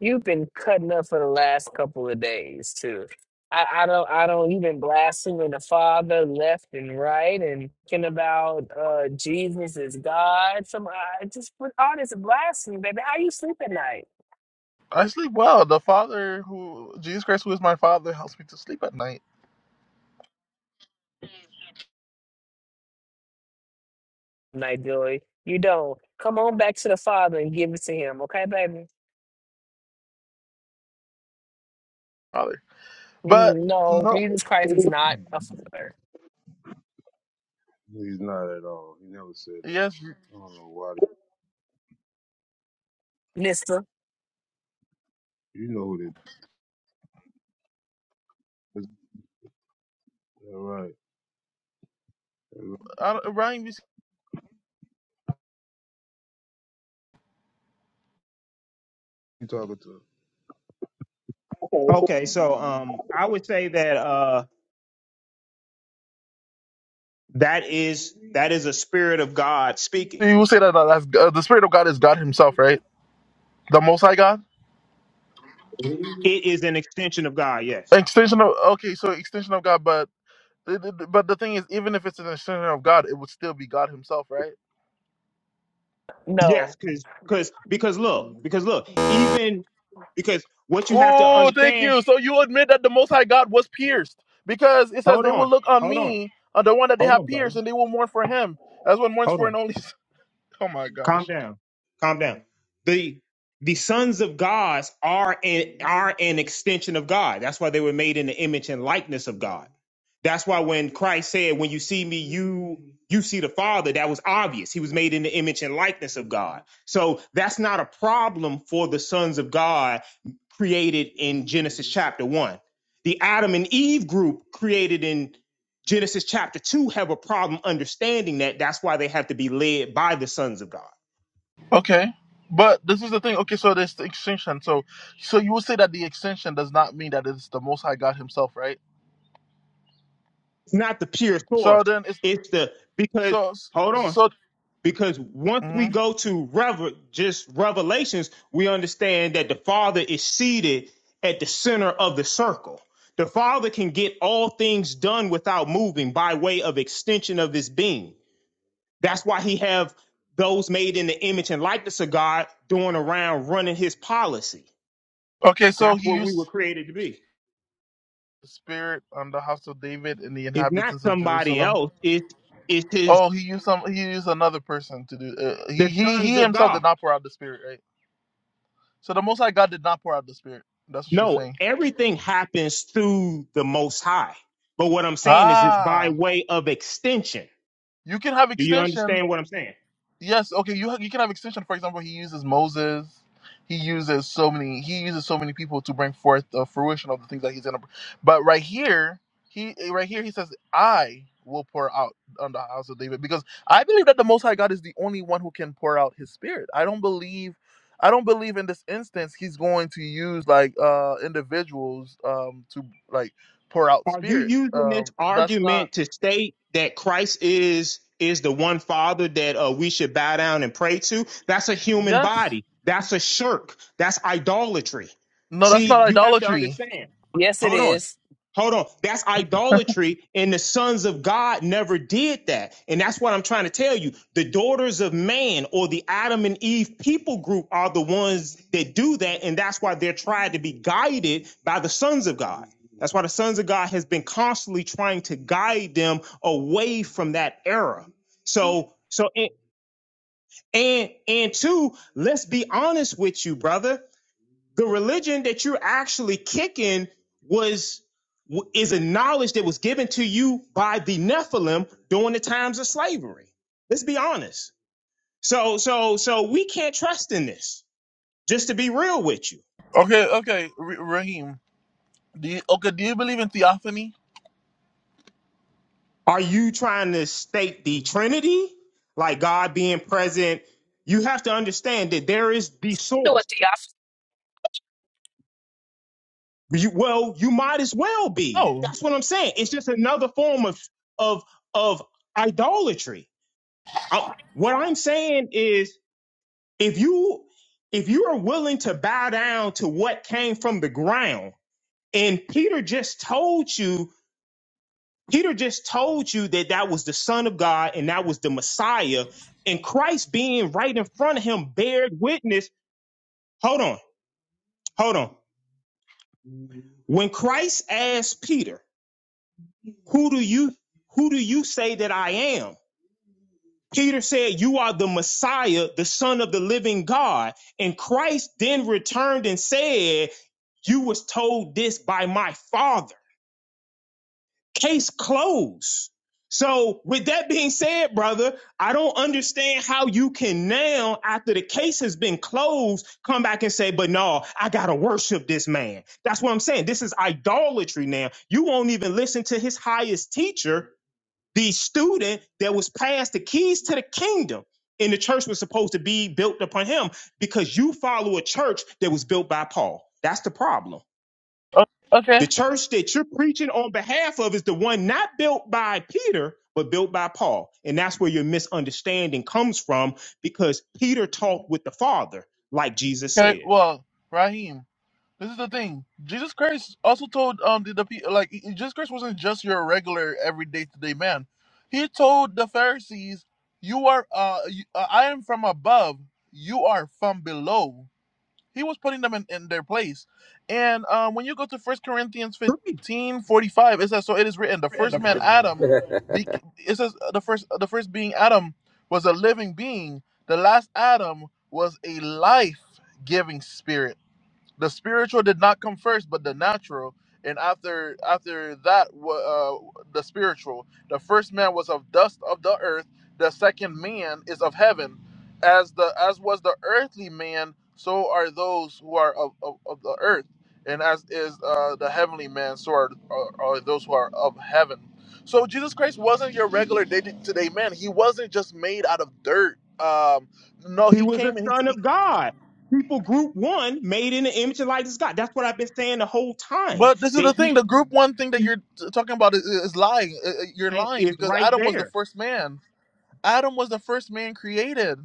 You've been cutting up for the last couple of days too. I, I don't, I don't. You've been blaspheming the Father left and right, and thinking about uh, Jesus is God. Some, I just put all this blasphemy, baby. How you sleep at night? I sleep well. The Father who, Jesus Christ, who is my Father, helps me to sleep at night. night, Joy. You don't. Come on back to the Father and give it to Him, okay, baby? Father. But, Mm, No, no, Jesus Christ is not a father. He's not at all. He never said that. yes, I don't know why. Mister, You know who this is. All right. You I don't, Ryan, you, talking to? Okay, so um I would say that uh that is that is a spirit of God speaking. say- you will say that uh, that's, uh, the Spirit of God is God Himself, right? The Most High God? It is an extension of God, yes. Extension of, okay, so extension of God, but. It- it- But the thing is, even if it's an extension of God, it would still be God Himself, right? Yes, no. because because because look, because look, even because what you have to Oh, thank understand you. So you admit that the Most High God was pierced because it says they will look on me, on the one that they have pierced, and they will mourn for Him as one mourns for an only. son. Oh my gosh. calm down. The the sons of God are an are an extension of God. That's why they were made in the image and likeness of God. That's why when Christ said, "When you see me, you you see the Father," that was obvious. He was made in the image and likeness of God. So that's not a problem for the sons of God created in Genesis chapter 1. The Adam and Eve group created in Genesis chapter 2 have a problem understanding that. That's why they have to be led by the sons of God. Okay, but this is the thing. Okay, so there's the extension. So, so you would say that the extension does not mean that it's the Most High God Himself, right? It's not the pure So source. then it's It's the because so hold on. so. Because once we mhm. go to rever just revelations, we understand that the Father is seated at the center of the circle. The Father can get all things done without moving by way of extension of his being. That's why he have those made in the image and likeness of God doing around running his policy. Okay, so That's He what we used were created to be. the Spirit on the house of David and the It's not inhabitants of somebody Jerusalem. else. It's it's his Oh, he used some. He used another person to do. Uh, he the he sons he of himself God. did not pour out the spirit, right? So the Most High God did not pour out the spirit. That's what you're No, saying. everything happens through the Most High. But what I'm saying is, it's by Ah, way of extension. you can have Do you extension understand what I'm saying? Yes, okay. You ha- you can have extension. For example, he uses Moses. He uses so many. He uses so many people to bring forth the fruition of the things that he's gonna. br- But right here, he right here he says, "I will pour out on the house of David," because I believe that the Most High God is the only one who can pour out His Spirit. I don't believe. I don't believe in this instance he's going to use like uh individuals um to like pour out Are you spirit. using this Um that's not argument to state that Christ is is the one Father that uh, we should bow down and pray to? That's a human yes. body. That's a shirk. That's idolatry. No, that's See, not you have to idolatry. understand. Yes, it Hold on. is. Hold on. That's idolatry, and the sons of God never did that. And that's what I'm trying to tell you. The daughters of man or the Adam and Eve people group are the ones that do that, and that's why they're trying to be guided by the sons of God. That's why the sons of God has been constantly trying to guide them away from that era. So, so and and, and two, let's be honest with you, brother the religion that you're actually kicking was is a knowledge that was given to you by the Nephilim during the times of slavery. Let's be honest. So so so we can't trust in this. Just to be real with you, Okay, okay, R- Raheem. Do you, okay, do you believe in theophany? are you trying to state the Trinity, like God being present? You have to understand that there is the You Know source. what? You, well, you might as well be. No. That's what I'm saying. It's just another form of of of idolatry I, what I'm saying is if you if you are willing to bow down to what came from the ground and Peter just told you Peter just told you that that was the son of God and that was the Messiah and Christ being right in front of him bared witness hold on hold on when Christ asked Peter who do you who do you say that I am Peter said, You are the Messiah, the Son of the living God. And Christ then returned and said, You was told this by my Father. Case closed. So, with that being said, brother, I don't understand how you can now, after the case has been closed, come back and say, But no, I got to worship this man. That's what I'm saying. This is idolatry now. You won't even listen to his highest teacher the student that was passed the keys to the kingdom and the church was supposed to be built upon him because you follow a church that was built by paul that's the problem O- okay. the church that you're preaching on behalf of is the one not built by peter but built by paul and that's where your misunderstanding comes from because peter talked with the father like jesus Okay. said Well, Raheem, this is the thing. Jesus Christ also told um the, the pe- like he- he- Jesus Christ wasn't just your regular everyday today man. He told the Pharisees, "You are uh, you, uh I am from above. You are from below." He was putting them in, in their place. And um, when you go to First Corinthians 15 45, it says, So it is written, the first man, Adam, bec- it says uh, the first, the first being Adam was a living being. The last Adam was a life-giving spirit the spiritual did not come first, but the natural. And after after that, wa- uh, the spiritual. The first man was of dust of the earth. The second man is of heaven. As the as was the earthly man, so are those who are of, of, of the earth. And as is uh, the heavenly man, so are, are, are those who are of heaven. So Jesus Christ wasn't your regular day to day man. He wasn't just made out of dirt. Um, no, he he was the came and son he. of god people group one made in the image and likeness of god that's what i've been saying the whole time But this is the that thing. he The group one thing that you're t- talking about is, is lying. Uh, uh, You're right, lying is because right Adam was the there, first man. Adam was the first man created.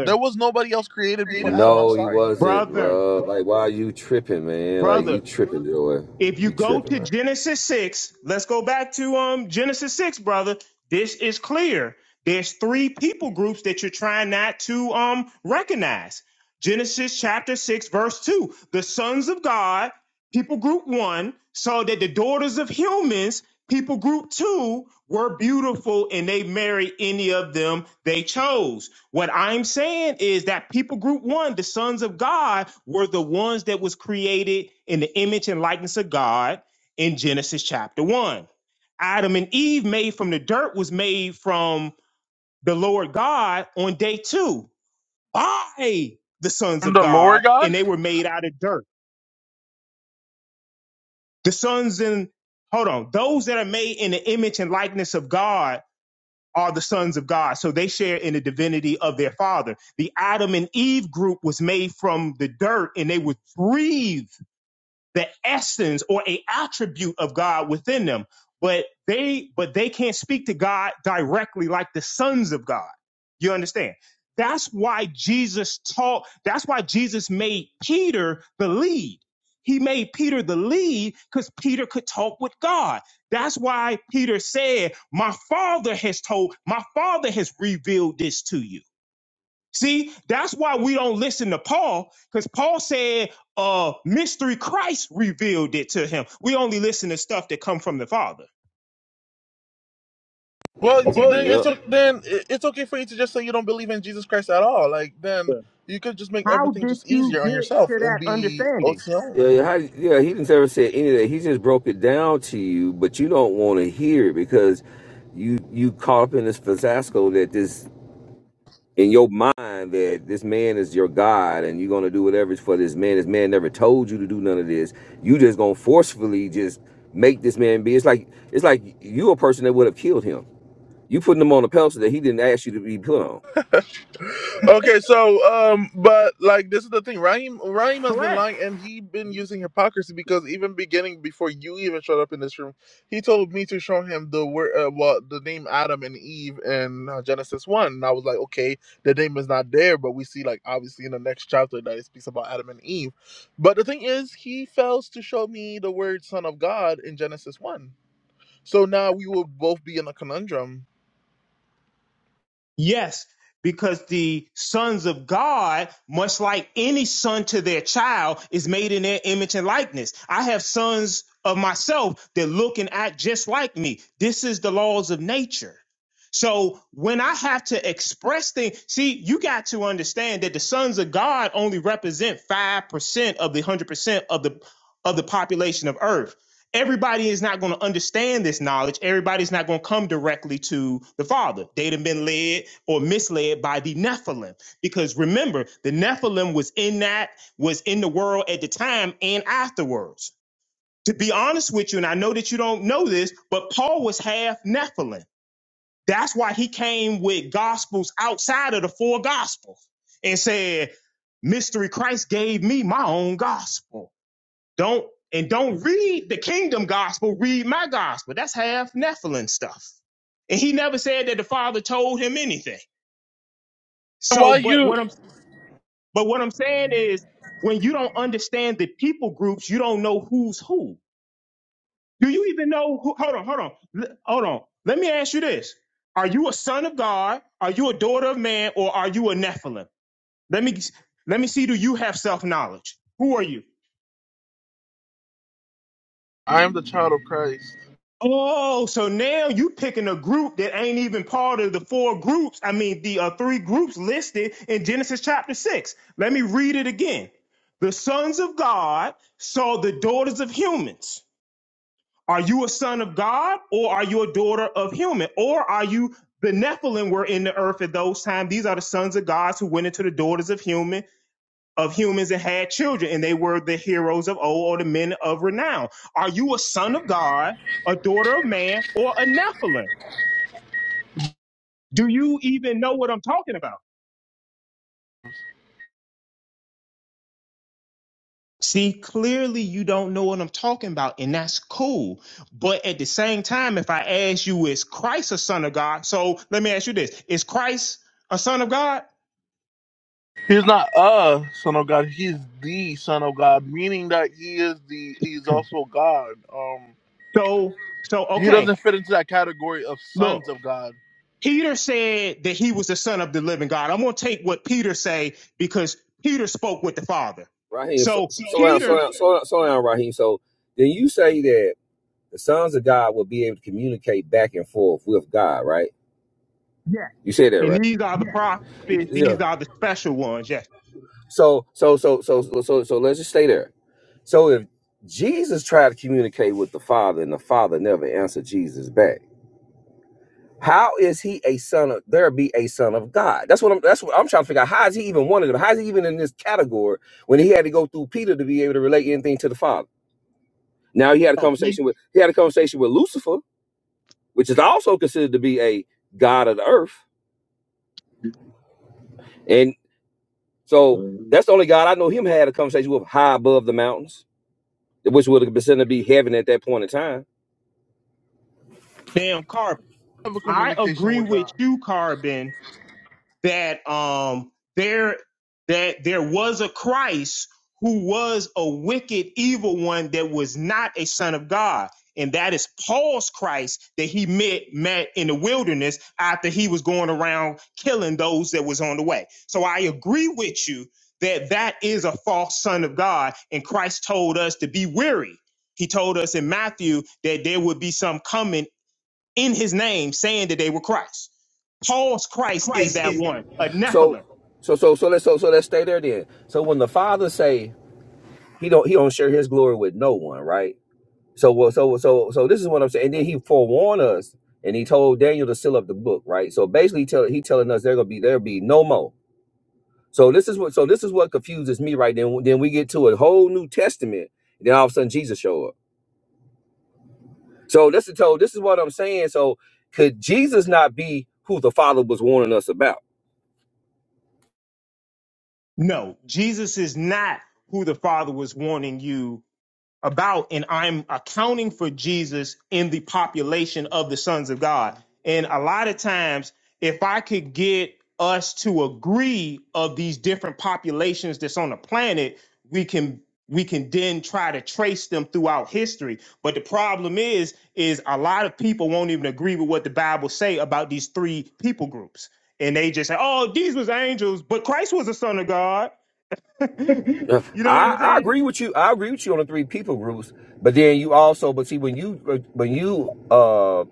There was nobody else created before Adam. I'm No, he sorry. wasn't, brother, bro. Like, why are you tripping, man? Like, you brother. tripping, Joey. If you You go tripping, to man. Genesis six, let's go back to um Genesis six, brother. This is clear. There's three people groups that you're trying not to um recognize. Genesis chapter six, verse two: the sons of God, people group one, saw that the daughters of humans. People group two were beautiful and they married any of them they chose What I'm saying is that people group one, the sons of God, were the ones that was created in the image and likeness of God in Genesis chapter one. Adam and Eve made from the dirt was made from the Lord God on day two by the sons From of the God, Lord God. and they were made out of dirt. The sons and hold on, those that are made in the image and likeness of God are the sons of God. So they share in the divinity of their father. The Adam and Eve group was made from the dirt and they would breathe the essence or a attribute of God within them, but they but they can't speak to God directly like the sons of God. You understand? That's why Jesus taught, that's why Jesus made Peter the lead. He made Peter the lead because Peter could talk with God. That's why Peter said, My father has told, my father has revealed this to you. See, that's why we don't listen to Paul, because Paul said, uh, mystery Christ revealed it to him. We only listen to stuff that come from the Father. Well, it's, then it's Yep. o- then i- it's okay for you to just say you don't believe in Jesus Christ at all. Like then you could just make How everything did just you easier on get yourself to and that be understanding? OTO. Yeah, yeah, he didn't ever say any of that. He just broke it down to you, but you don't want to hear it because you you caught up in this fiasco that this in your mind that this man is your god and you're gonna do whatever's for this man. This man never told you to do none of this. You just gonna forcefully just make this man be. It's like it's like you a person that would have killed him. You putting him on a pedestal that he didn't ask you to be put on. Okay, so um, but like this is the thing, Raheem Raheem has been Correct. lying, and he been using hypocrisy because even beginning before you even showed up in this room, he told me to show him the word, uh, well, the name Adam and Eve in uh, Genesis one, and I was like, okay, the name is not there, but we see like obviously in the next chapter that it speaks about Adam and Eve, but the thing is, he fails to show me the word Son of God in Genesis one, so now we will both be in a conundrum. Yes, because the sons of God, much like any son to their child, is made in their image and likeness. I have sons of myself that look and act just like me. This is the laws of nature. So when I have to express things, see, you got to understand that the sons of God only represent 5% of the 100% of the of the population of earth everybody is not going to understand this knowledge. Everybody's not going to come directly to the Father. They'd have been led or misled by the Nephilim. Because remember, the Nephilim was in that, was in the world at the time and afterwards. To be honest with you, and I know that you don't know this, but Paul was half Nephilim. That's why he came with gospels outside of the four gospels and said, Mystery Christ gave me my own gospel don't and don't read the kingdom gospel, read my gospel. That's half Nephilim stuff. And he never said that the father told him anything. And So, Why but you? what I'm but what I'm saying is when you don't understand the people groups, you don't know who's who. Do you even know who hold on, hold on. L- hold on. Let me ask you this. Are you a son of God? Are you a daughter of man or are you a Nephilim? Let me let me see do you have self-knowledge? Who are you? I am the child of Christ. Oh, so now you picking a group that ain't even part of the four groups. I mean, the uh, three groups listed in Genesis chapter six. Let me read it again. The sons of God saw the daughters of humans. Are you a son of God, or are you a daughter of human, or are you the Nephilim were in the earth at those times? These are the sons of gods who went into the daughters of human of humans and had children, and they were the heroes of old or the men of renown. Are you a son of God, a daughter of man, or a Nephilim? Do you even know what I'm talking about? See, clearly you don't know what I'm talking about, and that's cool. But at the same time, if I ask you, is Christ a son of God? So let me ask you this: Is Christ a son of God? He's not a son of God. He's the son of God, meaning that he is the he's also God. Um, So, so he okay. doesn't fit into that category of Look, sons of God. Peter said that he was the son of the living God. I'm going to take what Peter say because Peter spoke with the Father. Raheem, so, So slow down, slow Peter, down, slow down, slow down, Raheem. So then you say that. the sons of God will be able to communicate back and forth with God, right? yeah, You say that, and right? these are the prophets. Yeah. These are the special ones. Yes. So so so so so so so let's just stay there. So if Jesus tried to communicate with the Father and the Father never answered Jesus back, how is he a son of there be a son of God? That's what I'm that's what I'm trying to figure out. How is he even one of them? How is he even in this category when he had to go through Peter to be able to relate anything to the Father? Now he had a Oh, he conversation with he had a conversation with Lucifer, which is also considered to be a god of the earth So that's the only God I know him had a conversation with high above the mountains, which would have been to be heaven at that point in time. damn Carbon. Have a I communication agree with with God. you, Carbon, that um there that there was a Christ who was a wicked evil one that was not a son of God. And that is Paul's Christ that he met met in the wilderness after he was going around killing those that was on the way. So I agree with you that that is a false son of God and Christ told us to be weary. He told us in Matthew that there would be some coming in his name saying that they were Christ. Paul's Christ is that one, a So Nephilim. so so so let's so so let's stay there then. So when the father say he don't he don't share his glory with no one, right? So well so so so this is what I'm saying. And then he forewarned us and he told Daniel to seal up the book, right? So basically he tell he telling us there gonna be there'll be no more. So this is what so this is what confuses me right then. Then we get to a whole new testament, and then all of a sudden Jesus show up. So this is so this is what I'm saying. So could Jesus not be who the Father was warning us about? No, Jesus is not who the Father was wanting you about and I'm accounting for Jesus in the population of the sons of God. And a lot of times, if I could get us to agree of these different populations that's on the planet, we can we can then try to trace them throughout history. But the problem is, is a lot of people won't even agree with what the Bible say about these three people groups. And they just say, oh, these was angels, but Christ was a son of God. you Uh, know what I, I'm I saying? agree with you. I agree with you on the three people groups, but then you also, but see, when you when you uh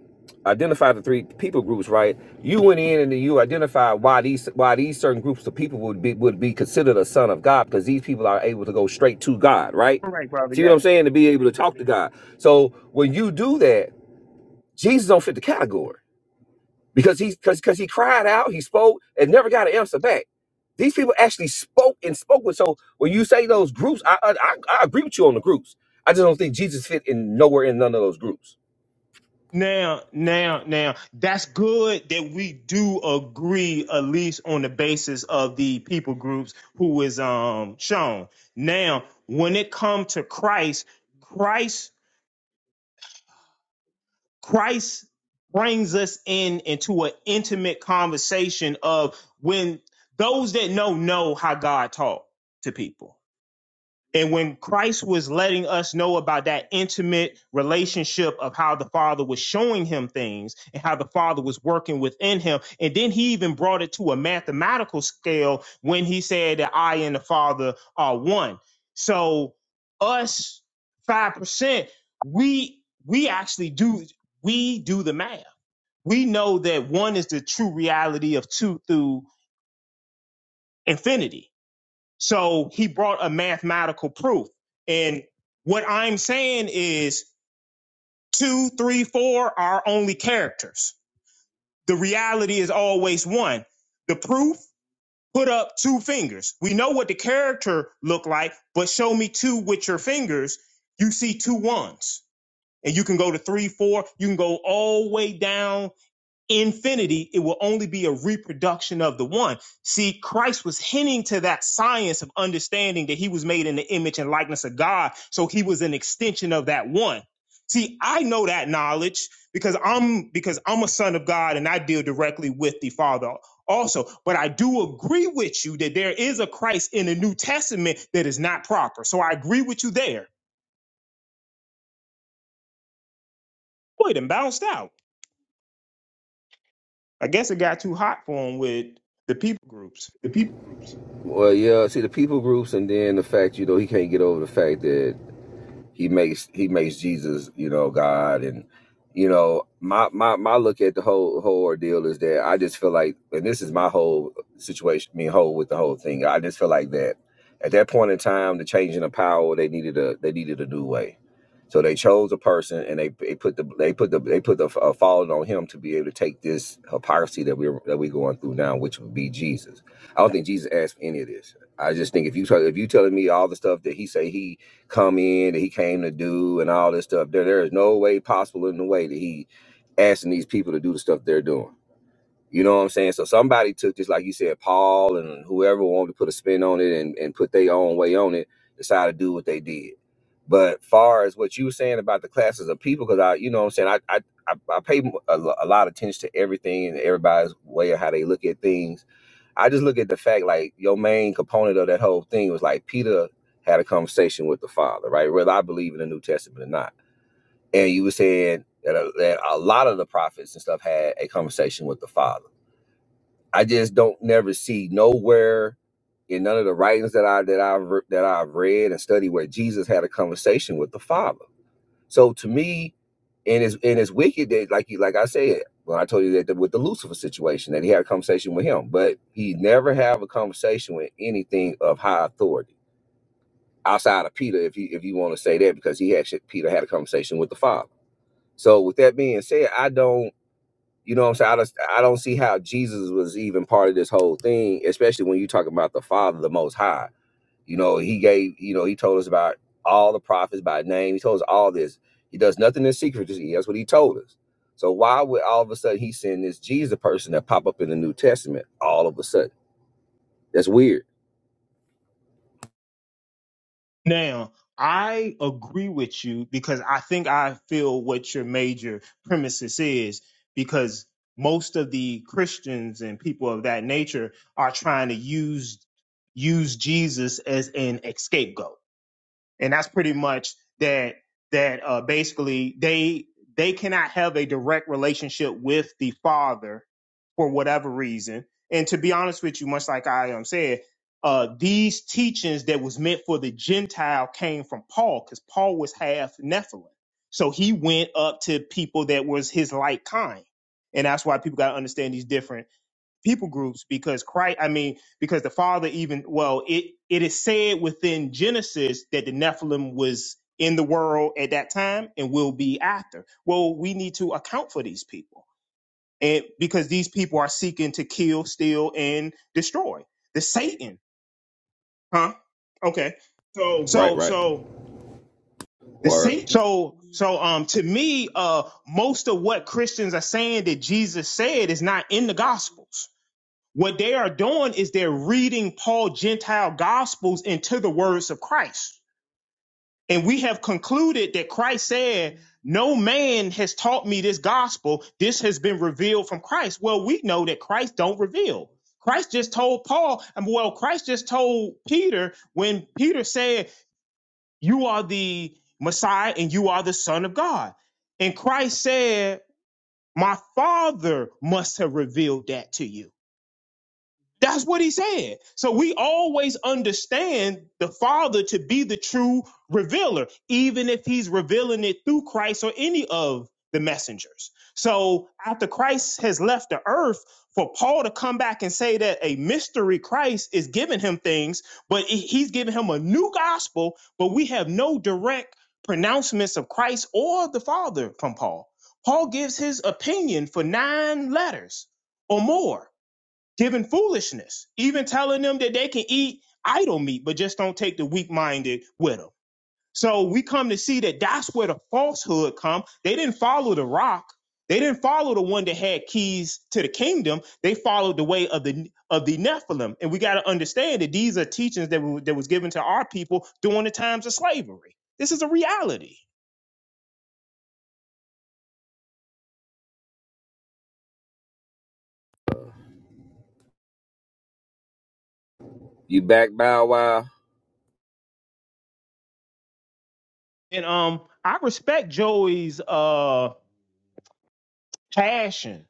identify the three people groups, right? You went in and you identified why these why these certain groups of people would be would be considered a son of God because these people are able to go straight to God, right? See what I'm saying? To be able to talk to God. So when you do that, Jesus don't fit the category. because he because because he cried out, he spoke, and never got an answer back. These people actually spoke and spoke with. So when you say those groups, I I, I I agree with you on the groups. I just don't think Jesus fit in nowhere in none of those groups. Now, now, now, that's good that we do agree at least on the basis of the people groups who is um shown. Now, when it comes to Christ, Christ, Christ brings us in into an intimate conversation of when those that know know how God talk to people And when Christ was letting us know about that intimate relationship of how the Father was showing him things and how the Father was working within him, and then he even brought it to a mathematical scale when he said that I and the Father are one. So us five percent, we we actually do we do the math. We know that one is the true reality of two through infinity so he brought a mathematical proof. And what I'm saying is two, three, four are only characters. The reality is always one. The proof put up two fingers. We know what the character look like, but show me two with your fingers. You see two ones. And you can go to three, four, you can go all the way down infinity, it will only be a reproduction of the one. See, Christ was hinting to that science of understanding that he was made in the image and likeness of God. So he was an extension of that one. See, I know that knowledge because I'm because I'm a son of God and I deal directly with the Father also. But I do agree with you that there is a Christ in the New Testament that is not proper. So I agree with you there. Boy, it done bounced out. I guess it got too hot for him with the people groups. Well, yeah. See the people groups, and then the fact you know he can't get over the fact that He makes he makes Jesus, you know, God, and you know, my my my look at the whole whole ordeal is that I just feel like, and this is my whole situation, I mean, whole with the whole thing. I just feel like that at that point in time, the changing of power, they needed a they needed a new way. So they chose a person, and they, they put the they put the they put the uh, falling on him to be able to take this hypocrisy that we're that we're going through now, which would be Jesus. I don't think Jesus asked for any of this. I just think if you tell if you telling me all the stuff that he say he come in that he came to do and all this stuff. There, there is no way possible in the way that he asking these people to do the stuff they're doing. You know what I'm saying? So somebody took this, like you said, Paul and whoever wanted to put a spin on it and, and put their own way on it, decided to do what they did. But far as what you were saying about the classes of people, because I, you know what I'm saying, I, I, I, I pay a, lo- a lot of attention to everything and everybody's way of how they look at things I just look at the fact like your main component of that whole thing was like Peter had a conversation with the Father, right? Whether I believe in the New Testament or not, and you were saying that a, that a lot of the prophets and stuff had a conversation with the Father. I just don't never see nowhere in none of the writings that I that I've re- that I've read and studied where Jesus had a conversation with the Father so to me, and it's and it's wicked that like you like I said when I told you that the, with the Lucifer situation that he had a conversation with him, but he never have a conversation with anything of high authority outside of Peter, if you if you want to say that because he actually Peter had a conversation with the Father. So with that being said, I don't. You know what I'm saying? I, just, I don't see how Jesus was even part of this whole thing, especially when you talk about the Father, the Most High. You know, he gave, you know, he told us about all the prophets by name. He told us all this. He does nothing in secret. That's what he told us. So why would all of a sudden he send this Jesus person that pop up in the New Testament all of a sudden? That's weird. Now, I agree with you because I think I feel what your major premises is because most of the Christians and people of that nature are trying to use use Jesus as an scapegoat and that's pretty much that that uh, basically they they cannot have a direct relationship with the father for whatever reason and to be honest with you much like i um, said uh, these teachings that was meant for the gentile came from paul because paul was half nephilim so he went up to people that was his like kind and that's why people got to understand these different people groups because Christ, I mean, because the Father even, well, it, it is said within Genesis that the Nephilim was in the world at that time and will be after. Well, we need to account for these people and because these people are seeking to kill, steal, and destroy the Satan, huh? Okay. Right, So, right. so, Word. so, so, um, to me, uh, most of what Christians are saying that Jesus said is not in the Gospels What they are doing is they're reading Paul Gentile gospels into the words of Christ. And we have concluded that Christ said, No man has taught me this gospel. This has been revealed from Christ. Well, we know that Christ don't reveal. Christ just told Paul, and well, Christ just told Peter when Peter said, You are the Messiah and you are the Son of God. And Christ said, My Father must have revealed that to you. That's what he said. So we always understand the Father to be the true revealer, even if he's revealing it through Christ or any of the messengers. So after Christ has left the earth, for Paul to come back and say that a mystery Christ is giving him things, but he's giving him a new gospel, but we have no direct pronouncements of Christ or the Father from Paul. Paul gives his opinion for nine letters or more giving foolishness, even telling them that they can eat idol meat, but just don't take the weak minded with them. So we come to see that that's where the falsehood come. They didn't follow the rock. They didn't follow the one that had keys to the kingdom. They followed the way of the of the Nephilim, and we got to understand that these are teachings that were that was given to our people during the times of slavery. This is a reality, You back Bow Wow. and um, I respect Joey's uh passion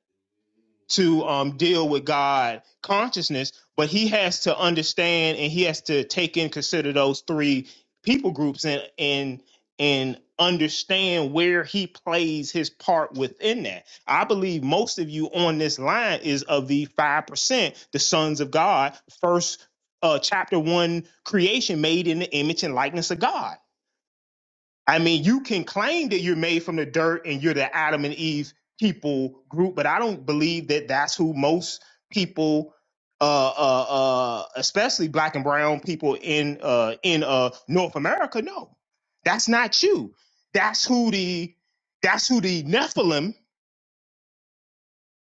to um, deal with God consciousness, but he has to understand and he has to take in consider those three people groups and and and understand where he plays his part within that. I believe most of you on this line is of the five percent, the sons of God, first uh, chapter one creation made in the image and likeness of God. I mean, you can claim that you're made from the dirt and you're the Adam and Eve people group, but I don't believe that that's who most people, uh, uh, uh, especially black and brown people in uh, in uh, North America, know. that's not you. That's who the that's who the Nephilim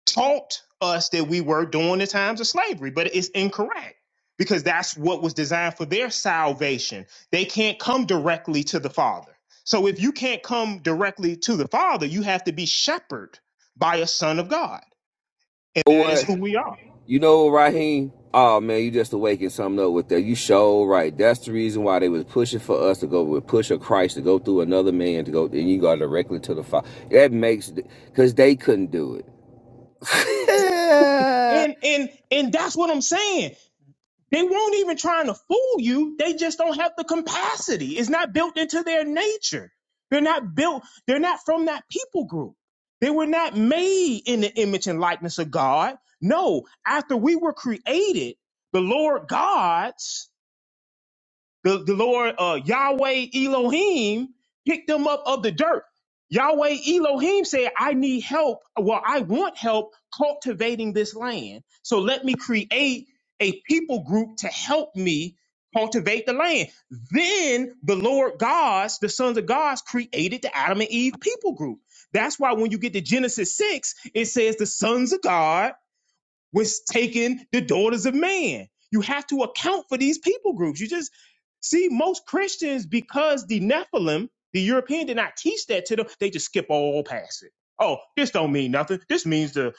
taught us that we were during the times of slavery, but it's incorrect because that's what was designed for their salvation. They can't come directly to the Father. So if you can't come directly to the Father, you have to be shepherded by a son of God. And that is What? who we are. You know, Raheem? Oh man, you just awakened something up with that. You show right. That's the reason why they was pushing for us to go with push a Christ to go through another man to go and you go directly to the Father. That makes because they couldn't do it. And and and that's what I'm saying. They won't even trying to fool you. They just don't have the capacity. It's not built into their nature. They're not built, they're not from that people group. They were not made in the image and likeness of God. No, after we were created, the Lord God's the, the Lord uh, Yahweh Elohim picked them up of the dirt. Yahweh Elohim said, I need help. Well, I want help cultivating this land. So let me create a people group to help me cultivate the land. Then the Lord gods, the sons of gods, created the Adam and Eve people group. That's why when you get to Genesis 6, it says the sons of God was taking the daughters of man. You have to account for these people groups. You just see most Christians because the Nephilim, the European, did not teach that to them. They just skip all past it. Oh, this don't mean nothing. This means the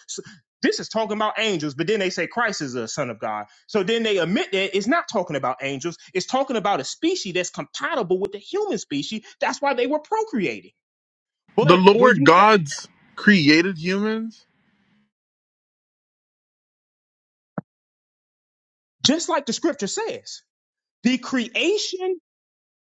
this is talking about angels, but then they say Christ is a son of God. So then they admit that it's not talking about angels. It's talking about a species that's compatible with the human species. That's why they were procreating. The But when Lord you God's created humans. just like the scripture says, the creation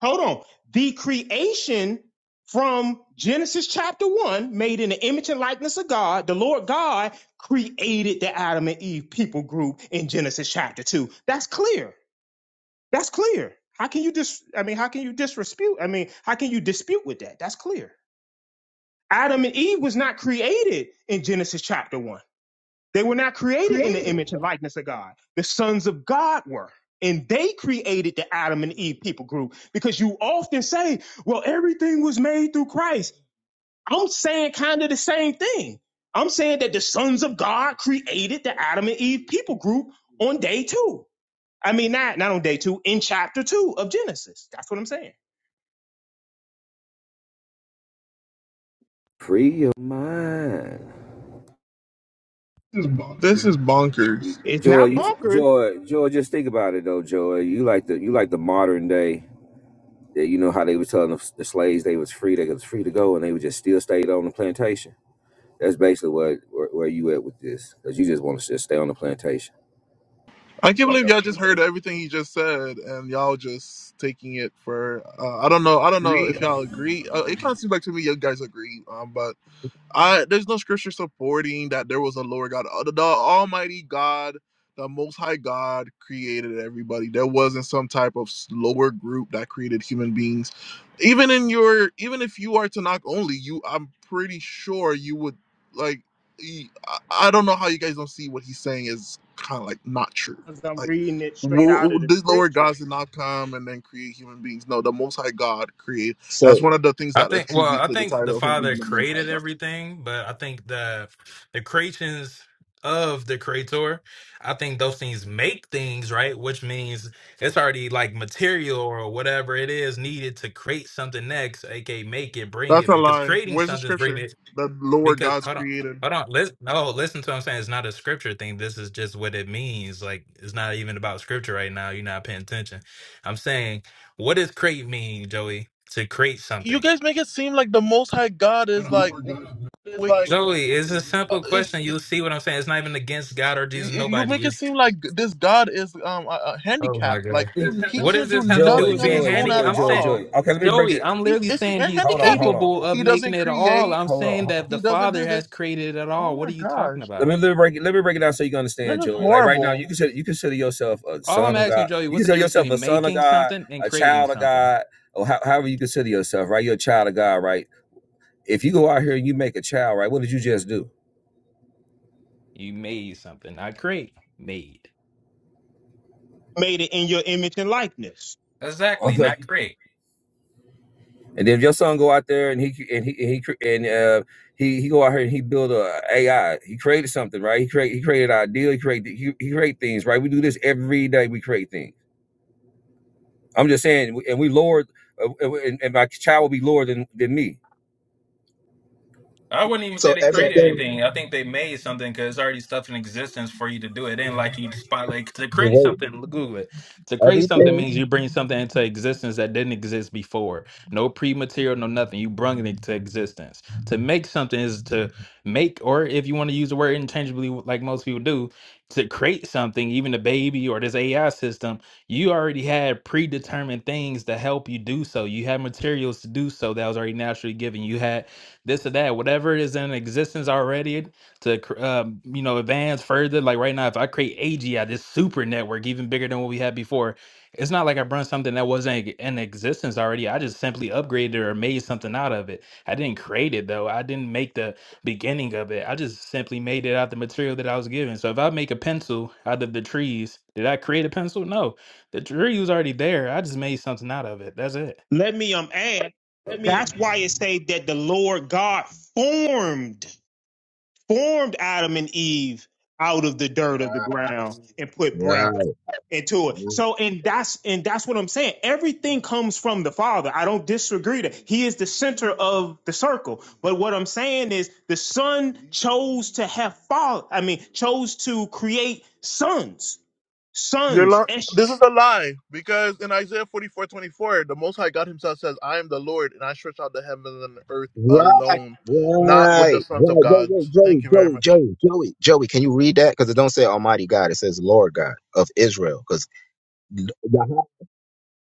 Hold on. The creation from Genesis chapter one, made in the image and likeness of God, the Lord God created the Adam and Eve people group in Genesis chapter two. That's clear. That's clear. How can you dis? I mean, how can you disrespute? I mean, how can you dispute with that? That's clear. Adam and Eve was not created in Genesis chapter one. They were not created in the image and likeness of God. The sons of God were. And they created the Adam and Eve people group because you often say, well, everything was made through Christ. I'm saying kind of the same thing. I'm saying that the sons of God created the Adam and Eve people group on day two. I mean, not, not on day two, in chapter two of Genesis. That's what I'm saying. Free your mind, This is bonkers. It's Joy. not You, bonkers Joy, Joy. Just think about it though, Joy. You like the you like the modern day. that You know how they was telling the, the slaves they was free, they was free to go, and they would just still stayed on the plantation. That's basically what where, where you at with this, because you just want to just stay on the plantation. I can't believe y'all just heard everything he just said, and y'all just taking it for. Uh, I don't know. I don't know if y'all agree. Uh, it kind of seems like to me you guys agree, um, but I there's no scripture supporting that there was a lower God. Uh, The, the Almighty God, the Most High God, created everybody. There wasn't some type of s- lower group that created human beings. Even in your, even if you are Tanakh only, you, I'm pretty sure you would like. e- I, I don't know how you guys don't see what he's saying is kind of like not true. because I'm Like reading it straight w- out of w- the these lower scripture. gods did not come and then create human beings. No, the Most High God created. That's one of the things I that think well, attribute I to the think the title of him Father being the Most High created God. everything, but I think the the creations of the creator, I think those things make things, right? Which means it's already like material or whatever it is needed to create something next, aka make it, bring That's it, a because lie. creating Where's the something is bringing scripture it that the Lord because God's hold on, created? hold on, listen no, listen to what I'm saying. It's not a scripture thing. This is just what it means. Like it's not even about scripture right now. You're not paying attention. I'm saying what does create mean, Joey? To create You something. guys make it seem like the Most High God is like wait, Joey, it's a uh, simple is question. y- You'll see what I'm saying. It's not even against God or Jesus. y- you Nobody make it is. seem like this God is um a, a Oh my handicap. Like God. he What does can't do this have to do Joy, nothing with on being his Joy, own at handicapped? Joy, I'm Joy, saying, all. Joy. Okay, let me break Joey, it. I'm He's literally is he saying a he's Hold on, handicap. He hold on, capable of he making doesn't it all. create. I'm hold saying on. that He the doesn't Father do this. has created it Oh all. What my are you talking gosh, Let me, about? let me break it. Let me break it down so you can this understand, is Joey. Like right now, horrible. you consider you consider yourself a All son I'm of asking God. you, Joey, You what's the consider difference yourself a between son of making God, something and a creating child of something? God, or how, however you consider yourself. Right, you're a child of God. Right. If you go out here and you make a child, right, what did you just do? You made something, not create, made. Made it in your image and likeness. Exactly, Okay. not create. And then if your son go out there and he and he and he cre- and uh, he he go out here and he build a AI. He created something, right? He create he created an ideal. He create he, he create things, right? We do this every day. We create things. I'm just saying, and we lower, uh, and, and my child will be lower than than me I wouldn't even say they created anything. I think they made something because it's already stuff in existence for you to do. It ain't like you spotlight to create Wait, something. l- Google it. To create something everything? means you bring something into existence that didn't exist before. No pre-material, no nothing. You bring it into existence. To make something is to make, or if you want to use the word intangibly, w- like most people do, to create something, even a baby or this AI system, you already had predetermined things to help you do so. You had materials to do so that was already naturally given. You had this or that, whatever is in existence already to, cr- um, you know, advance further. Like right now, if I create AGI, this super network, even bigger than what we had before, it's not like I brought something that wasn't e- in existence already. I just simply upgraded or made something out of it. I didn't create it though. I didn't make the beginning of it. I just simply made it out the material that I was given. So if I make a pencil out of the trees, did I create a pencil? No. The tree was already there. I just made something out of it. That's it. Let me um add. That's why it say that the Lord God formed formed Adam and Eve out of the dirt Right, of the ground and put right, breath right, into it. So and that's and that's what I'm saying. Everything comes from the Father. I don't disagree that He is the center of the circle. But what I'm saying is the Son chose to have father. I mean, chose to create sons. You're Sons. li- Esh- this is a lie because in Isaiah 44 24 the Most High God Himself says, I am the Lord and I stretch out the heavens and the earth right, alone, not with the right. sons of Wait, God. wait, Joey, Thank you very Joey, much. Joey, Joey, Joey. Can you read that? Because it don't say Almighty God. It says Lord God of Israel. Because wait,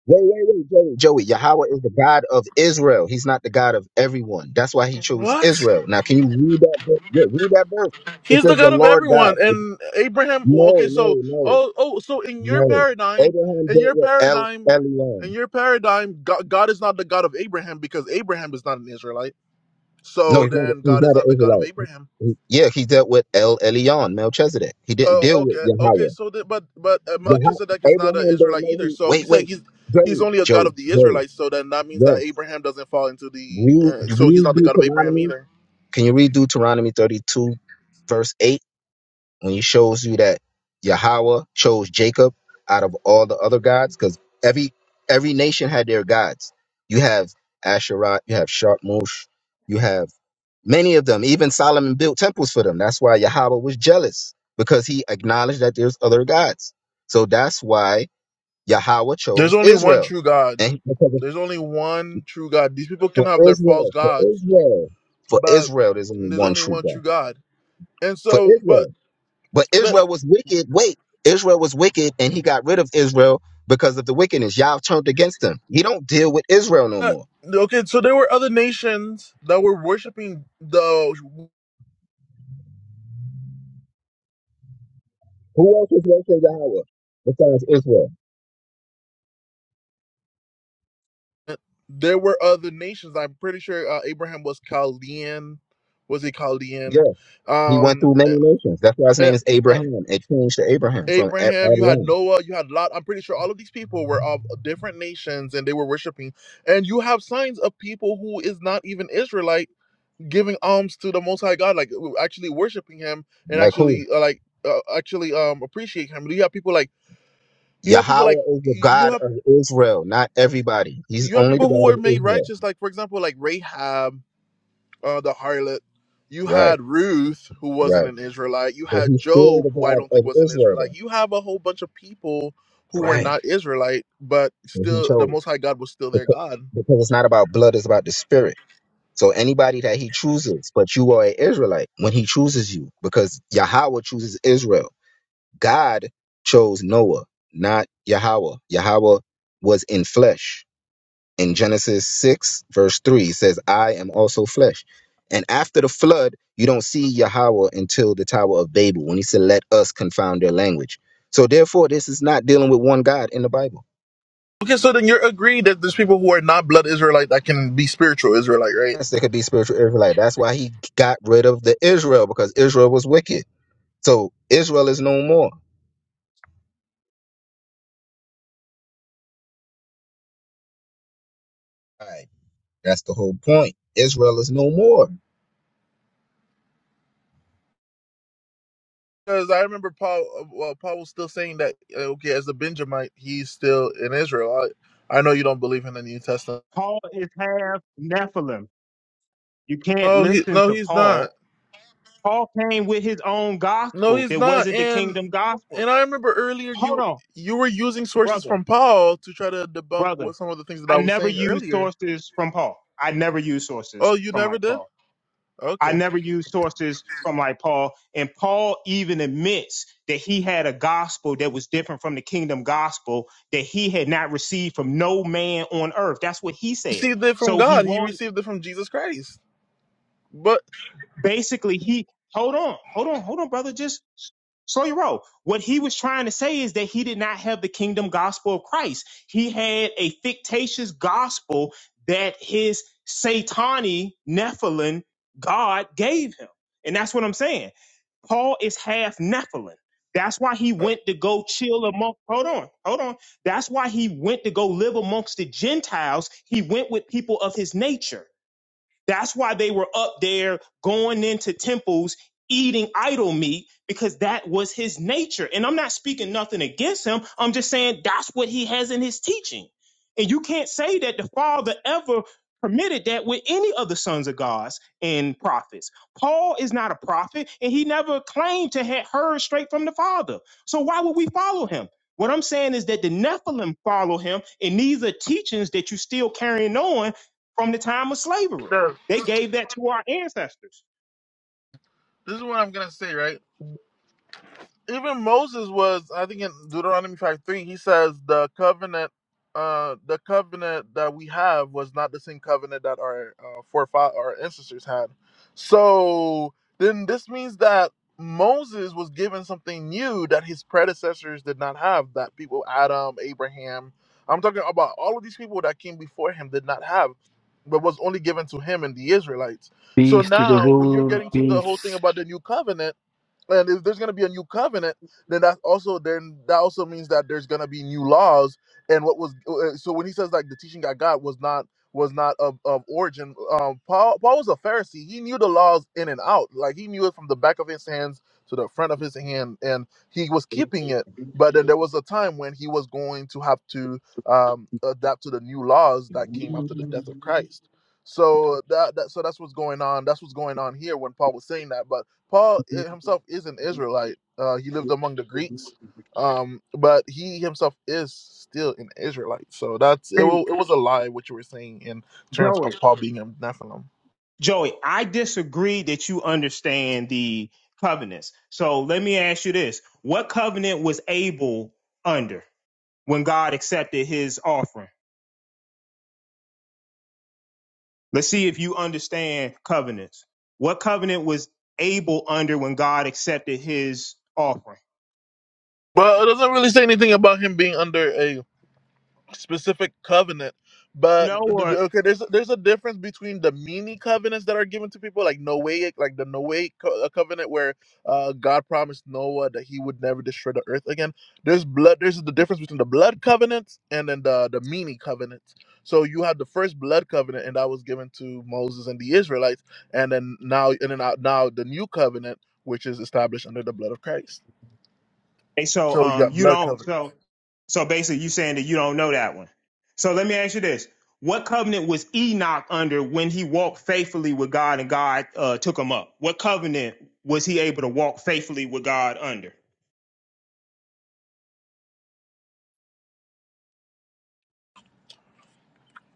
wait, wait, Joey, Joey. Yahweh is the God of Israel. He's not the God of everyone. That's why he chose What? Israel. Now, can you read that? Verse? Yeah, read that verse. It He's the says the God of Lord God. everyone. It- And Abraham, no, okay, so, no, no, oh, oh, so in your no. paradigm, Abraham in dealt your with El paradigm, Eliam. in your paradigm, God, God is not the God of Abraham because Abraham is not an Israelite. No, So he's not. A, then He's God is not an not the God of Israelite. He- Abraham. he- yeah, he dealt with El Elyon, Melchizedek. He didn't Oh, deal with okay, okay. Yahweh. So, the, but but uh, Yah- Melchizedek is not an Abraham don't Israelite know either. who. So Wait, you say wait, he's he's Joey, only a god Joey, of the Joey. Israelites. So then that means that Yes, Abraham doesn't fall into the. read Uh, so he's read not the god of Abraham Deuteronomy. either. Can you read Deuteronomy thirty-two, verse eight, when he shows you that Yahweh chose Jacob out of all the other gods? Because every every nation had their gods. You have Asherah, you have Sharmush, you have Many of them, even Solomon built temples for them. That's why Yahweh was jealous because he acknowledged that there's other gods. So that's why Yahweh There's chose only one Israel. true God. And he- because of- There's only one true God. These people can for have their false Israel, for gods, Israel, for but Israel, there's only there's one only true one God. true God. And For so, but Israel. But but Israel was wicked. Wait, Israel was wicked and he got rid of Israel because of the wickedness. Yah turned against him. He don't deal with Israel no but more. okay. So there were other nations that were worshiping the Who else is worshiping Yahweh besides Israel? Uh, There were other nations. I'm pretty sure uh, Abraham was Chaldean. Was he Yeah. Chaldean? He went Um, through many uh, nations. That's why his uh, name is uh, Abraham. It changed to Abraham from A- Abraham, you had Abraham. Noah, you had Lot. I'm pretty sure all of these people were of different nations and they were worshiping. And you have signs of people who is not even Israelite giving alms to the Most High God, like w- actually worshiping Him and Like who? actually uh, like uh, actually um appreciate Him. You have people like you have people Yahweh like is the you you God have of Israel, not everybody. He's you have only the people who God were of made Israel. righteous, like for example, like Rahab uh, the harlot. You Right, had Ruth, who wasn't right. an Israelite. You But had he's still Job, the who I don't God think of was an Israel, Israelite. though. You have a whole bunch of people who were Right. not Israelite, but And he still, the chose. Most High God was still their Because, God. because it's not about blood, it's about the spirit. So anybody that he chooses, but you are an Israelite when he chooses you, because Yahweh chooses Israel. God chose Noah, not Yahweh. Yahweh was in flesh in Genesis 6, verse 3, it says, I am also flesh. And after the flood, you don't see Yahweh until the Tower of Babel when he said, Let us confound their language. So therefore, this is not dealing with one God in the Bible. Okay, so then you're agreed that there's people who are not blood Israelite that can be spiritual Israelite, right? Yes, there could be spiritual Israelite. That's why he got rid of the Israel, because Israel was wicked. So Israel is no more. All right. That's the whole point. Israel is no more. Because I remember Paul, uh, well, Paul was still saying that, uh, okay, as a Benjamite, he's still an Israelite. I know you don't believe in the New Testament. Paul is half Nephilim. You can't No, he, listen no, to he's not. Paul. Paul came with his own No, gospel. he's It not. wasn't the And kingdom gospel. And I remember earlier Hold you on, you were using sources brother, from Paul to try to debunk brother. what some of the things that I I was never saying use earlier. sources from Paul. I never use Oh, sources you from never like did? Paul. I Okay. never use sources from like Paul. And Paul even admits that he had a gospel that was different from the kingdom gospel that he had not received from no man on earth. That's what he said. Received it from So he God. He was received it from Jesus Christ. But basically he hold on hold on hold on brother just s- slow your roll what he was trying to say is that he did not have the kingdom gospel of christ he had a fictitious gospel that his satani nephilim god gave him and that's what i'm saying Paul is half Nephilim. That's why he went to go chill among. Hold on, hold on. That's why he went to go live amongst the Gentiles. He went with people of his nature. That's why they were up there going into temples eating idol meat because that was his nature. And I'm not speaking nothing against him. I'm just saying that's what he has in his teaching. And you can't say that the father ever permitted that with any of the sons of gods and prophets. Paul is not a prophet and he never claimed to have heard straight from the father. So why would we follow him? What I'm saying is that the Nephilim follow him and these are teachings that you are still carrying on from the time of slavery. this They gave that to our ancestors. is what I'm gonna say, right? even Moses was, I think in Deuteronomy five three, he says the covenant, uh, the covenant that we have was not the same covenant that our uh, forefathers, our ancestors had. So then this means that Moses was given something new that his predecessors did not have. That people, Adam, Abraham, I'm talking about all of these people that came before him did not have, but was only given to him and the Israelites. So Peace to the now, when you're room. getting to the whole Peace. thing about the new covenant and if there's going to be a new covenant then that also then that also means that there's going to be new laws and what was uh, uh, so when he says like the teaching i got was not was not of, of origin um paul paul was a pharisee he knew the laws in and out like he knew it from the back of his hands to the front of his hand and he was keeping it but then there was a time when he was going to have to um, adapt to the new laws that came after the death of christ so that, that so that's what's going on that's what's going on here when paul was saying that but Paul eh, himself is an Israelite. Uh, he lived among the Greeks, um, but he himself is still an Israelite. So that's it. wa- Hey, It was a lie what you were saying in terms of Joey. Paul being a Nephilim. Joey, I disagree that you understand the covenants. So let me ask you this. What covenant was Abel under when God accepted his offering? Let's see if you understand covenants. What covenant was Abel under when God accepted his offering? But it doesn't really say anything about him being under a specific covenant You but know, th- th- or okay there's there's a difference between the mini covenants that are given to people like noahic like the noahic co- uh, covenant where uh god promised noah that he would never destroy the earth again there's blood there's the difference between the blood covenants and then the the mini covenants so you have the first blood covenant and that was given to moses and the israelites and then now and then uh, now the new covenant which is established under the blood of christ Hey, so so you um, got you blood don't. covenant So so basically, you saying that you don't know that one. So let me ask you this: What covenant was Enoch under when he walked faithfully with God and God uh, took him up? What covenant was he able to walk faithfully with God under?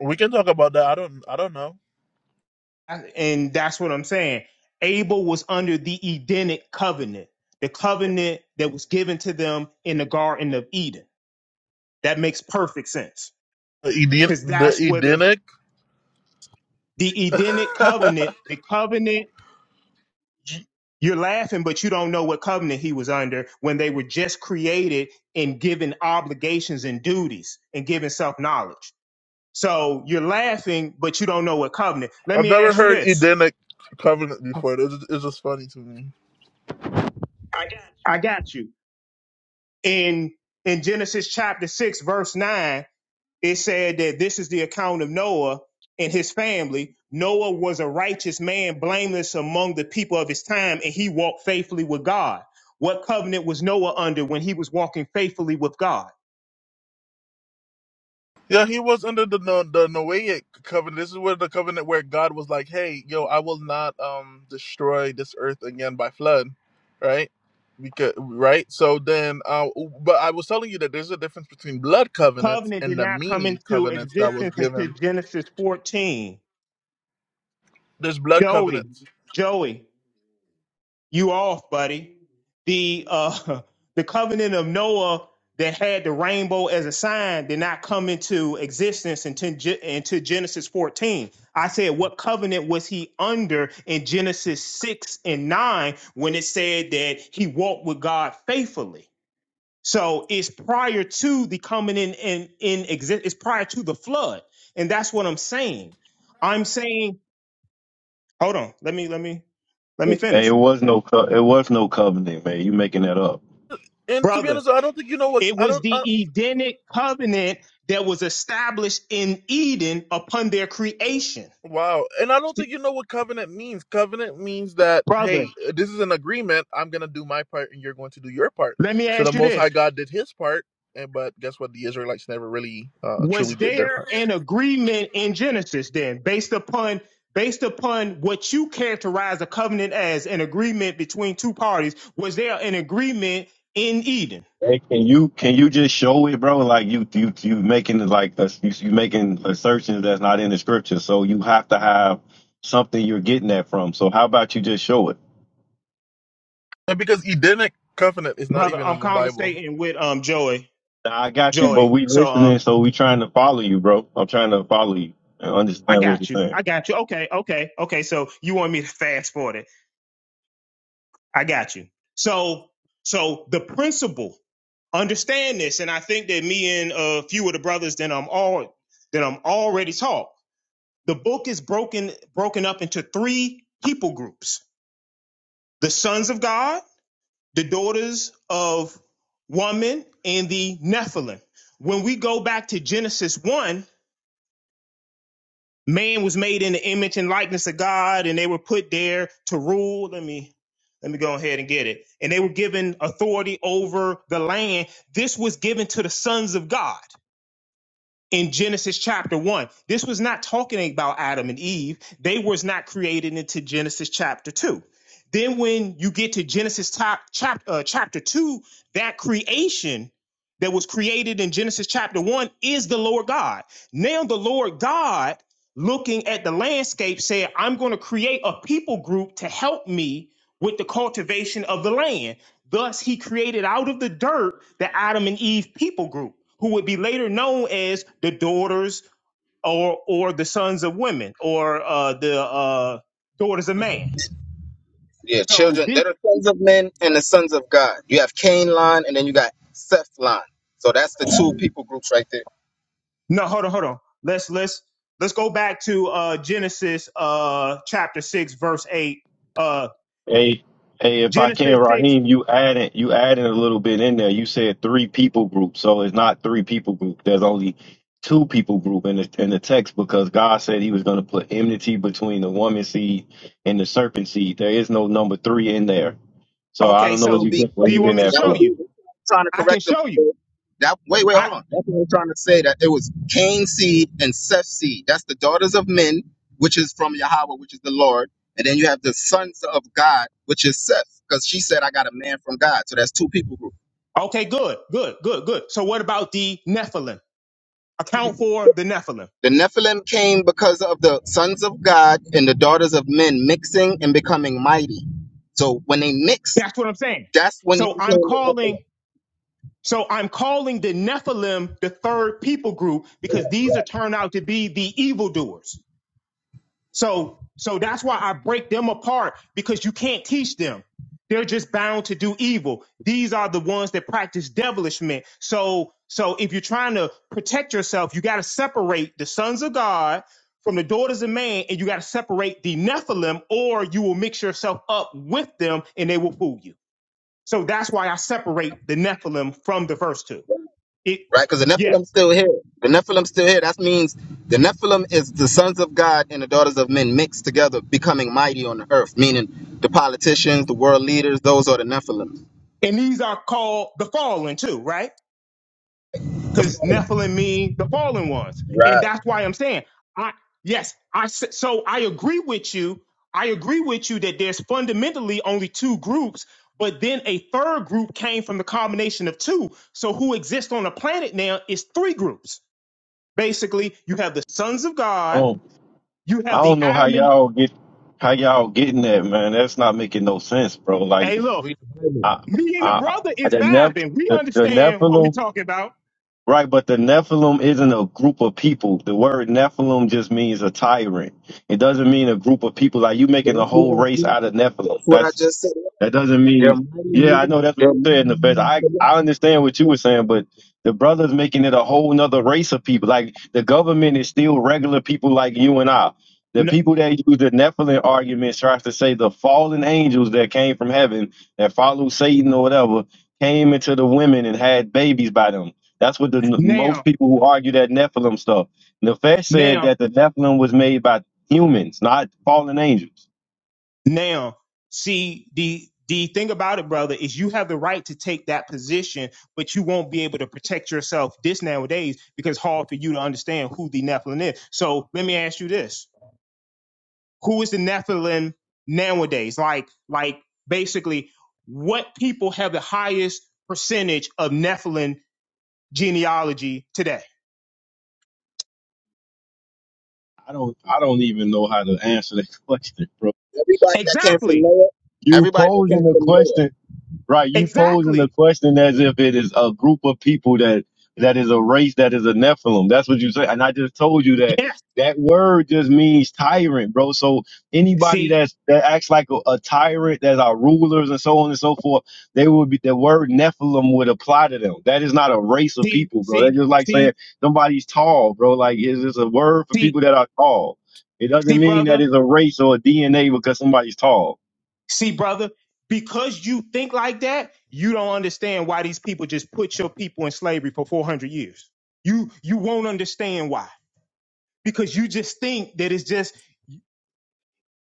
we can talk about that i don't i don't know I- And that's what I'm saying. Abel was under the Edenic covenant, the covenant that was given to them in the Garden of Eden. That makes perfect sense Eden- because the that's where the Edenic. the I've Edenic covenant, the covenant You're laughing, but you don't know what covenant he was under when they were just created and given obligations and duties and given self knowledge. So you're laughing, but you don't know what covenant. Let me never ask you heard this. Edenic covenant before. It's, it's just funny to me. I got you. In in Genesis chapter six, verse nine, it said that this is the account of Noah and his family. Noah was a righteous man, blameless among the people of his time, and he walked faithfully with God. What covenant was Noah under when he was walking faithfully with God? Yeah, he was under the no, the Noahic covenant. This is where the covenant where God was like, "Hey, yo, I will not um destroy this earth again by flood," right? Because right. So then, uh, but I was telling you that there's a difference between blood covenants Covenant and did the not come mini into covenants that was existence until given. Genesis 14. There's blood Joey, covenants, Joey, You off, buddy. The uh, the covenant of Noah that had the rainbow as a sign did not come into existence until, Ge- until Genesis 14. I said, what covenant was he under in Genesis 6 and 9 when it said that he walked with God faithfully? So it's prior to the coming in in, in exist. It's prior to the flood, and that's what I'm saying. I'm saying, hold on, let me let me let me Hey, it finish, was no co- it was no covenant, man. You making that up. and to be brother. honest, I don't think you know what It I was don't. the Edenic covenant that was established in Eden upon their creation. Wow. And I don't think you know what covenant means. Covenant means that, hey, Brother, uh, this is an agreement. I'm going to do my part and you're going to do your part. let me So the ask you Most this. High God did his part. And, but guess what? The Israelites never really uh, Was truly did their there part. an agreement in Genesis then based upon based upon what you characterize a covenant as an agreement between two parties? Was there an agreement in Eden? Hey, can you can you just show it, bro? Like you you you making it like a, you, you making assertions that's not in the scripture. So you have to have something you're getting that from. So how about you just show it? And because Edenic covenant is not Brother, even I'm in the Bible. conversating with um Joy, Nah, I got you, but Joy. we So listening, um so we trying to follow you, bro. I'm trying to follow you and I understand what you're got you. saying. I got you. Okay, okay, okay. So you want me to fast forward it? I got you. So, so the principle, understand this, and I think that me and a few of the brothers that I'm all that I'm already taught. The book is broken broken up into three people groups: the sons of God, the daughters of woman, and the Nephilim. When we go back to Genesis one, Man was made in the image and likeness of God, and they were put there to rule. Let me let me go ahead and get it. And they were given authority over the land. This was given to the sons of God in Genesis chapter 1. This was not talking about Adam and Eve. They was not created into Genesis chapter 2. Then when you get to Genesis top, chap, uh, chapter 2, that creation that was created in Genesis chapter 1 is the Lord God. Now the Lord God looking at the landscape said, "I'm going to create a people group to help me with the cultivation of the land." Thus, he created out of the dirt the Adam and Eve people group, who would be later known as the daughters or or the sons of women or uh, the uh, daughters of man. Yeah, So children, this they're the sons of men and the sons of God. You have Cain line, and then you got Seth line. So that's the two people groups right there. no, hold on, hold on. Let's let's let's go back to uh, Genesis uh, chapter six, verse eight. Uh, Hey, hey, if I can, Genesis six. Raheem, you added you added a little bit in there. You said three people group, so it's not three people group. There's only two people group in the in the text because God said He was going to put enmity between the woman seed and the serpent seed. There is no number three in there. So I Okay, don't know That where would you so be get where do you you want getting me to that that show would from. you? be trying to I can correct them. show you. That wait, wait, I hold on. That's what I'm trying to say. That it was Cain's seed and Seth's seed. That's the daughters of men, which is from Yahweh, which is the Lord, and then you have the sons of God, which is Seth, because she said, "I got a man from God." So that's two people group. okay, good, good, good, good. So what about the Nephilim? Account for the Nephilim. The Nephilim came because of the sons of God and the daughters of men mixing and becoming mighty. So when they mix, That's what I'm saying. that's when you So became I'm the Nephilim. calling, so I'm calling the Nephilim the third people group because these are turned out to be the evildoers. So, so that's why I break them apart because you can't teach them. They're just bound to do evil. These are the ones that practice devilishment. So, so if you're trying to protect yourself, you got to separate the sons of God from the daughters of man, and you got to separate the Nephilim, or you will mix yourself up with them, and they will fool you. So that's why I separate the Nephilim from the first two. It, right? Because the yeah. Nephilim still here. The Nephilim still here. That means the Nephilim is the sons of God and the daughters of men mixed together, becoming mighty on the earth. Meaning the politicians, the world leaders, those are the Nephilim, And these are called the fallen too, right? the Because fallen, Nephilim mean the fallen ones. And right? that's why I'm saying, I, yes, I, s- so I agree with you. I agree with you that there's fundamentally only two groups, but then a third group came from the combination of two. So who exists on the planet now is three groups. Basically, you have the sons of God, Oh, you I have the don't know how Adam and y'all get how y'all getting that, man. That's not making no sense, bro. Like Hey, look. Read the Bible. I Me and the I, brother I is the Neph vibing. We the, the understand what we're Nephilim talking about. Right, but the Nephilim isn't a group of people. The word Nephilim just means a tyrant. It doesn't mean a group of people. Like you making a That's what whole I race just. out of That's Nephilim. what I That's just said. that doesn't They're mean, mighty yeah, I men. know that's what They're you said mighty in the fest. men of I, the Lord. I understand what you were saying, but the brother's making it a whole nother race of people. Like the government is still regular people like you and I. The N- people that use the Nephilim argument tries to say the fallen angels that came from heaven that followed Satan or whatever came into the women and had babies by them. That's what the most Now, people who argue that Nephilim stuff. Nefesh said now, that the Nephilim was made by humans, not fallen angels. now, see the the thing about it, brother, is you have the right to take that position, but you won't be able to protect yourself this nowadays because it's hard for you to understand who the Nephilim is. So let me ask you this. who is the Nephilim nowadays? Like, like basically, what people have the highest percentage of Nephilim genealogy today? I don't I don't even know how to answer that question, bro. Everybody that came from Exactly. Noah. You Everybody that came posing a from Noah. question Right, you posing the Exactly. question as if it is a group of people that that is a race that is a Nephilim. That's what you say. And I just told you that Yes. that word just means tyrant, bro. So anybody See, that's that acts like a, a tyrant, that's our rulers and so on and so forth, they would be the word Nephilim would apply to them. That is not a race of see, people, bro. That's see, just like saying see, somebody's tall, bro. Like it's just a word for see, people that are tall. It doesn't see, mean brother, that it's a race or a DNA because somebody's tall. see, brother. Because you think like that, you don't understand why these people just put your people in slavery for 400 years. You you won't understand why because you just think that it's just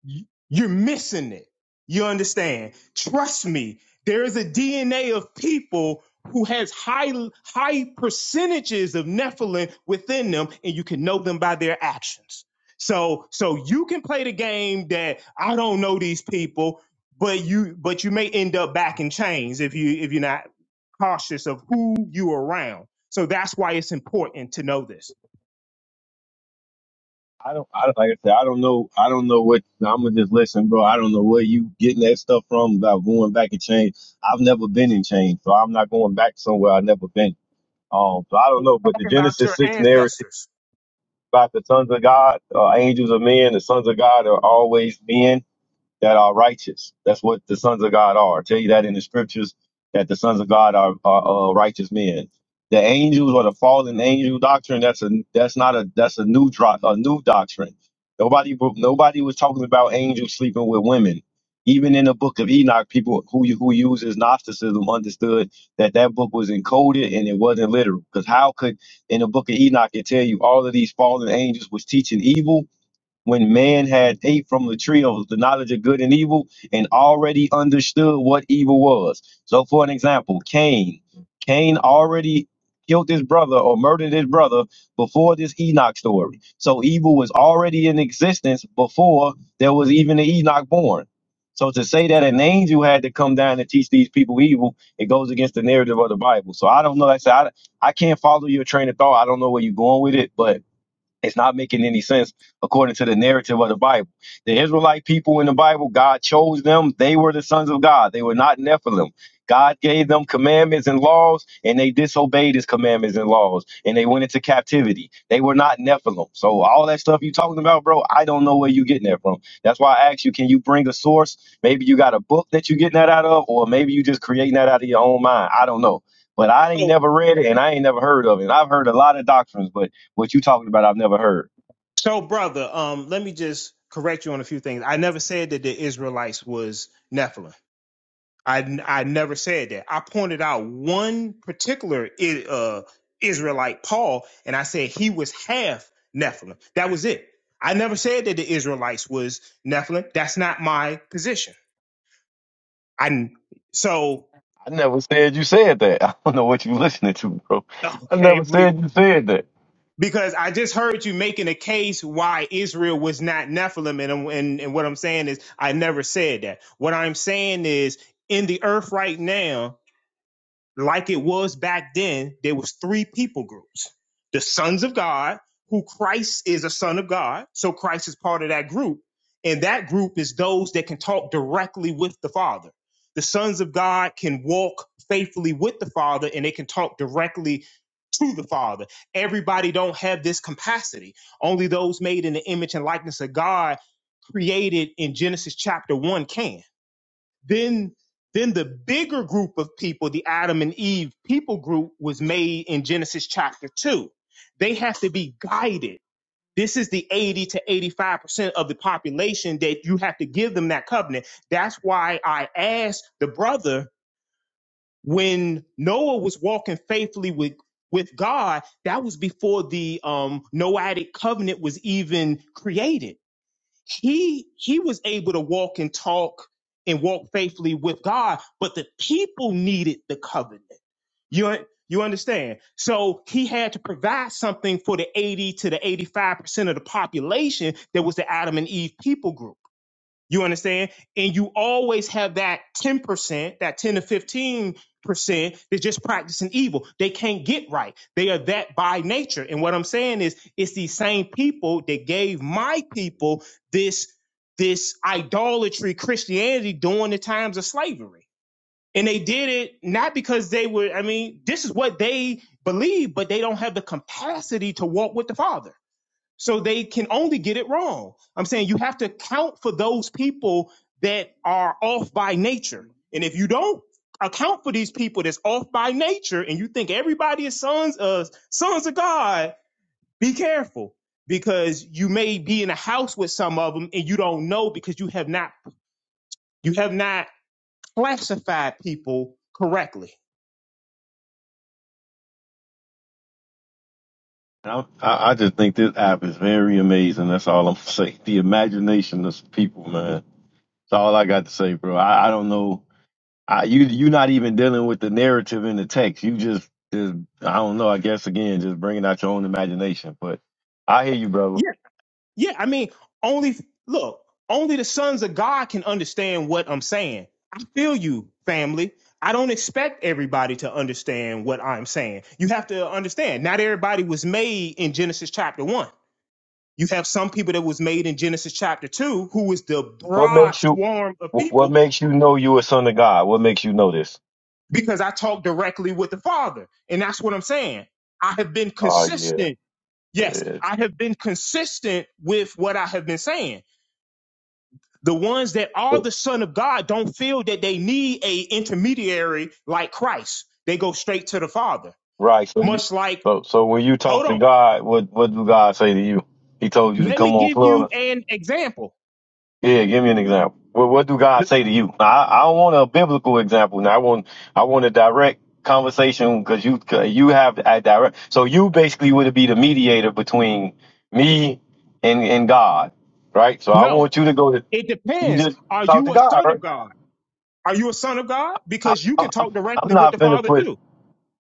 You- You're missing it. You understand? Trust me. There is a DNA of people who has high high percentages of Nephilim within them, and you can know them by their actions. So so you can play the game that I don't know these people, but you but you may end up back in chains if you if you're not cautious of who you around. So that's why it's important to know this. I don't, I don't, like I said, I don't know, I don't know what, I'm gonna just listen, bro. I don't know where you getting that stuff from about going back in change. I've never been in change, so I'm not going back somewhere I've never been. Um, so I don't know, but the Talking about Genesis your 6 narrative ancestors. about the sons of God, uh, angels of men, the sons of God are always men that are righteous. That's what the sons of God are. I tell you that in the scriptures that the sons of God are, are uh, righteous men. The angels or the fallen angel doctrine that's a that's not a that's a new dro- a new doctrine. Nobody nobody was talking about angels sleeping with women. Even in the book of Enoch, people who who uses Gnosticism understood that that book was encoded and it wasn't literal. Because how could in the book of Enoch it tell you all of these fallen angels was teaching evil when man had ate from the tree of the knowledge of good and evil and already understood what evil was. So, for an example, Cain. Cain already killed his brother or murdered his brother before this Enoch story. So, evil was already in existence before there was even an Enoch born. So, to say that an angel had to come down and teach these people evil, it goes against the narrative of the Bible. So, I don't know. Like I said, I, I can't follow your train of thought. I don't know where you're going with it, but it's not making any sense according to the narrative of the Bible. The Israelite people in the Bible, God chose them. They were the sons of God. They were not Nephilim. God gave them commandments and laws, and they disobeyed his commandments and laws, and they went into captivity. They were not Nephilim. So all that stuff you talking about, bro, I don't know where you getting that from. That's why I asked you, can you bring a source? Maybe you got a book that you getting that out of, or maybe you just creating that out of your own mind. I don't know. But I So ain't never read it and I ain't never heard of it. And I've heard a lot of doctrines, but what you talking about, I've never heard. So, brother, um, let me just correct you on a few things. I never said that the Israelites was Nephilim. I, I never said that. I pointed out one particular I- uh, Israelite, Paul, and I said he was half Nephilim. That was it. I never said that the Israelites was Nephilim. That's not my position. I so I never said you said that. I don't know what you listening to, bro. I never okay. said you said that. because I just heard you making a case why Israel was not Nephilim, and, and and what I'm saying is I never said that. What I'm saying is in the earth right now, like it was back then, there was three people groups: the sons of God, who Christ is a son of God, so Christ is part of that group, and that group is those that can talk directly with the Father. The sons of God can walk faithfully with the Father, and they can talk directly to the Father. Everybody don't have this capacity. Only those made in the image and likeness of God created in Genesis chapter 1 can. Then then the bigger group of people, the Adam and Eve people group was made in Genesis chapter 2. They have to be guided. This is the 80 to 85% of the population that you have to give them that covenant. That's why I asked the brother when Noah was walking faithfully with with God, that was before the um, Noahic covenant was even created. He he was able to walk and talk and walk faithfully with God, but the people needed the covenant. You un- you understand? So he had to provide something for the 80 to the 85% of the population that was the Adam and Eve people group. You understand? And you always have that 10%, that 10 to 15% that's just practicing evil. They can't get right. They are that by nature. And what I'm saying is it's these same people that gave my people this this idolatry Christianity during the times of slavery. And they did it not because they were, I mean, this is what they believe, but they don't have the capacity to walk with the Father. So they can only get it wrong. I'm saying you have to account for those people that are off by nature. And if you don't account for these people that's off by nature and you think everybody is sons of sons of God, be careful because you may be in a house with some of them and you don't know because you have not you have not classified people correctly. i I, I just think this app is very amazing. That's all I'm saying. The imagination of people, man. That's all I got to say, bro. I, I don't know. I, you you're not even dealing with the narrative in the text. You just just I don't know. I guess again, just bringing out your own imagination. But I hear you, brother. Yeah, I mean, only look, only the sons of God can understand what I'm saying. I feel you, family. I don't expect everybody to understand what I'm saying. You have to understand, not everybody was made in Genesis chapter 1. You have some people that was made in Genesis chapter 2 who is the What broad makes you? swarm of What what people makes you know you a son of God? What makes you know this? because I talk directly with the Father. And that's what I'm saying. I have been Oh yeah. consistent. Yes, I have been consistent with what I have been saying the ones that are the son of God don't feel that they need a intermediary like Christ. They go straight to the Father. Right. So you Much like, so so when you talk hold to on, God, what what do God say to you? He told you to let me come on give you club. an example. Yeah, give me an example. What what do God say to you? Now, I I don't want a biblical example. Now I want I want a direct conversation because you 'cause you have a direct. So you basically would be the mediator between me and and God, right? So I No, want you to go to it you depends. just Are talk to you a God, son right? of God? Are you a son of God? I, Because you I, can I'm talk I'm directly with not the finna Father put too.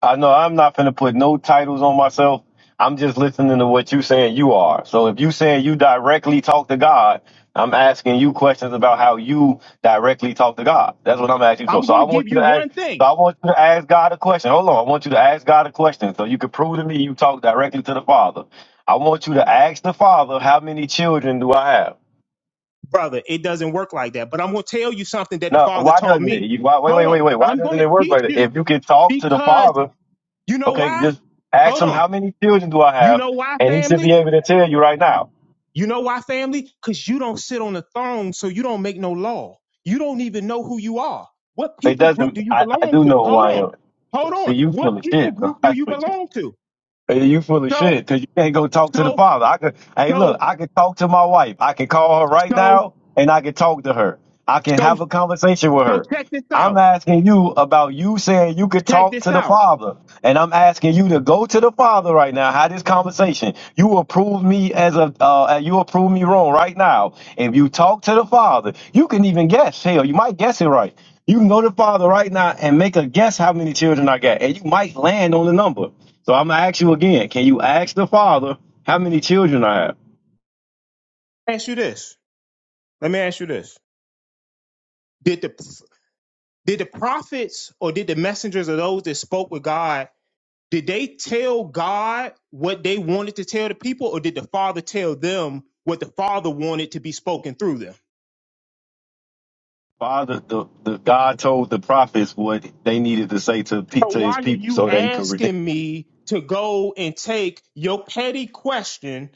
I know I'm not gonna put no titles on myself. I'm just listening to what you saying you are. So if you saying you directly talk to God, I'm asking you questions about how you directly talk to God. That's what I'm asking you. for. I'm so going I to want give you you to ask. one So thing, I want you to ask God a question. Hold on. I want you to ask God a question so you can prove to me you talk directly to the Father. I want you to ask the Father how many children do I have. brother. It doesn't work like that, but I'm going to tell you something that the No, Father why taught doesn't it? me. You, why, wait, wait, Hold on. wait, wait. Why I'm going doesn't to it work teach like that? you If you can talk to the because Father you know Okay, why? just ask Hold him on. how many children do I You have, know why, and he should family? be able to tell you right now. You know why, family? Because you don't sit on the throne, so you don't make no law. You don't even know who you are. What It people group doesn't. do you I, I belong do to? know who Hold I on. am. Hold See, on. you What full of people shit, bro. group do you belong to? Hey, you full of So, shit because you can't go talk to the so, father. I could, hey, look, so, I could talk to my wife. I can call her right so, now and I can talk to her. I can so, have a conversation with so her. check this I'm out. asking you about you saying you could Check talk this to the out. father, and I'm asking you to go to the father right now. Have this conversation. You approve me as a, uh, you approve me wrong right now. If you talk to the father, you can even guess. Hell, you might guess it right. You can go to the father right now and make a guess how many children I got, and you might land on the number. So I'm gonna ask you again. Can you ask the father how many children I have? Ask you this. Let me ask you this. Did the did the prophets or did the messengers of those that spoke with God Did they tell God what they wanted to tell the people, or did the Father tell them what the Father wanted to be spoken through them? Father, the, the God told the prophets what they needed to say to pe- So to why his are people you so that he could redeem. asking me to go and take your petty question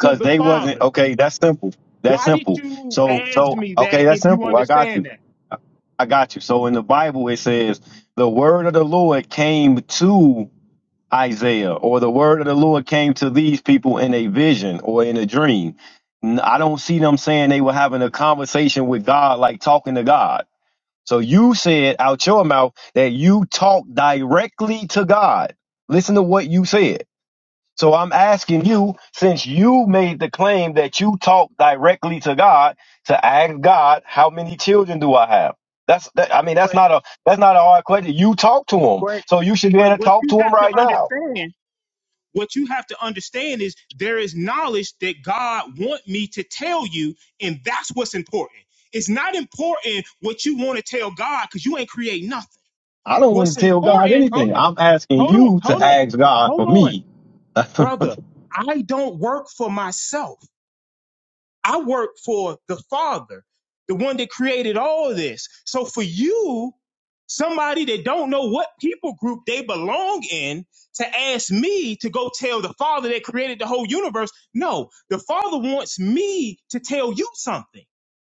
to the they wasn't Father? okay. That's simple. That's Why did simple. you So ask so me okay. that That's if you simple. I got understand you. that? I got you. So in the Bible it says the word of the Lord came to Isaiah, or the word of the Lord came to these people in a vision or in a dream. N- I don't see them saying they were having a conversation with God, like talking to God. So you said out your mouth that you talk directly to God. Listen to what you said. So I'm asking you, since you made the claim that you talk directly to God, to ask God, how many children do I have? That's that, I mean, that's But not a that's not a hard question. You talk to him. but So you should be able but to what talk to you him have to right now. understand What you have to understand is there is knowledge that God want me to tell you, and that's what's important. It's not important what you want to tell God because you ain't create nothing. I don't What's want to tell God important, hold anything. on, I'm asking hold on, you to hold on, ask God for hold on, me. so brother. I don't work for myself. I work for the Father, the one that created all this. So for you, somebody that don't know what people group they belong in, to ask me to go tell the Father that created the whole universe, no, the Father wants me to tell you something.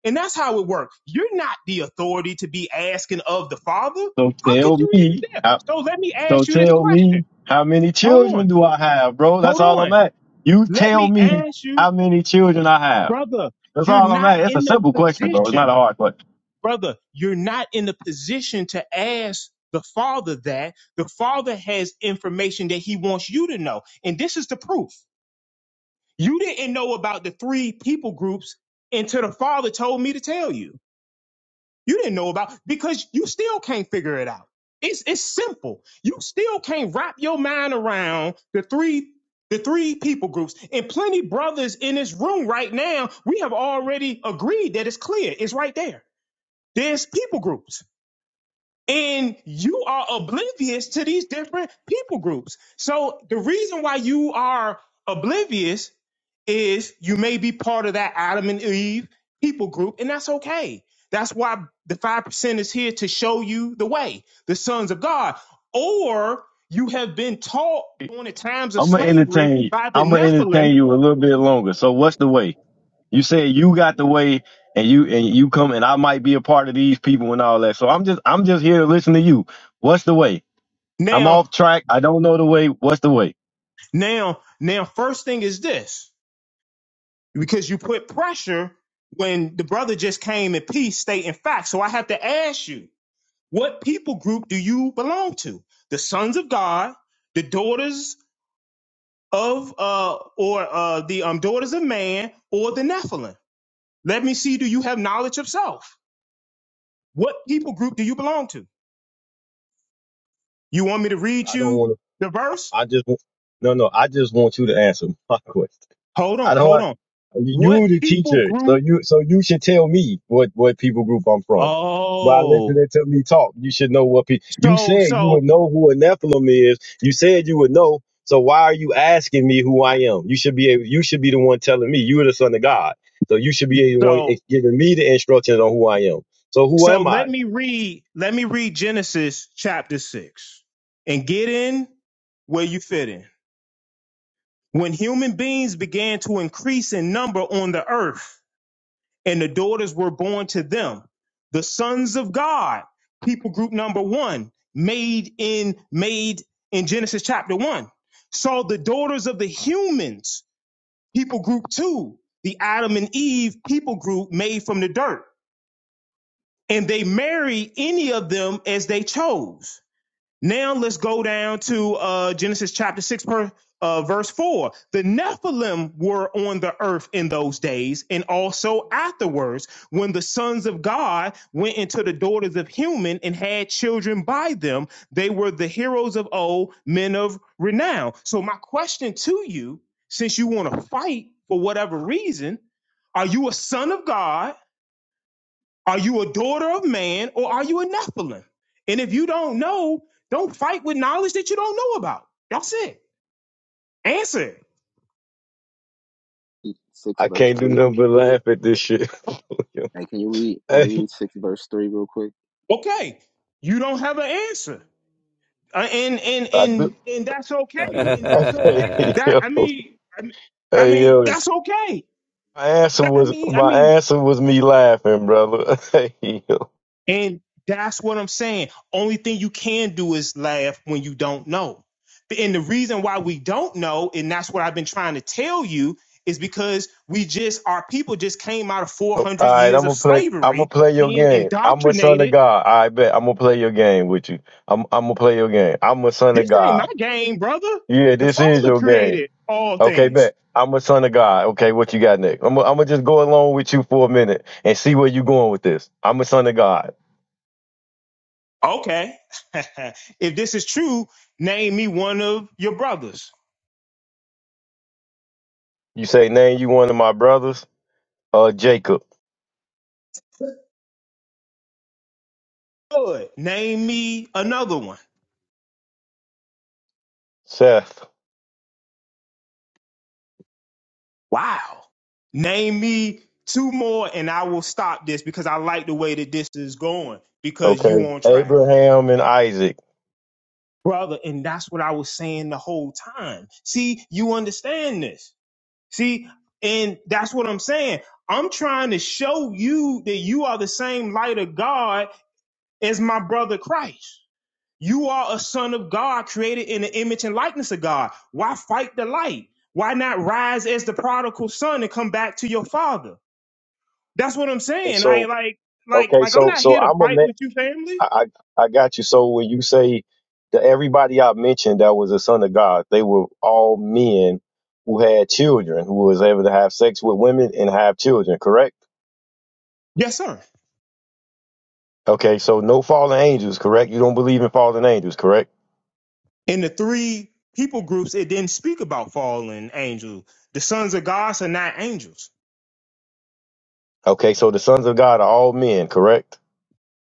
And that's how it works. You're not the authority to be asking of the Father. How could tell you me. even dare? I, So let me So ask you this tell question. me how many Hold on. children do I have, bro? That's Hold all on. I'm at. You Let tell me me ask you, how many children I have. brother, That's you're all I'm not at. It's a in the simple question, bro. It's position not a hard question. brother, you're not in a position to ask the father that. The father has information that he wants you to know. And this is the proof. You didn't know about the three people groups until the father told me to tell you. You didn't know about because you still can't figure it out. It's it's simple. You still can't wrap your mind around the three the three people groups and plenty brothers in this room right now. We have already agreed that it's clear. It's right there. There's people groups. and you are oblivious to these different people groups. So the reason why you are oblivious is you may be part of that Adam and Eve people group, and that's okay. That's why the 5% is here to show you the way, the sons of God. Or you have been taught during the times of I'm gonna slavery entertain you. by the I'm gonna Nephilim. entertain you a little bit longer. So what's the way? You said you got the way and you and you come and I might be a part of these people and all that. So I'm just I'm just here to listen to you. What's the way? I'm Now, off track. I don't know the way. What's the way? now, now, first thing is this. because you put pressure when the brother just came in peace, stating facts. So I have to ask you, what people group do you belong to? The sons of God, the daughters of uh or uh the um daughters of man or the Nephilim? Let me see, do you have knowledge of self? What people group do you belong to? You want me to read I don't you want to. the verse? I just want- no no. I just want you to answer my question. Hold I on, don't. hold on. What You the people teacher, so group? you so you should tell me what what people group I'm from. By Oh, listening to me talk, you should know what people. You so said you would so know who a Nephilim is. You said you would know. So why are you asking me who I am? You should be able, you should be the one telling me. You are the son of God, so you should be the one so giving me the instructions on who I am. So who So am I? let me read, let me read Genesis chapter six and get in where you fit in. When human beings began to increase in number on the earth and the daughters were born to them, the sons of God, people group number one, made in, made in Genesis chapter one. So the daughters of the humans, people group two, the Adam and Eve people group made from the dirt and they married any of them as they chose Now let's go down to uh, Genesis chapter 6, per, uh, verse 4. The Nephilim were on the earth in those days, and also afterwards, when the sons of God went into the daughters of human and had children by them. They were the heroes of old, men of renown. So, my question to you, since you want to fight for whatever reason, are you a son of God? Are you a daughter of man or are you a Nephilim? And if you don't know, don't fight with knowledge that you don't know about. That's it. Answer it. I can't do nothing but laugh at this shit. hey, Okay. You don't have an answer. Uh, and and I do. and and that's okay. Hey, That I yo, mean I mean, I hey, mean yo. that's okay. My answer That, I was mean I my mean answer was me laughing, brother. All And that's what I'm saying. Only thing you can do is laugh when you don't know. And the reason why we don't know, and that's what I've been trying to tell you, is because we just, our people just came out of 400 right, I'm years of gonna play. I'm gonna slavery, play your being game. I'm a son of indoctrinated. God. I bet I'm gonna play your game with you. I'm I'm gonna play your game. I'm a son of This ain't my God. game, brother. Yeah, The this is Father your game. created all Okay, things. bet. I'm a son of God. Okay, what you got next? I'm i I'm gonna just go along with you for a minute and see where you going with this. I'm a son of God. Okay. if this is true, name me one of your brothers. You say name you one of my brothers, uh, Jacob, Good. Name me another one. Seth. Wow. Name me two more and I will stop this because I like the way that this is going because Okay, you on track. Abraham and Isaac. Brother, and that's what I was saying the whole time. See, you understand this. See, and that's what I'm saying. I'm trying to show you that you are the same light of God as my brother Christ. You are a son of God created in the image and likeness of God. Why fight the light? Why not rise as the prodigal son and come back to your father? That's what I'm Okay, saying. I so like like okay, like I'm so not here so to I'm a fight man. with you, family. I, I I got you. So when you say that everybody I mentioned that was a son of God, they were all men who had children, who was able to have sex with women and have children, correct? Yes, sir. Okay, so no fallen angels, correct? You don't believe in fallen angels, correct? In the three people groups, it didn't speak about fallen angels. The sons of God are not angels, Okay, so the sons of God are all men, correct?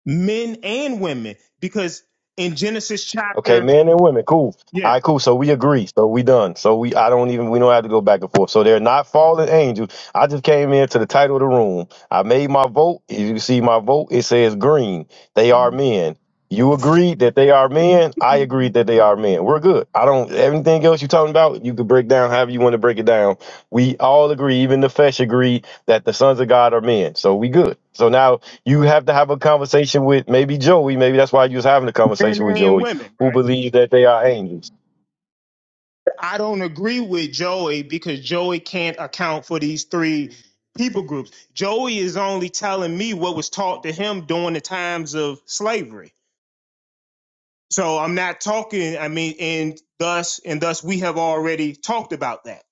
men and women, because in Genesis Okay, chapter, men and women, cool. All yeah, right, cool. So we agree. So we done. So we, I don't even, we don't have to go back and forth. So they're not fallen angels. I just came into the title of the room. I made my vote. As you can see my vote, it says green. They are men. You agreed that they are men. I agreed that they are men. We're good. I don't, everything else you're talking about, you could break down however you want to break it down. We all agree, even the flesh agreed that the sons of God are men. So we good. So now you have to have a conversation with maybe Joey. Maybe that's why you was having a men conversation with and Joey women, who right? believe that they are angels. I don't agree with Joey because Joey can't account for these three people groups. Joey is only telling me what was taught to him during the times of slavery So I'm not talking, I mean, and thus and thus we have already talked about that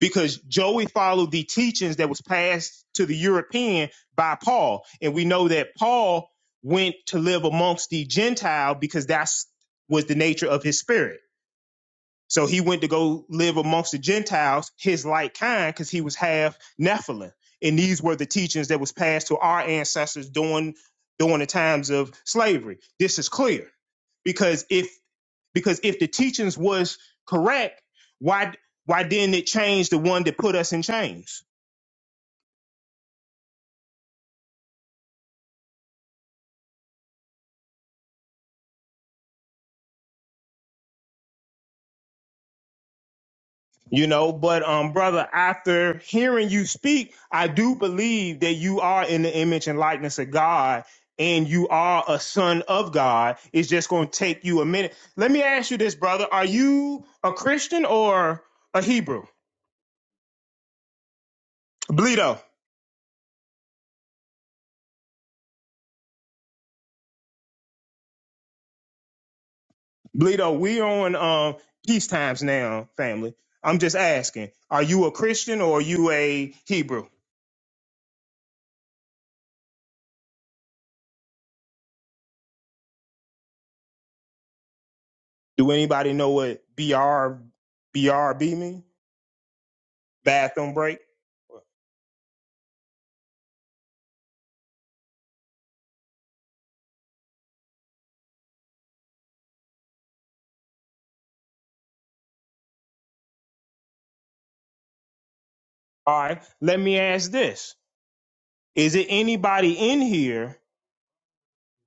because Joey followed the teachings that was passed to the European by Paul. And we know that Paul went to live amongst the Gentile because that's was the nature of his spirit. So he went to go live amongst the Gentiles, his like kind, because he was half Nephilim. And these were the teachings that was passed to our ancestors during during the times of slavery. This is clear. Because if because if the teachings was correct, why why didn't it change the one that put us in chains? You know, but um, brother, after hearing you speak, I do believe that you are in the image and likeness of God and you are a son of God. It's just going to take you a minute. Let me ask you this, brother. Are you a Christian or a Hebrew? Bleedo, Bleedo, we on um peace times now, family. I'm just asking, are you a Christian or are you a Hebrew? Do anybody know what BR BRB mean? Bathroom break? All right. Let me ask this. Is it anybody in here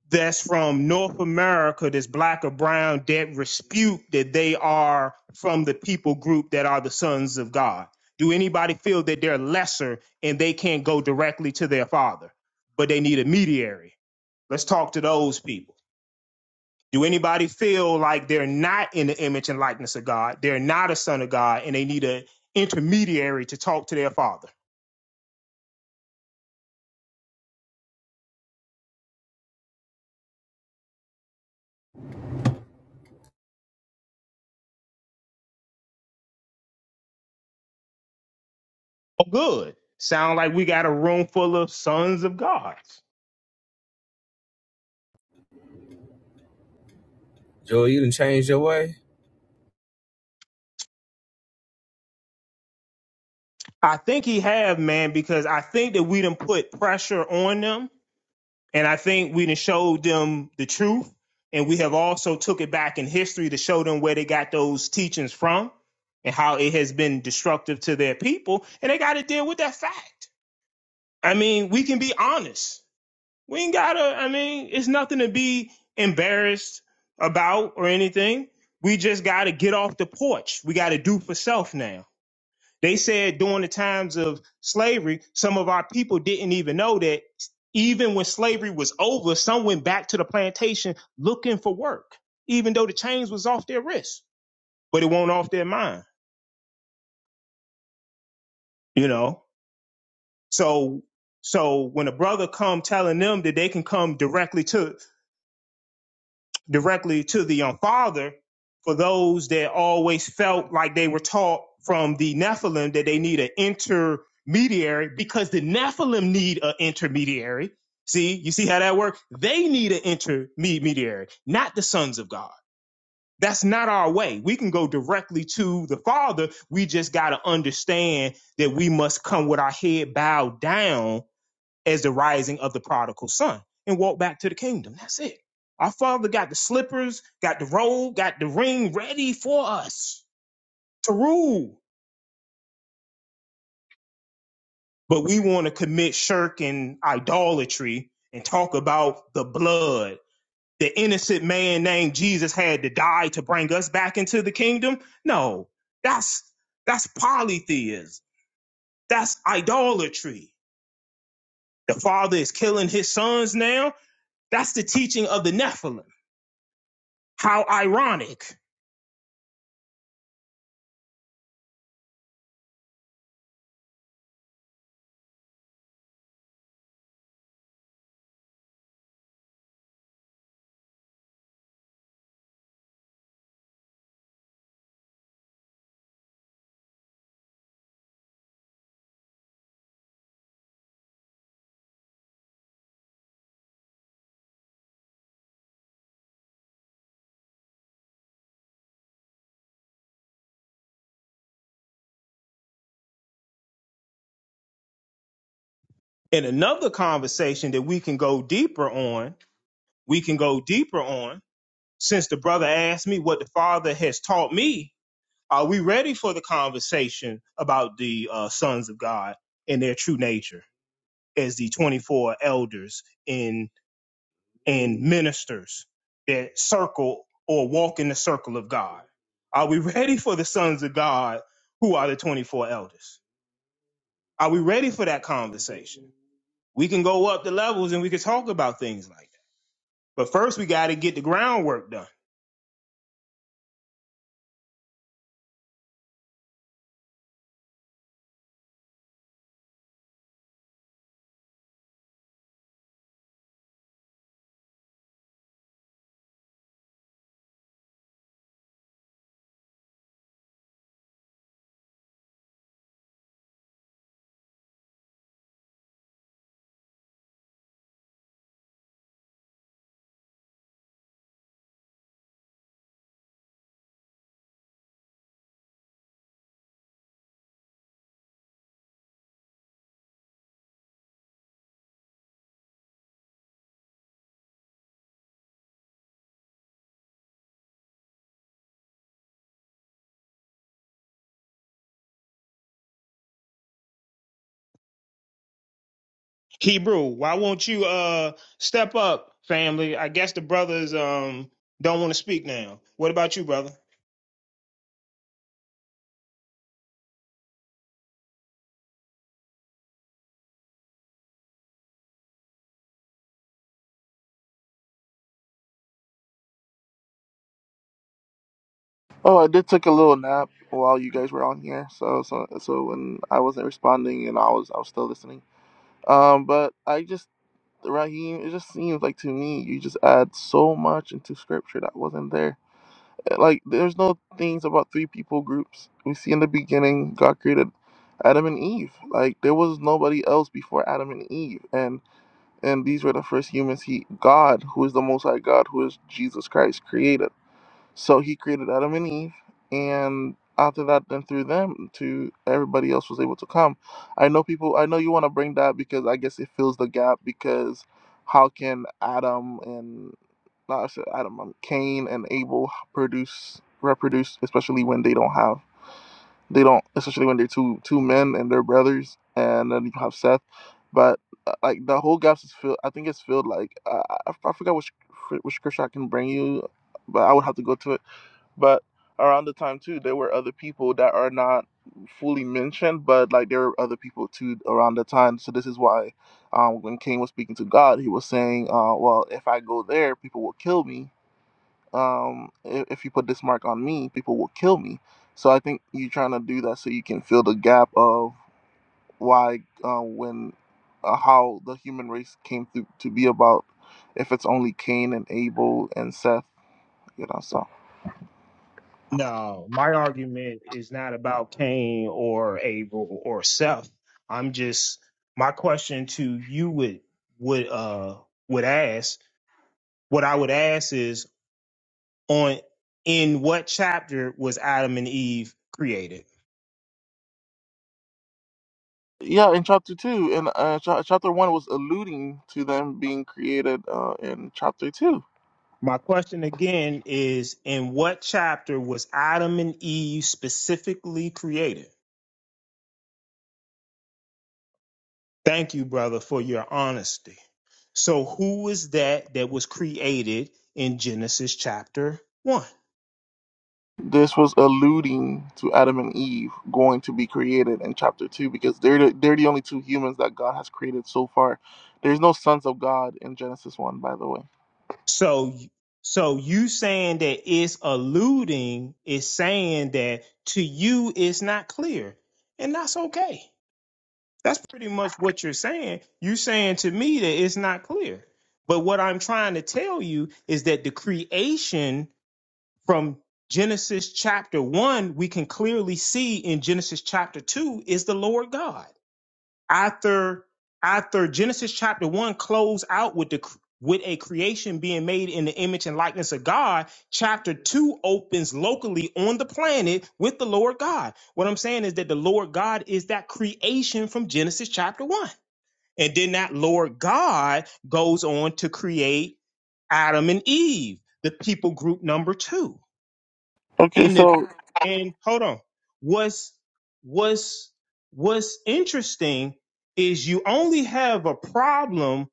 that's from North America that's black or brown that dispute that they are from the people group that are the sons of God? Do anybody feel that they're lesser and they can't go directly to their father, but they need a mediary? Let's talk to those people. Do anybody feel like they're not in the image and likeness of God? They're not a son of God and they need an intermediary to talk to their father. Oh, good. Sound like we got a room full of sons of God. Joel, you done changed your way? I think he have, man, because I think that we done put pressure on them And I think we done showed them the truth, and we have also took it back in history to show them where they got those teachings from and how it has been destructive to their people, and they got to deal with that fact. I mean, we can be honest. We ain't gotta. I mean, it's nothing to be embarrassed about or anything. We just got to get off the porch. We got to do for self now. They said during the times of slavery, some of our people didn't even know that even when slavery was over, some went back to the plantation looking for work, even though the chains was off their wrists, but it won't off their mind, you know? So, so when a brother come telling them that they can come directly to directly to the um, father for those that always felt like they were taught from the Nephilim that they need an intermediary because the Nephilim need an intermediary. See, you see how that works? They need an intermediary, not the sons of God. That's not our way. We can go directly to the Father. We just got to understand that we must come with our head bowed down as the rising of the prodigal son and walk back to the kingdom. That's it. Our father got the slippers, got the robe, got the ring ready for us to rule. But we want to commit shirk and idolatry and talk about the blood. The innocent man named Jesus had to die to bring us back into the kingdom. No, that's that's polytheism. That's idolatry. The father is killing his sons now. That's the teaching of the Nephilim. How ironic. And another conversation that we can go deeper on, we can go deeper on, since the brother asked me what the father has taught me, are we ready for the conversation about the uh, sons of God and their true nature as the 24 elders and, and ministers that circle or walk in the circle of God? Are we ready for the sons of God who are the 24 elders? Are we ready for that conversation? we can go up the levels and we can talk about things like that. But first, we got to get the groundwork done. Hebrew, why won't you uh step up, family? I guess the brothers um don't want to speak now. What about you, brother? Oh, I did take a little nap while you guys were on here. So so so when I wasn't responding and I was I was still listening. Um, but I just Raheem, it just seems like to me you just add so much into scripture that wasn't there Like, there's no things about three people groups. We see in the beginning, God created Adam and Eve. Like, there was nobody else before Adam and Eve, and and these were the first humans. He, God, who is the Most High God, who is Jesus Christ, created. So He created Adam and Eve, and after that, then through them, to everybody else was able to come. I know people. I know you want to bring that because I guess it fills the gap because how can Adam and not I said Adam. um, Cain and Abel produce reproduce, especially when they don't have they don't especially when they're two two men and they're brothers, and then you have Seth. But uh, like the whole gap is filled. I think it's filled. Like uh, I, I forgot which which scripture I can bring you, but I would have to go to it. But around the time too, there were other people that are not fully mentioned, but like there were other people too around the time. So this is why um, when Cain was speaking to God, he was saying, uh, "Well, if I go there, people will kill me." um, if, if you put this mark on me, people will kill me. So I think you're trying to do that so you can fill the gap of why, uh, when, uh, how the human race came through to be about, if it's only Cain and Abel and Seth, you know. So No, my argument is not about Cain or Abel or Seth. I'm just my question to you would would uh would ask what I would ask is on in what chapter was Adam and Eve created? Yeah, in chapter two, and uh, cha- chapter one was alluding to them being created uh, in chapter two. My question again is in what chapter was Adam and Eve specifically created? Thank you, brother, for your honesty. So who was that that was created in Genesis chapter 1? This was alluding to Adam and Eve going to be created in chapter two because they're the, they're the only two humans that God has created so far. There's no sons of God in Genesis one, by the way. So so you saying that it's alluding is saying that to you it's not clear. And that's okay. That's pretty much what you're saying. You're saying to me that it's not clear. But what I'm trying to tell you is that the creation from Genesis chapter 1, we can clearly see in Genesis chapter 2 is the Lord God after after Genesis chapter one close out with the with a creation being made in the image and likeness of God, chapter two opens locally on the planet with the Lord God. What I'm saying is that the Lord God is that creation from Genesis chapter one. And then that Lord God goes on to create Adam and Eve, the people group number two. Okay, And the so and hold on. What's what's what's interesting is you only have a problem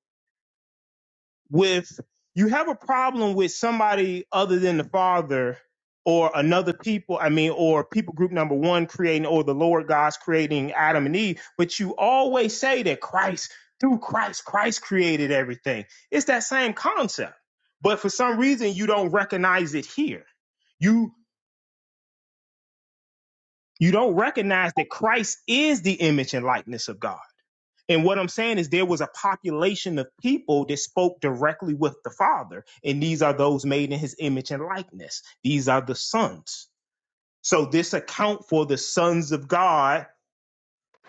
with you have a problem with somebody other than the father or another people, I mean, or people group number one creating or the Lord God's creating Adam and Eve, but you always say that Christ, through Christ, Christ created everything. It's that same concept. But for some reason you don't recognize it here You. You don't recognize that Christ is the image and likeness of God. And what I'm saying is there was a population of people that spoke directly with the Father, and these are those made in his image and likeness. These are the sons. So this account for the sons of God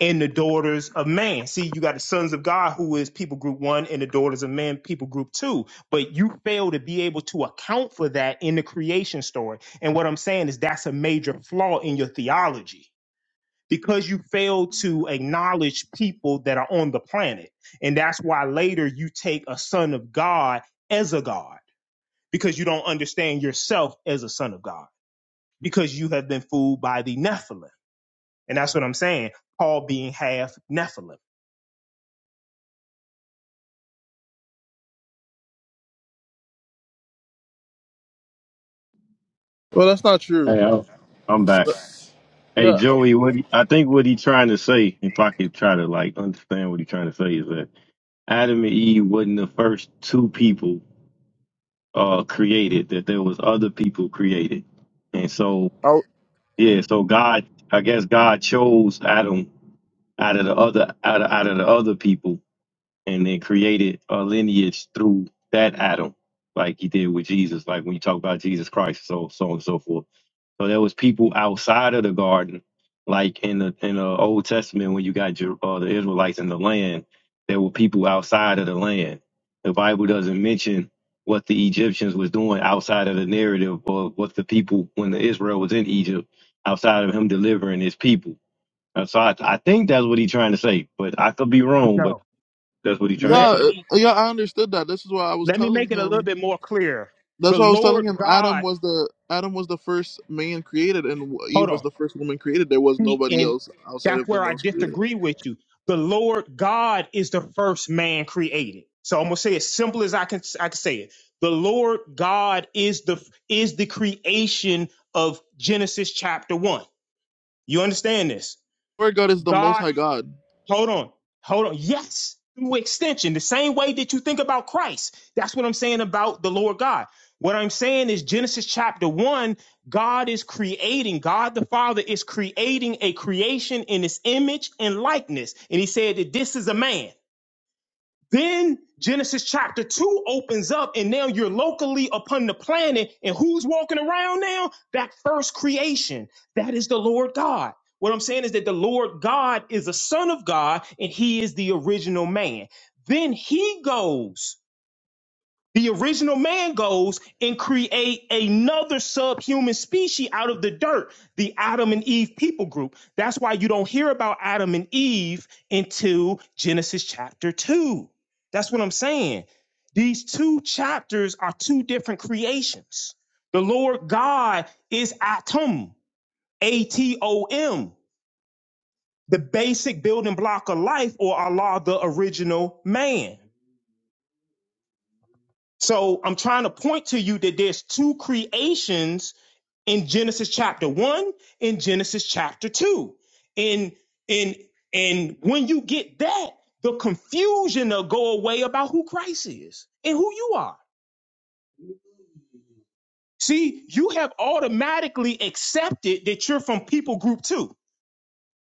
and the daughters of man. See, you got the sons of God who is people group 1 and the daughters of man people group 2, but you fail to be able to account for that in the creation story. And what I'm saying is that's a major flaw in your theology because you fail to acknowledge people that are on the planet. And that's why later you take a son of God as a God because you don't understand yourself as a son of God because you have been fooled by the Nephilim. And that's what I'm saying. Paul being half Nephilim. well, that's not true. Hey, I'm, I'm back. Hey, Yeah, Joey, what he, I think what he trying to say, if I could try to like understand what he trying to say, is that Adam and Eve wasn't the first two people uh created; that there was other people created, and so I, yeah, so God, I guess God chose Adam out of the other out of, out of the other people, and then created a lineage through that Adam, like He did with Jesus, like when you talk about Jesus Christ, so so on and so forth. So there was people outside of the garden, like in the in the Old Testament when you got Jer- uh, the Israelites in the land, there were people outside of the land. The Bible doesn't mention what the Egyptians was doing outside of the narrative or what the people when the Israel was in Egypt outside of him delivering his people. Uh, So I, I think that's what he's trying to say, but I could be wrong. But No. that's what he's yeah, trying to Let say. uh, me yeah. I understood that. This is why I was let me telling make it a him little bit more clear. That's The why I was telling Lord him Adam God, was the Adam was the first man created, and Eve hold on. was the first woman created. There was nobody and else outside that's of them where that I was created. disagree with you. The Lord God is the first man created. So I'm gonna say as simple as I can I can say it. The Lord God is the is the creation of Genesis chapter one. You understand this? Lord God is the Most God High God. Hold on. Hold on. Yes, through extension, the same way that you think about Christ. That's what I'm saying about the Lord God. What I'm saying is Genesis chapter 1, God is creating, God the Father is creating a creation in his image and likeness. And he said that this is a man. Then Genesis chapter 2 opens up, and now you're locally upon the planet. And who's walking around now? That first creation. That is the Lord God. What I'm saying is that the Lord God is a son of God, and he is the original man. Then he goes. The original man goes and create another subhuman species out of the dirt, the Adam and Eve people group. That's why you don't hear about Adam and Eve until Genesis chapter 2. That's what I'm saying. These two chapters are two different creations. The Lord God is Atom, A T O M, the basic building block of life, or Allah, the original man. So I'm trying to point to you that there's two creations in Genesis chapter one, in Genesis chapter two. And and and when you get that, the confusion will go away about who Christ is and who you are. See, you have automatically accepted that you're from people group two.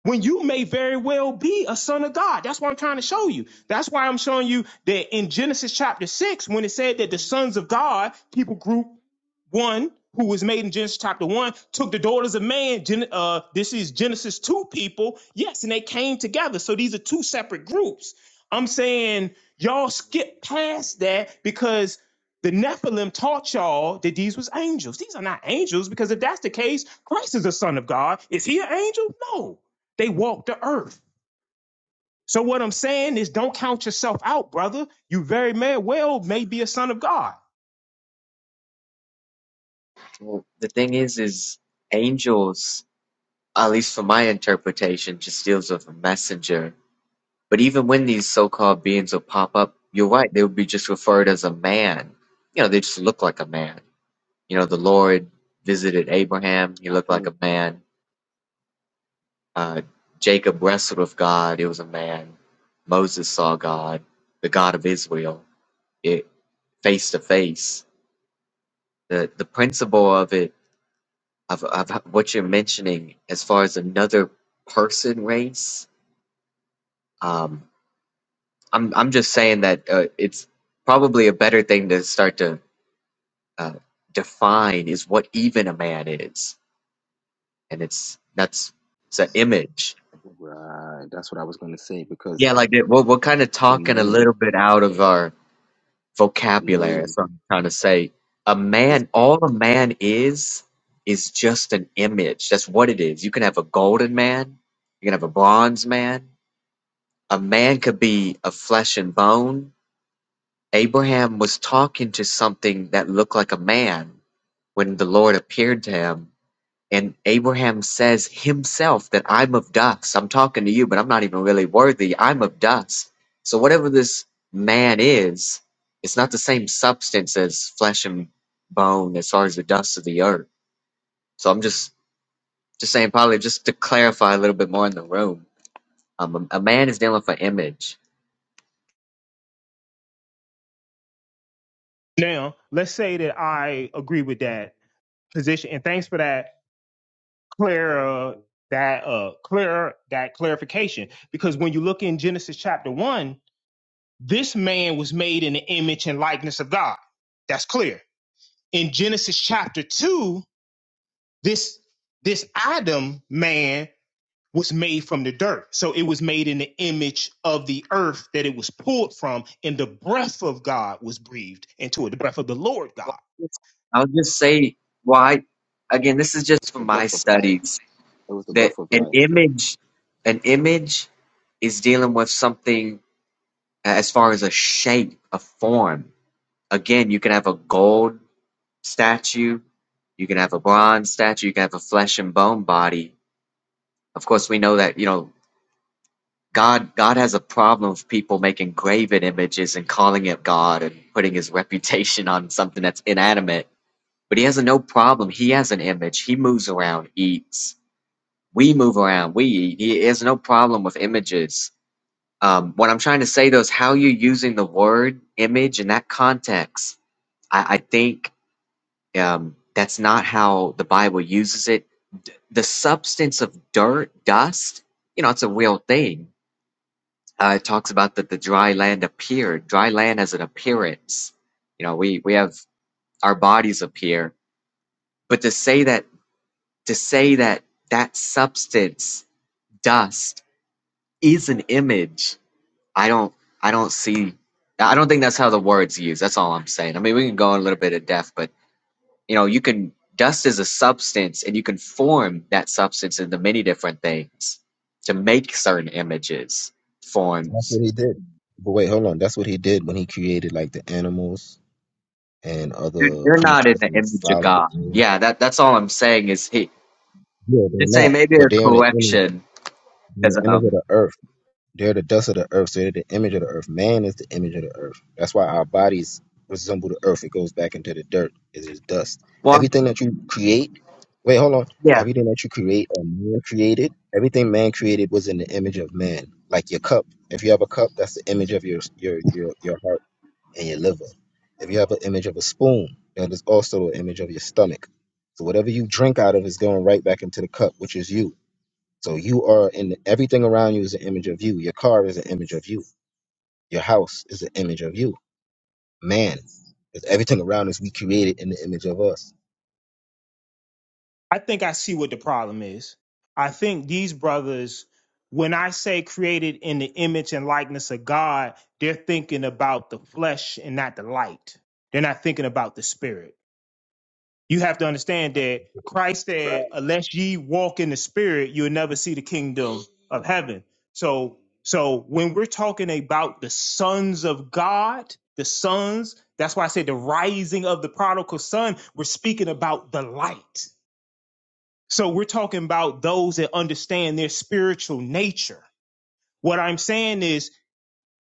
When you may very well be a son of God. That's what I'm trying to show you. That's why I'm showing you that in Genesis chapter six, when it said that the sons of God, people group one who was made in Genesis chapter one took the daughters of man. uh, this is Genesis two people. Yes, and they came together. So these are two separate groups. I'm saying y'all skip past that because the Nephilim taught y'all that these was angels. These are not angels because if that's the case, Christ is the Son of God. Is he an angel? No, they walked the earth. So what I'm saying is, don't count yourself out, brother. You very may well may be a son of God. Well, the thing is, is angels, at least for my interpretation, just deals with a messenger. But even when these so-called beings will pop up, you're right, they would be just referred as a man. You know, they just look like a man. You know, the Lord visited Abraham, he looked like a man. Uh, Jacob wrestled with God, it was a man. Moses saw God, the God of Israel, it face to face. The the principle of it of, of what you're mentioning as far as another person race. Um, I'm I'm just saying that uh, it's probably a better thing to start to uh, define is what even a man is, and it's that's it's an image. Yeah, like it, we're we're kind of talking a little bit out of our vocabulary. That's what I'm trying to say. A man, all a man is, is just an image. That's what it is. You can have a golden man, you can have a bronze man, A man could be of flesh and bone. Abraham was talking to something that looked like a man when the Lord appeared to him. And Abraham says himself that I'm of dust. I'm talking to you, but I'm not even really worthy. I'm of dust. So, whatever this man is, it's not the same substance as flesh and bone as far as the dust of the earth. So, I'm just, just saying, probably just to clarify a little bit more in the room, um, a a man is dealing with an image Now, let's say that I agree with that position. And thanks for that clear that uh clear that clarification. Because when you look in Genesis chapter one, this man was made in the image and likeness of God. That's clear. In Genesis chapter two, this this Adam man was made from the dirt. So it was made in the image of the earth that it was pulled from, and the breath of God was breathed into it, the breath of the Lord God. Well, it's- I'll just say why. Again, this is just from my studies that an image, an image, is dealing with something as far as a shape, a form. Again, you can have a gold statue, you can have a bronze statue, you can have a flesh and bone body. Of course, we know that you know God. God has a problem with people making graven images and calling it God and putting His reputation on something that's inanimate But he has a no problem. He has an image. He moves around, eats. We move around, we eat. He has no problem with images. Um, what I'm trying to say though is how you're using the word image in that context. I, I think um, that's not how the Bible uses it. The substance of dirt, dust, you know, it's a real thing. Uh, it talks about that the dry land appeared. Dry land has an appearance. You know, we, we have our bodies appear. But to say that to say that that substance dust is an image i don't i don't see i don't think that's how the words used that's all i'm saying i mean we can go in a little bit of depth but you know you can dust is a substance and you can form that substance into many different things to make certain images That's what forms he did. But wait, hold on. That's what he did when he created like the animals and Dude, other you're not in creatures the and image of god flowers. yeah that that's all i'm saying is he Yeah, they're just saying not. maybe a But they're in the image, correction in the because image of um the earth. They're the dust of the earth. So they're the image of the earth. Man is the image of the earth. That's why our bodies resemble the earth. It goes back into the dirt. It's just dust. well Everything that you create. Wait, hold on. yeah Everything that you create or man created, everything man created was in the image of man. Like your cup. If you have a cup, that's the image of your your your, your heart and your liver. If you have an image of a spoon, that is also an image of your stomach. So whatever you drink out of is going right back into the cup, which is you so you are in everything around you is an image of you. Your car is an image of you. Your house is an image of you. Man, is everything around us we created in the image of us. I think I see what the problem is. I think these brothers, when I say created in the image and likeness of God, they're thinking about the flesh and not the light. They're not thinking about the spirit. you have to understand that Christ Right. said, unless ye walk in the spirit, you'll never see the kingdom of heaven. So, so when we're talking about the sons of God, the sons, that's why I said the rising of the prodigal son, we're speaking about the light. So we're talking about those that understand their spiritual nature. What I'm saying is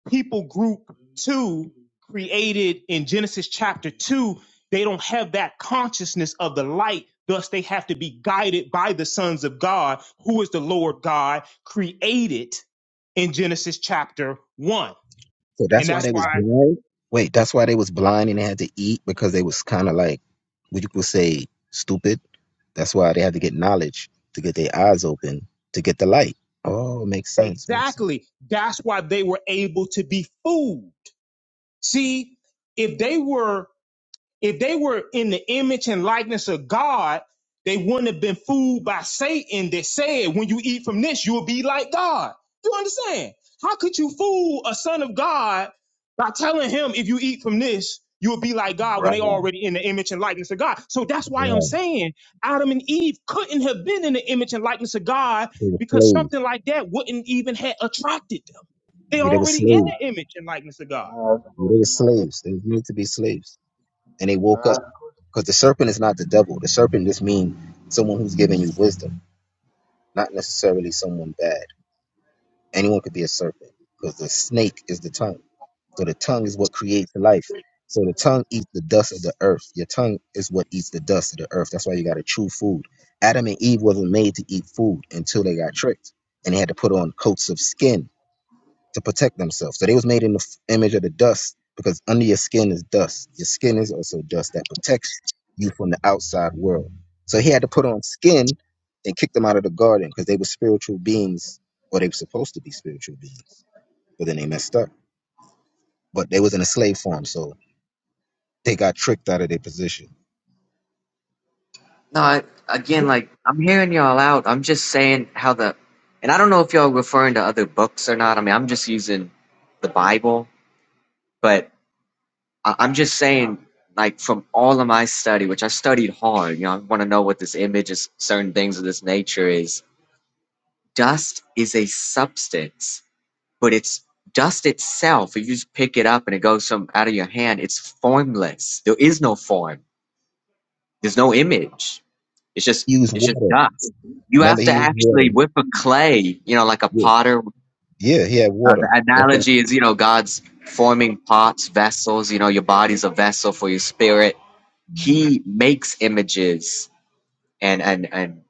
people group two created in Genesis chapter two, they don't have that consciousness of the light. Thus, they have to be guided by the sons of God, who is the Lord God created in Genesis chapter one. So And that's why that's they was why, blind. Wait, that's why they was blind and they had to eat because they was kind of like what you could say stupid. That's why they had to get knowledge to get their eyes open to get the light. Oh, makes sense. Makes sense. exactly, that's why they were able to be fooled. See, if they were If they were in the image and likeness of God, they wouldn't have been fooled by Satan that said, when you eat from this, you'll be like God. You understand? How could you fool a son of God by telling him, if you eat from this, you'll be like God when Right. they already in the image and likeness of God? So that's why I'm saying Adam and Eve couldn't have been in the image and likeness of God They were because slaves. something like that wouldn't even have attracted them. They Yeah, they were already Can I in slaves. ask, the image and likeness of can God. I ask a Yeah, they were question now? slaves. They were made to be slaves, and they Can woke I? ask up. Because the serpent is not the devil. The serpent just means someone who's giving you wisdom, not necessarily someone bad. Anyone could be a serpent because the snake is the tongue. So the tongue is what creates life. So the tongue eats the dust of the earth. Your tongue is what eats the dust of the earth. That's why you got to chew food. Adam and Eve wasn't made to eat food until they got tricked and they had to put on coats of skin to protect themselves. So they was made in the f- image of the dust because under your skin is dust. Your skin is also dust that protects you from the outside world. So he had to put on skin and kick them out of the garden because they were spiritual beings, or they were supposed to be spiritual beings. But then they messed up. But they was in a slave farm, so they got tricked out of their position. No, I- again, Yeah. like I'm hearing y'all out. I'm just saying how the, and I don't know if y'all referring to other books or not. I mean, I'm just using the Bible, but I, I'm just saying, like from all of my study, which I studied hard. You know, I want to know what this image is, certain things of this nature is. Dust is a substance, but it's dust itself. If you just pick it up and it goes from out of your hand, it's formless. There is no form. There's no image It's just He used it's just water. dust. You Remember, have he to used actually water. whip a clay, you know, like a Yeah, potter. yeah he had Uh, water. the That's right. analogy is, you know, God's forming pots, vessels. You know, your body's a vessel for your spirit. He makes images, and and and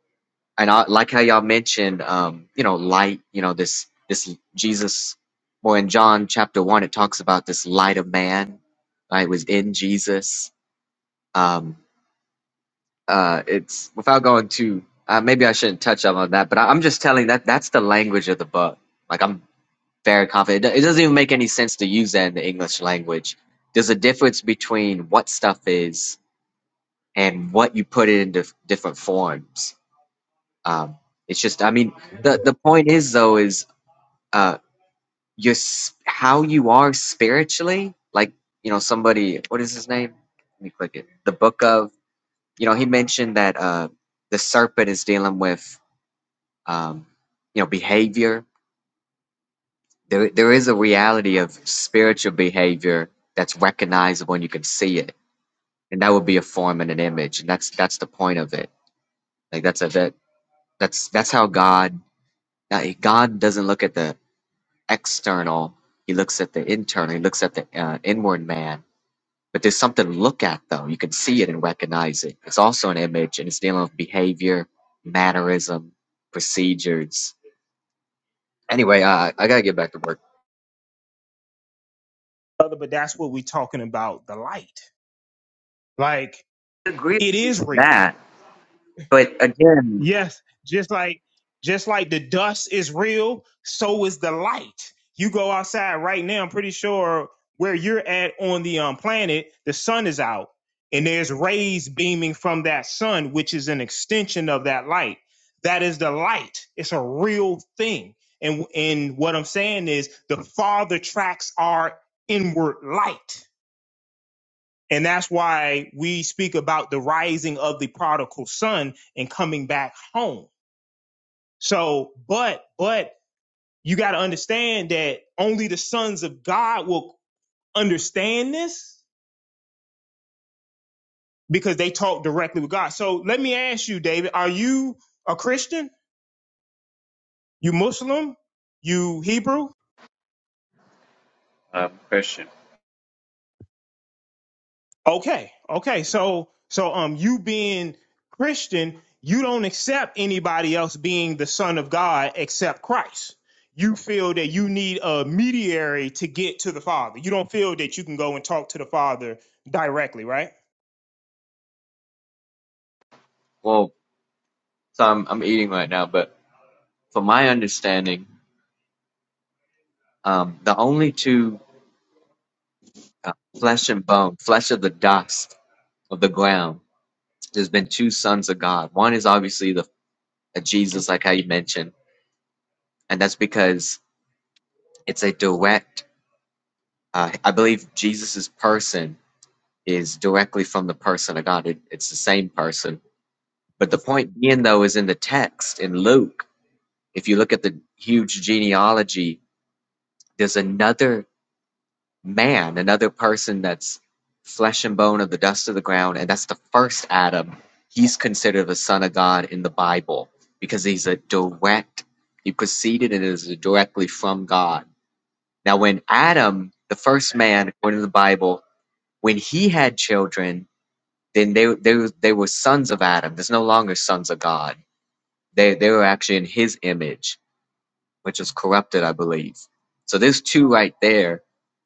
and I, like how y'all mentioned, um, you know, light. You know, this this Jesus. Well, in John chapter one, it talks about this light of man. Right, was in Jesus. Um, uh, it's without going too. Uh, maybe I shouldn't touch up on that, but I, I'm just telling that that's the language of the book. Like I'm very confident. It, do- it doesn't even make any sense to use that in the English language. There's a difference between what stuff is and what you put it into f- different forms. Um, it's just, I mean, the the point is though is uh, your s- how you are spiritually. Like you know, somebody. What is his name? Let me click it. The book of. You know, he mentioned that uh, the serpent is dealing with um, you know behavior there, there is a reality of spiritual behavior that's recognizable and you can see it and that would be a form and an image and that's that's the point of it like that's a that that's that's how god uh, god doesn't look at the external he looks at the internal he looks at the uh, inward man but there's something to look at though you can see it and recognize it it's also an image and it's dealing with behavior mannerism procedures anyway uh, i gotta get back to work Brother, but that's what we're talking about, the light. Like agree it with is real. that, but again, Yes, just like just like the dust is real, so is the light. You go outside right now, I'm pretty sure where you're at on the um, planet, the sun is out and there's rays beaming from that sun which is an extension of that light. That is the light. It's a real thing. And and what I'm saying is the farther tracks are inward light And that's why we speak about the rising of the prodigal son and coming back home. So, but, but you got to understand that only the sons of God will understand this because they talk directly with God. So let me ask you, David, are you a Christian? You Muslim? You Hebrew? Okay, okay. So so um you being Christian, you don't accept anybody else being the son of God except Christ. You feel that you need a mediary to get to the Father. You don't feel that you can go and talk to the Father directly, right? Well, so I'm I'm eating right now, but from my understanding, um, the only two uh, flesh and bone, flesh of the dust of the ground, there's been two sons of God. One is obviously the uh, Jesus, like how you mentioned, and that's because it's a direct. Uh, I believe Jesus's person is directly from the person of God. It, it's the same person. But the point being, though, is in the text in Luke. If you look at the huge genealogy there's another man, another person that's flesh and bone of the dust of the ground, and that's the first Adam. He's considered the son of God in the Bible because he's a direct, he proceeded and is directly from God. Now, when Adam, the first man, according to the Bible, when he had children, then they, they, they were sons of Adam. There's no longer sons of God. They, they were actually in his image which is corrupted, I believe. So there's two right there.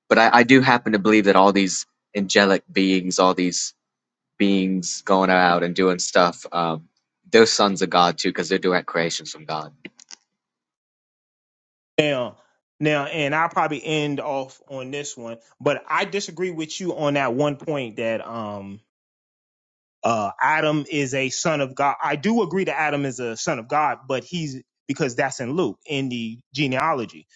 But I, I do happen to believe that all these angelic beings, all these beings going out and doing stuff, um, they're sons of God too, because they're direct creations from God. Now, now, and I'll probably end off on this one, but I disagree with you on that one point that um uh, Adam is a son of God. I do agree that Adam is a son of God, but he's because that's in Luke in the genealogy.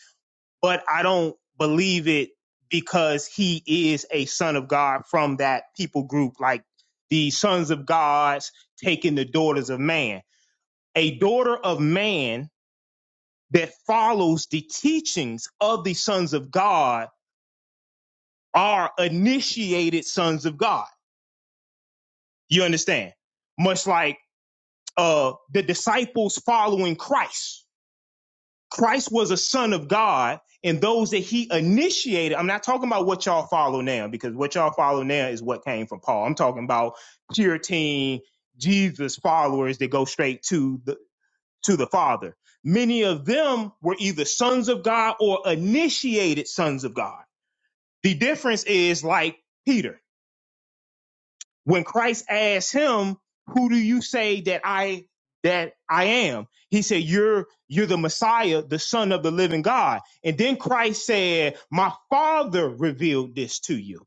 But I don't believe it because he is a son of God from that people group, like the sons of gods taking the daughters of man. A daughter of man that follows the teachings of the sons of God are initiated sons of God. You understand? Much like uh, the disciples following Christ. Christ was a son of God, and those that he initiated, I'm not talking about what y'all follow now, because what y'all follow now is what came from Paul. I'm talking about Puritan Jesus followers that go straight to the to the Father. Many of them were either sons of God or initiated sons of God. The difference is like Peter. when Christ asked him, "Who do you say that I that I am?" He said, "You're you're the Messiah, the Son of the Living God." And then Christ said, "My Father revealed this to you."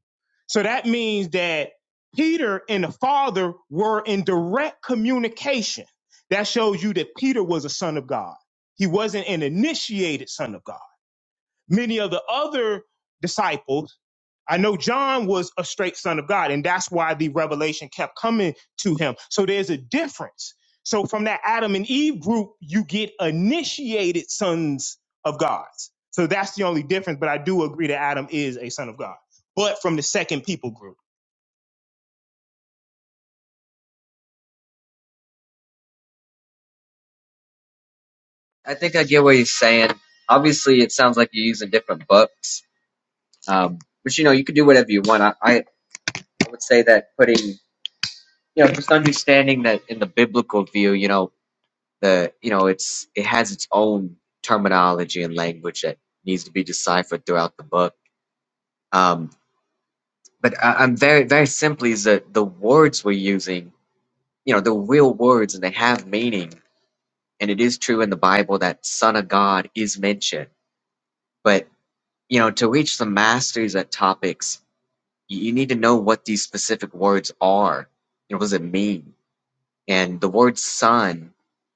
So that means that Peter and the Father were in direct communication. That shows you that Peter was a son of God. He wasn't an initiated son of God. Many of the other disciples, I know John was a straight son of God, and that's why the revelation kept coming to him. So there's a difference. So from that Adam and Eve group, you get initiated sons of gods. So that's the only difference. But I do agree that Adam is a son of God. But from the second people group, I think I get what he's saying. Obviously, it sounds like you're using different books, um, but you know, you can do whatever you want. I, I would say that putting, you know, just understanding that in the biblical view, you know, the you know it's it has its own terminology and language that needs to be deciphered throughout the book um but I, i'm very very simply is that the words we're using you know the real words and they have meaning and it is true in the bible that son of god is mentioned but you know to reach the masters at topics you, you need to know what these specific words are you know what does it mean and the word son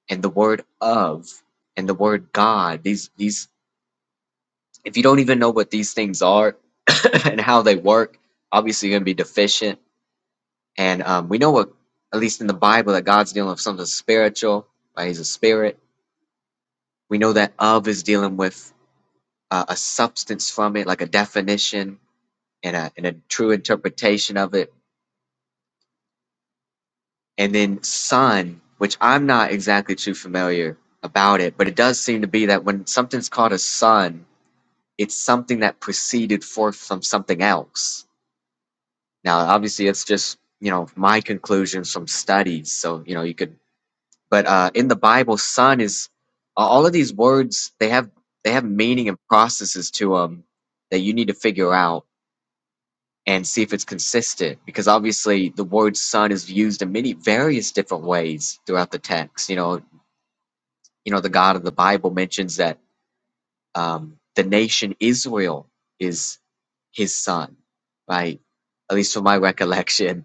and the word of and the word god these these If you don't even know what these things are and how they work, obviously you're gonna be deficient. And um, we know what, at least in the Bible, that God's dealing with something spiritual. Right? He's a spirit. We know that of is dealing with uh, a substance from it, like a definition and a and a true interpretation of it. And then son, which I'm not exactly too familiar about it, but it does seem to be that when something's called a son, it's something that proceeded forth from something else Now, obviously, it's just you know my conclusions from studies. So you know you could, but uh, in the Bible, son is a- all of these words. They have they have meaning and processes to them that you need to figure out and see if it's consistent. Because obviously, the word son is used in many various different ways throughout the text. You know, you know, the God of the Bible mentions that um, the nation Israel is his son, right? At least from my recollection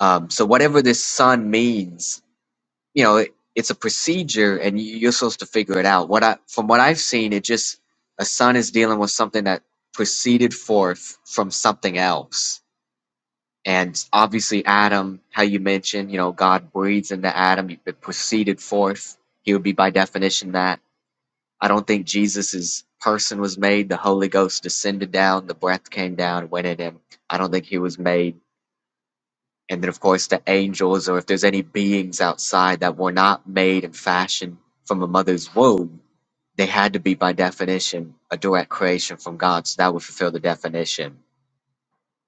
Um, so whatever this sun means, you know, it, it's a procedure, and you- you're supposed to figure it out. What I, from what I've seen, it just a sun is dealing with something that proceeded forth from something else. And obviously, Adam, how you mentioned, you know, God breathes into Adam, it proceeded forth. He would be by definition that. I don't think Jesus's person was made. The Holy Ghost descended down, the breath came down, went in him. I don't think he was made and then, of course, the angels, or if there's any beings outside that were not made and fashioned from a mother's womb, they had to be, by definition, a direct creation from God. So that would fulfill the definition.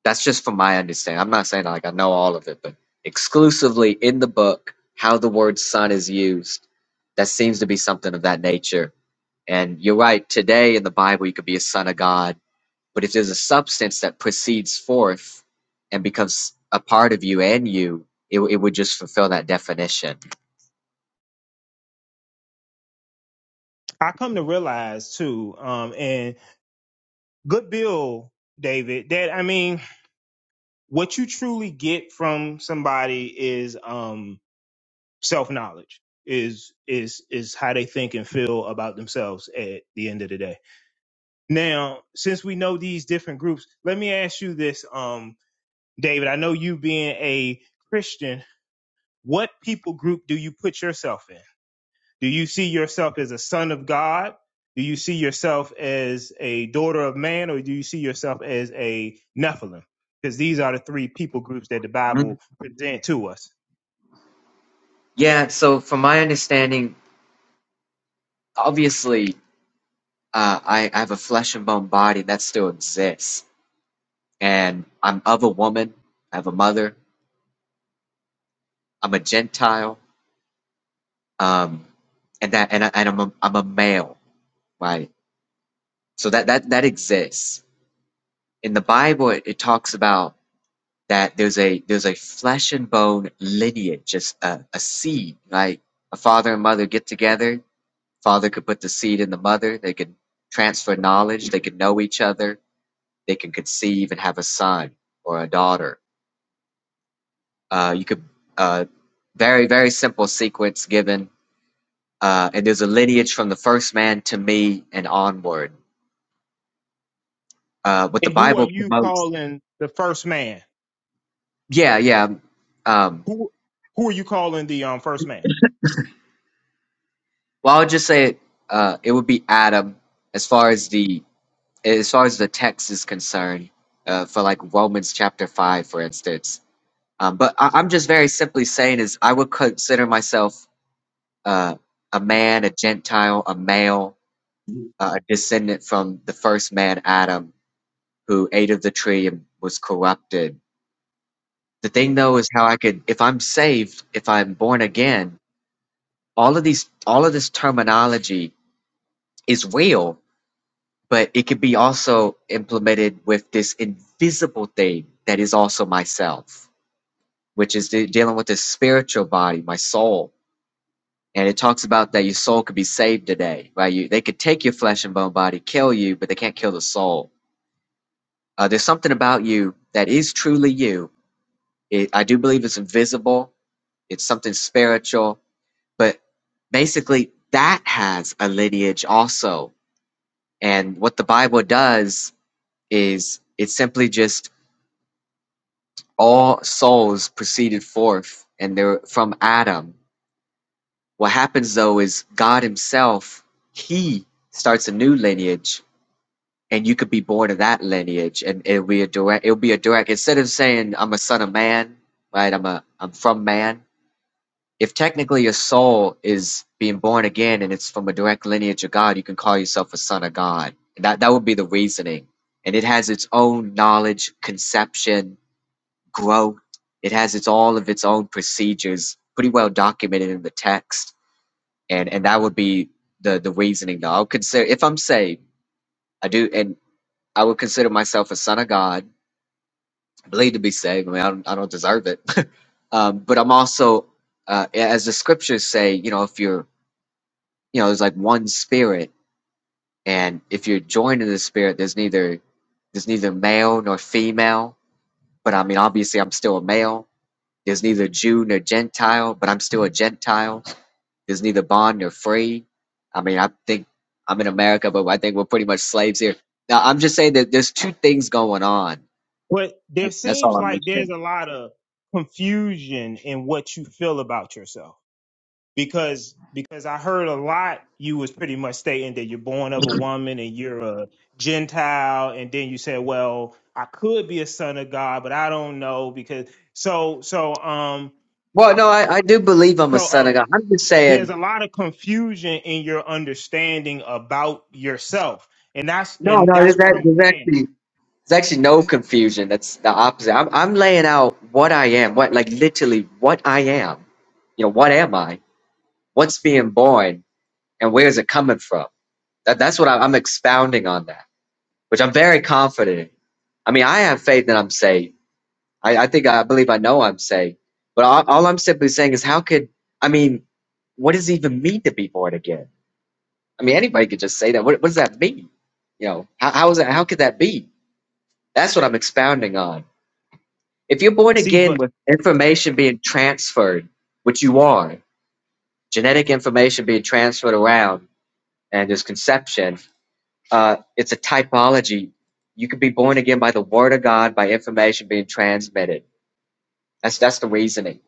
That's just from my understanding. I'm not saying like I know all of it, but exclusively in the book, how the word son is used, that seems to be something of that nature. And you're right, today in the Bible, you could be a son of God but if there's a substance that proceeds forth and becomes a part of you and you, it, it would just fulfill that definition. I come to realize too, um, and good bill, David, that I mean, what you truly get from somebody is um, self knowledge is is is how they think and feel about themselves at the end of the day. Now, since we know these different groups, let me ask you this, um, David. I know you being a Christian, what people group do you put yourself in? Do you see yourself as a son of God? Do you see yourself as a daughter of man, or do you see yourself as a Nephilim? Because these are the three people groups that the Mhm. Bible present to us. Yeah, so from my understanding, obviously, uh, I, I have a flesh and bone body that still exists. And I'm of a woman, I have a mother, I'm a Gentile, um, and that and, I, and I'm, a, I'm a male, right? So that, that, that exists. In the Bible, it, it talks about that there's a there's a flesh and bone lineage, just a, a seed, right? A father and mother get together. Father could put the seed in the mother. They could transfer knowledge. They could know each other. They can conceive and have a son or a daughter. Uh, you could uh, very very simple sequence given, uh, and there's a lineage from the first man to me and onward. Uh, what the And who are Bible you promotes. calling the first man? Yeah, yeah. Um, who who are you calling the um first man? well, i would just say Uh, it would be Adam as far as the as far as the text is concerned, uh, for like Romans chapter five, for instance. Um, but I, I'm just very simply saying is I would consider myself uh, a man, a Gentile, a male, uh, a descendant from the first man Adam, who ate of the tree and was corrupted. The thing though is how I could, if I'm saved, if I'm born again, all of these, all of this terminology is real but it can be also implemented with this invisible thing that is also myself, which is de- dealing with this spiritual body, my soul. And it talks about that your soul could be saved today, right? You, they could take your flesh and bone body, kill you, but they can't kill the soul. Uh, there's something about you that is truly you. It, I do believe it's invisible. It's something spiritual, but basically that has a lineage also. And what the Bible does is it simply just all souls proceeded forth and they're from Adam. What happens though is God Himself, He starts a new lineage, and you could be born of that lineage, and it'll be a direct. It'll be a direct. Instead of saying I'm a son of man, right? I'm a I'm from man. If technically your soul is being born again and it's from a direct lineage of God, you can call yourself a son of God. That that would be the reasoning, and it has its own knowledge, conception, grow. It has its all of its own procedures, pretty well documented in the text, and and that would be the the reasoning. Though I would consider if I'm saved, I do, and I would consider myself a son of God, believed to be saved. I mean, I don't, I don't deserve it, um, but I'm also, uh, as the scriptures say, you know, if you're, you know, there's like one spirit, and if you're joined in the spirit, there's neither there's neither male nor female. But I mean, obviously, I'm still a male There's neither Jew nor Gentile, but I'm still a Gentile. There's neither bond nor free. I mean, I think I'm in America, but I think we're pretty much slaves here. Now, I'm just saying that there's two things going on. But there That- That's all seems I'm like there's mentioning. a lot of confusion in what you feel about yourself because because I heard a lot you was pretty much stating that you're born of a woman and you're a Gentile, and then you said, well, I could be a son of God, but I don't know because so so um Well, no, I, I do believe I'm a so son of um God. I'm just there's saying, a lot of confusion in your understanding about yourself and that's no, and no, that's there's, what that, i'm there's saying actually there's actually no confusion. That's the opposite. I'm, I'm laying out what I am, what like literally what I am. You know, what am I? What's being born, and where is it coming from? That that's what I, I'm expounding on that, which I'm very confident in. I mean, I have faith that I'm saved. I, I think I believe I know I'm saved. But all, all I'm simply saying is, how could I mean, what does it even mean to be born again? I mean, anybody could just say that. What, what does that mean? You know, how, how is that? How could that be? That's what I'm expounding on. If you're born See, again but with Yeah. information being transferred, which you are, genetic information being transferred around, and there's conception, uh, it's a typology. You could be born again by the word of God, by information being transmitted. That's that's the reasoning.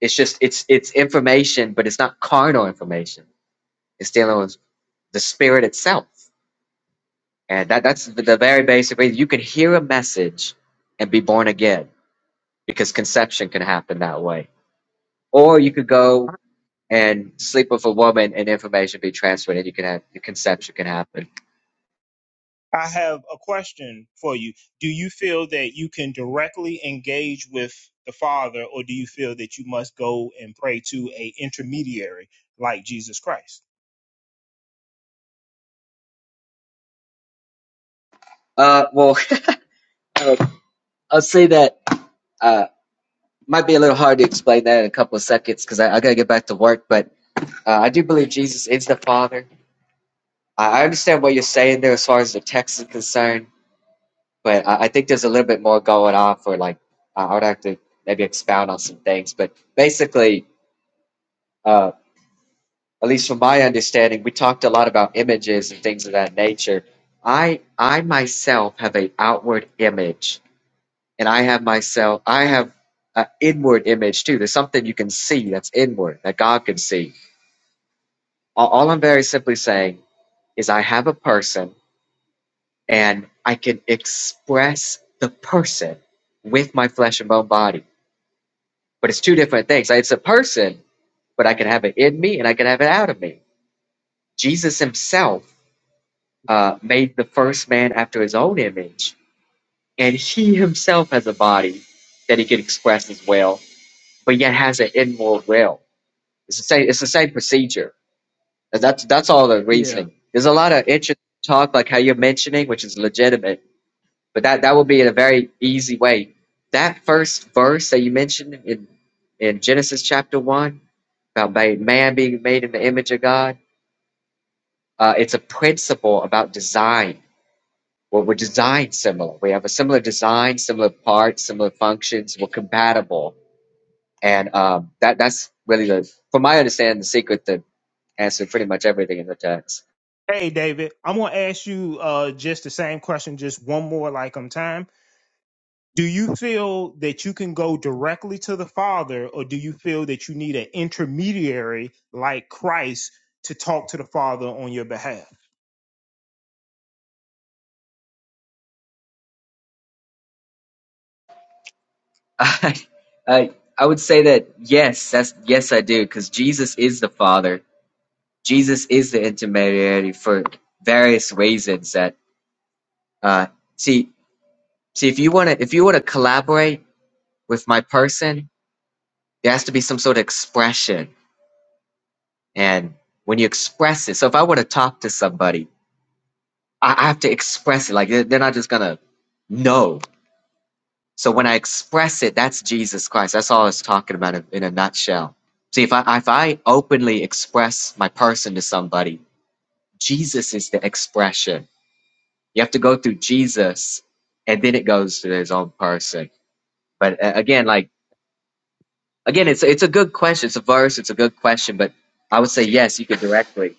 It's just it's it's information, but it's not carnal information. It's dealing with the spirit itself, and that that's the, the very basic reason. You can hear a message and be born again because conception can happen that way, or you could go and sleep with a woman and information be transmitted. You can have the conception can happen. I have a question for you. Do you feel that you can directly engage with the Father, or do you feel that you must go and pray to a intermediary like Jesus Christ? Uh, well, I'll say that. Uh, might be a little hard to explain that in a couple of seconds because I, I gotta get back to work. But uh, I do believe Jesus is the Father. I, understand what you're saying there as far as the text is concerned, but I, I think there's a little bit more going on for like I I would have to maybe expound on some things. But basically, uh, at least from my understanding, we talked a lot about images and things of that nature. I I myself have an outward image, and I have myself I have an inward image too. There's something you can see that's inward that God can see all, all I'm very simply saying is I have a person and I can express the person with my flesh and bone body. But it's two different things. It's a person, but I can have it in me and I can have it out of me. Jesus himself uh, made the first man after his own image, and he himself has a body that he can express as well, but yet has an inward will. It's the same, it's the same procedure. And That's, that's all the Yeah. reasoning. There's a lot of interesting talk, like how you're mentioning, which is legitimate but that that would be a very easy way. That first verse that you mentioned in in Genesis chapter one about made, man being made in the image of God, uh, it's a principle about design. Well, we're designed similar. We have a similar design, similar parts, similar functions. We're compatible, and um, that that's really the, from my understanding, the secret to answer pretty much everything in the text. Hey, David, I'm gonna ask you uh, just the same question, just one more like on time. do you feel that you can go directly to the Father, or do you feel that you need an intermediary like Christ to talk to the Father on your behalf? I I I would say that yes, that's yes I do because Jesus is the Father Jesus is the intermediary for various reasons that uh see see if you want to if you want to collaborate with my person there has to be some sort of expression and when you express it so if I want to talk to somebody I, I have to express it like they're, they're not just gonna know so when I express it that's Jesus Christ that's all I was talking about in, in a nutshell see if I if I openly express my person to somebody Jesus is the expression You have to go through Jesus, and then it goes to his own person. But uh, again, like again, it's it's a good question. It's a verse. It's a good question. But I would say yes, you could directly.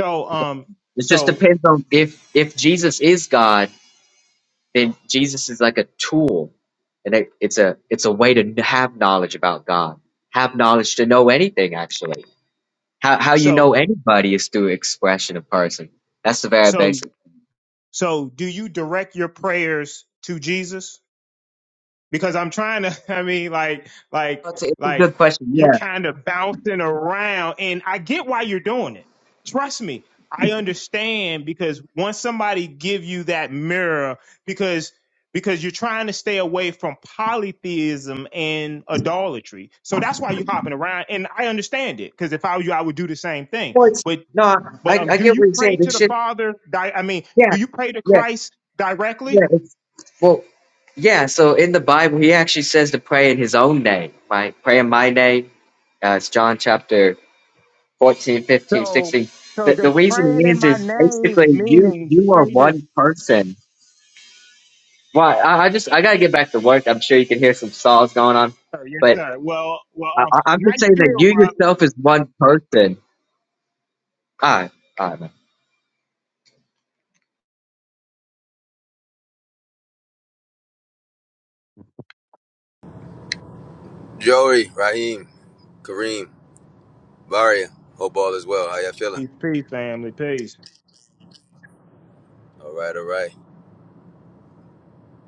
So, um, It just so, depends on if if Jesus is God, then Jesus is like a tool, and it, it's a it's a way to n- have knowledge about God, have knowledge to know anything. Actually, how how you know so, anybody is through expression of person. That's the very so, basic. so, do you direct your prayers to Jesus? because I'm trying to. I mean, like, like, Oh, It's a, it's a like good question. you're Yeah. kind of bouncing around, and I get why you're doing it. Trust me, I understand because once somebody give you that mirror, because because you're trying to stay away from polytheism and idolatry, so that's why you're hopping around, and I understand it because if I were you, I would do the same thing. Well, it's, But no, but I, um, I do get you what you're pray saying. to the It's Father? Di- I mean, Yeah, do you pray to yeah, Christ directly? yeah. It's, well, yeah. So in the Bible, he actually says to pray in his own name, right? Pray in my name. Uh, it's John chapter fourteen, fifteen, So, sixteen. 15, so The, the does reason praying in is, my is name basically you meaning you are pray to? one person. Well, I, I just I gotta get back to work. I'm sure you can hear some saws going on, Oh, yes, but sir. Well, well, I, um, I- I'm nice just saying that deal, you brother. yourself is one person. All right, all right, man. Joey, Raheem, Kareem, Varia, hope all is well. How y'all feeling? Peace, peace, family, peace. All right, all right.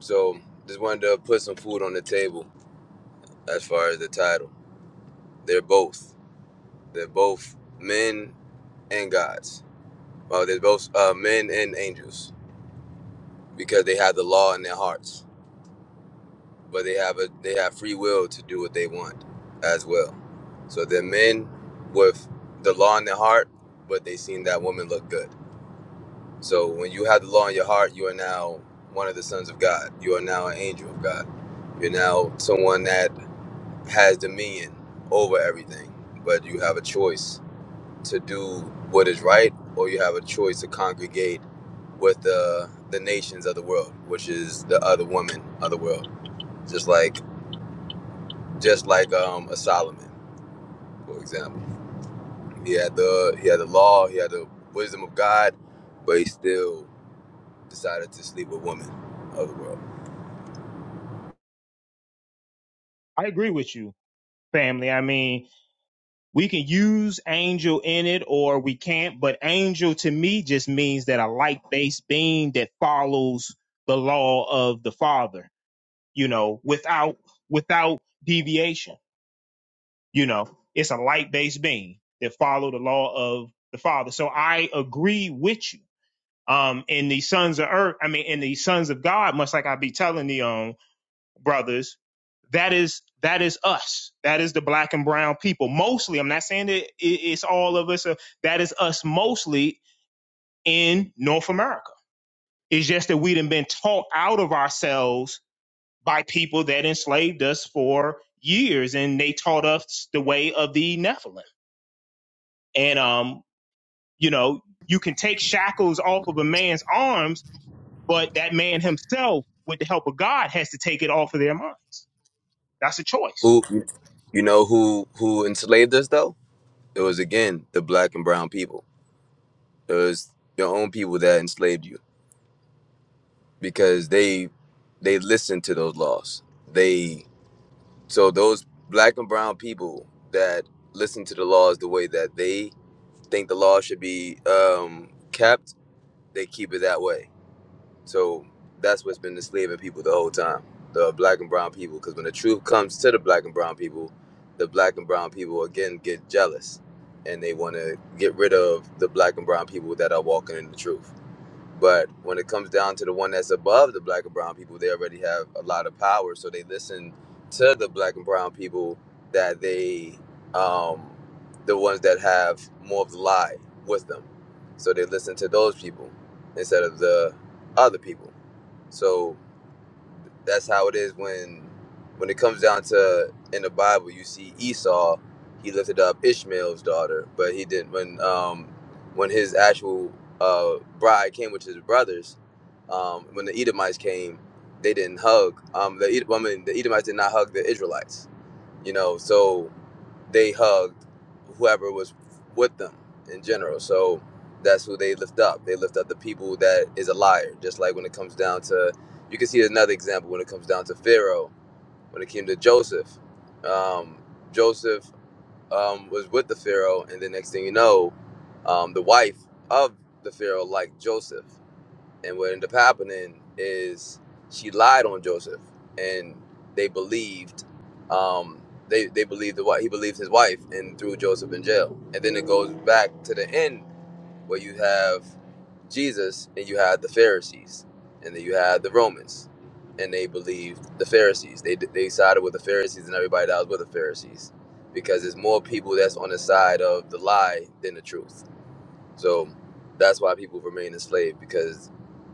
So just wanted to put some food on the table as far as the title. They're both. They're both men and gods. Well, they're both uh, men and angels because they have the law in their hearts, but they have a they have free will to do what they want as well. So they're men with the law in their heart, but they seen that woman look good. So when you have the law in your heart, you are now one of the sons of God. You are now an angel of God. You're now someone that has dominion over everything, but you have a choice to do what is right, or you have a choice to congregate with the the nations of the world, which is the other woman of the world. Just like just like um, a Solomon, for example, he had the he had the law, he had the wisdom of God, but he still decided to sleep with women of the world. I agree with you, family. I mean, we can use angel in it or we can't, but angel to me just means that a light-based being that follows the law of the Father. You know, without without deviation. You know, it's a light-based being that follow the law of the Father. So I agree with you Um, and the sons of earth, I mean, and the sons of God, much like I be telling the um brothers, that is that is us. That is the black and brown people. Mostly, I'm not saying that it's all of us. uh, That is us mostly in North America. It's just that we done been taught out of ourselves by people that enslaved us for years, and they taught us the way of the Nephilim. And um, you know, you can take shackles off of a man's arms But that man himself, with the help of God, has to take it off of their minds. That's a choice. Who you know who who enslaved us though? It was again the black and brown people. It was your own people that enslaved you because they they listened to those laws. They so those black and brown people that listen to the laws the way that they think the law should be um, kept, they keep it that way. So that's what's been enslaving people the whole time, the black and brown people. Because when the truth comes to the black and brown people, the black and brown people again get jealous, and they want to get rid of the black and brown people that are walking in the truth. But when it comes down to the one that's above the black and brown people, they already have a lot of power. So they listen to the black and brown people that they, um, the ones that have more of the lie with them. So they listen to those people instead of the other people. So that's how it is when when it comes down to in the Bible you see Esau he lifted up Ishmael's daughter but he didn't when um when his actual uh bride came with his brothers um when the Edomites came they didn't hug um the Ed- I mean, the Edomites did not hug the Israelites you know so they hugged whoever was with them in general. So that's who they lift up. They lift up the people that is a liar. Just like when it comes down to, you can see another example when it comes down to Pharaoh. When it came to Joseph, um, Joseph um, was with the Pharaoh, and the next thing you know, um, the wife of the Pharaoh liked Joseph. And what ended up happening is she lied on Joseph, and they believed, um, they they believed the wife. he believed his wife, and threw Joseph in jail. And then it goes back to the end where you have Jesus and you had the Pharisees, and then you had the Romans, and they believed the Pharisees. They they sided with the Pharisees and everybody that was with the Pharisees, because there's more people that's on the side of the lie than the truth so that's why people remain enslaved because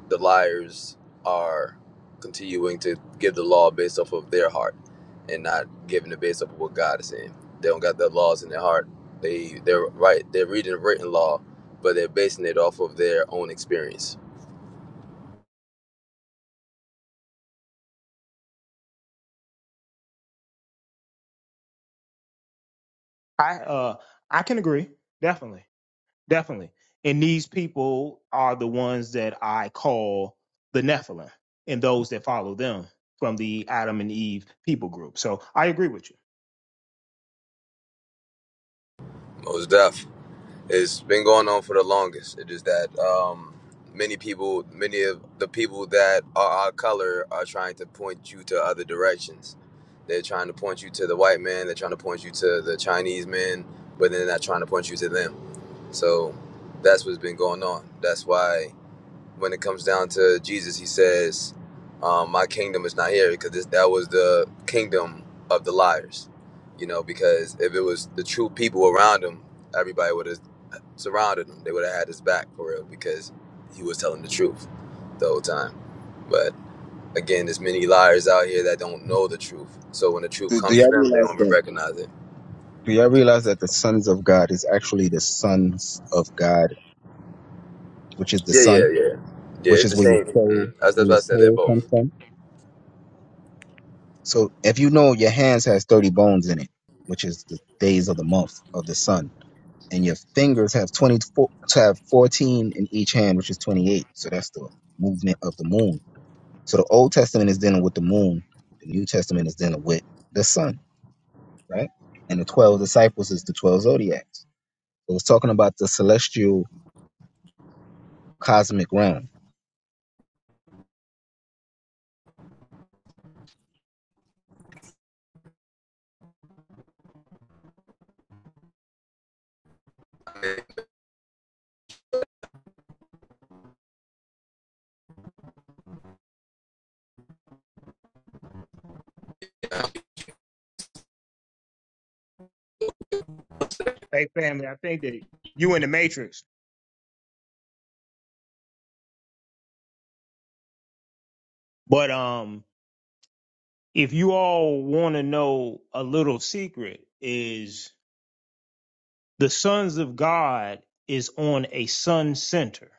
the liars are continuing to give the law based off of their heart and not giving it based off of what God is saying. They don't got the laws in their heart. They they're right. They're reading written law, but they're basing it off of their own experience. I uh I can agree. Definitely. Definitely. And these people are the ones that I call the Nephilim and those that follow them from the Adam and Eve people group. So I agree with you. Most deaf. It's been going on for the longest. It is that um, many people, many of the people that are our color, are trying to point you to other directions. They're trying to point you to the white man. They're trying to point you to the Chinese man, but they're not trying to point you to them. So that's what's been going on. That's why when it comes down to Jesus, he says, um, "My kingdom is not here," because this, that was the kingdom of the liars. You know, because if it was the true people around him, everybody would have surrounded him. They would have had his back for real, because he was telling the truth the whole time. But again, there's many liars out here that don't know the truth. So when the truth Do, do comes to y'all them, they realize don't even that? recognize it. Do y'all realize that the sons of God is actually the sons of God, which is the Yeah, yeah, sun? yeah, yeah. which It's the is where your same. Mm. soul That's, where that's why your I said they're soul both. comes from. So if you know your hands has thirty bones in it, which is the days of the month of the sun, and your fingers have twenty four to have fourteen in each hand, which is twenty eight. So that's the movement of the moon. So the Old Testament is dealing with the moon, the New Testament is dealing with the sun, right? And the twelve disciples is the twelve zodiacs. So it's talking about the celestial cosmic realm. Yeah. Hey family, I think that you in the matrix. But um if you all want to know a little secret is the sons of God is on a sun center.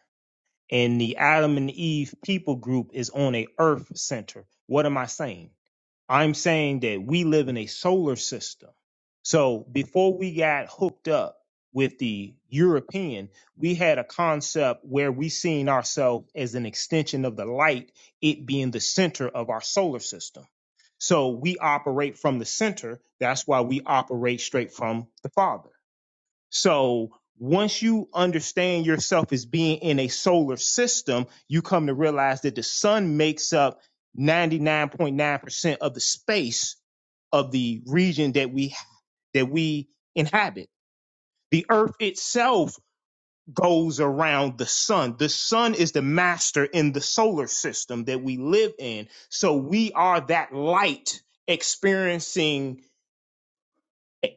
and the Adam and Eve people group is on a earth center. What am I saying? I'm saying that we live in a solar system. So before we got hooked up with the European, we had a concept where we seen ourselves as an extension of the light, it being the center of our solar system. So we operate from the center. That's why we operate straight from the Father. So once you understand yourself as being in a solar system, you come to realize that the sun makes up 99.9% of the space of the region that we that we inhabit. The earth itself goes around the sun. The sun is the master in the solar system that we live in. So we are that light experiencing e,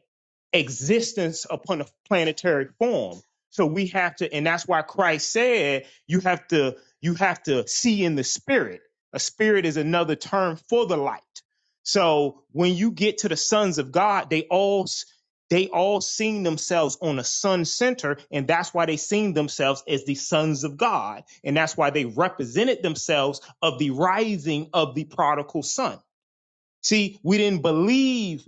existence upon a planetary form. So we have to, and that's why Christ said you have to you have to see in the spirit. A spirit is another term for the light. So when you get to the sons of God, they all s- they all seen themselves on a sun center, and that's why they seen themselves as the sons of God, and that's why they represented themselves of the rising of the prodigal son See, we didn't believe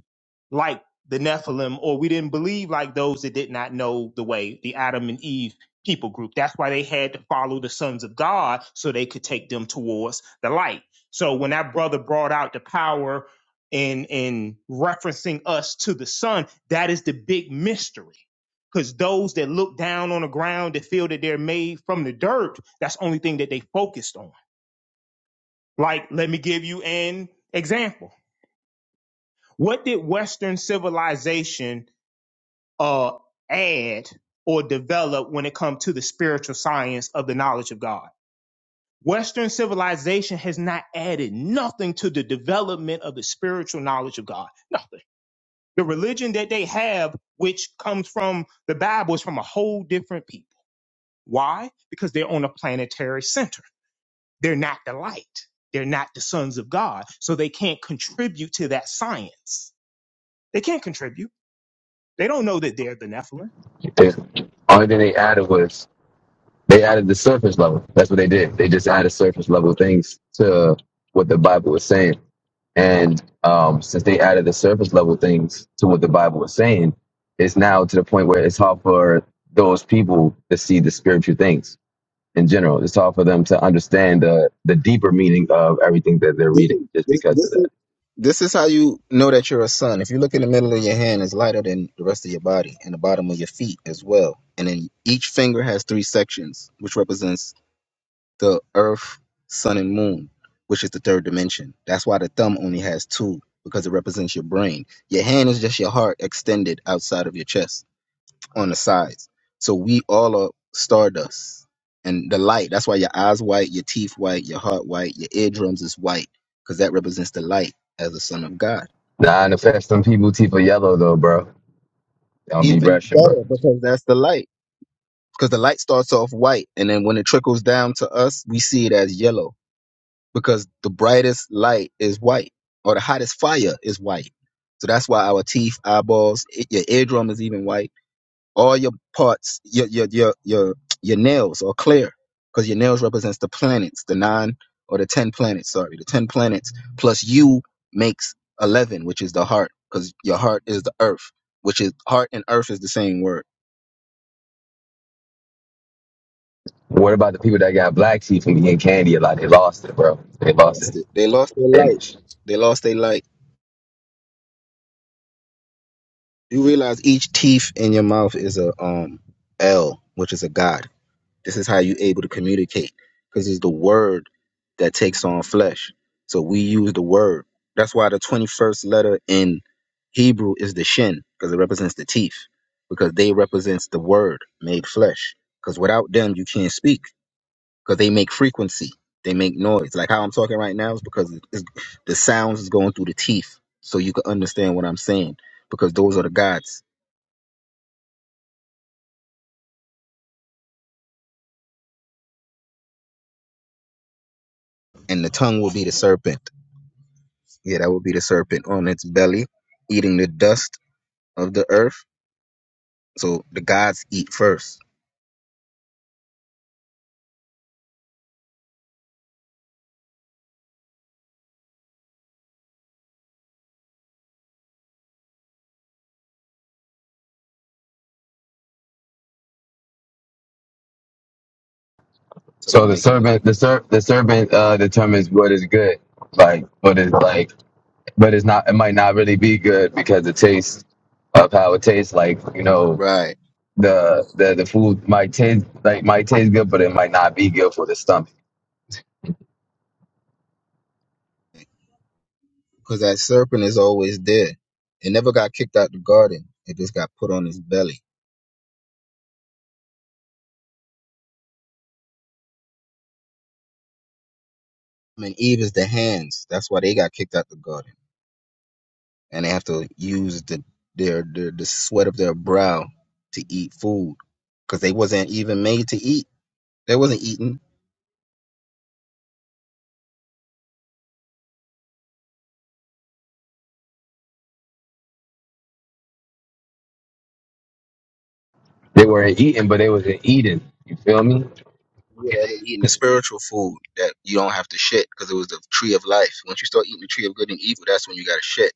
like the Nephilim, or we didn't believe like those that did not know the way, the Adam and Eve people group. That's why they had to follow the sons of God so they could take them towards the light. So when that brother brought out the power in in referencing us to the sun, that is the big mystery. Because those that look down on the ground that feel that they're made from the dirt, that's the only thing that they focused on. Like, let me give you an example what did Western civilization uh, add or develop when it comes to the spiritual science of the knowledge of God? Western civilization has not added nothing to the development of the spiritual knowledge of God. Nothing. The religion that they have, which comes from the Bible, is from a whole different people. Why? Because they're on a planetary center. They're not the light. They're not the sons of God. So they can't contribute to that science. They can't contribute. They don't know that they're the Nephilim. The only thing they added was They added the surface level. That's what they did. They just added surface level things to what the Bible was saying. And um, since they added the surface level things to what the Bible was saying, it's now to the point where it's hard for those people to see the spiritual things in general. It's hard for them to understand the, the deeper meaning of everything that they're This reading is just this, because of this is that. This is how you know that you're a son. If you look in the middle of your hand, it's lighter than the rest of your body, and the bottom of your feet as well. And then each finger has three sections, which represents the earth, sun, and moon, which is the third dimension. That's why the thumb only has two, because it represents your brain. Your hand is just your heart extended outside of your chest on the sides. So we all are stardust. And the light, that's why your eyes white, your teeth white, your heart white, your eardrums is white, because that represents the light as the son of God. Nah, and affect some people teeth are yellow though, bro. They don't be even brushing, bro. better because that's the light. Because the light starts off white, and then when it trickles down to us, we see it as yellow because the brightest light is white, or the hottest fire is white. So that's why our teeth, eyeballs, i- your eardrum is even white. All your parts, your your your your your nails are clear because your nails represents the planets, the nine or the ten planets. Sorry, the ten planets plus you makes eleven, which is the heart, because your heart is the earth, which is heart and earth is the same word. What about the people that got black teeth and getting candy a lot? They lost it, bro. They lost lost it. it. They lost their light. Finished. They lost their light. You realize each teeth in your mouth is a um L, which is a God. This is how you able to communicate because it's the word that takes on flesh. So we use the word. That's why the twenty first letter in Hebrew is the shin because it represents the teeth because they represents the word made flesh. Because without them, you can't speak. because they make frequency, they make noise. Like how I'm talking right now is because it's, the sounds is going through the teeth, so you can understand what I'm saying. Because those are the gods, and the tongue will be the serpent. Yeah, that will be the serpent on its belly, eating the dust of the earth. So the gods eat first. So I'm So not the making those servant, the ser, the servant uh, determines what is good, like what is like, but it's not. It might not really be good because the taste of how it tastes, like you know, right the the the food might taste like might taste good, but it might not be good for the stomach. because that serpent is always there. It never got kicked out the garden. It just got put on his belly. I mean, Eve is the hands. That's why they got kicked out the garden and they have to use the their, their the sweat of their brow to eat food because they wasn't even made to eat. They wasn't eating. They weren't eating, but they wasn't eating. You feel me? Yeah, they were eating the spiritual food that you don't have to shit because it was the tree of life. Once you start eating the tree of good and evil, that's when you got to shit.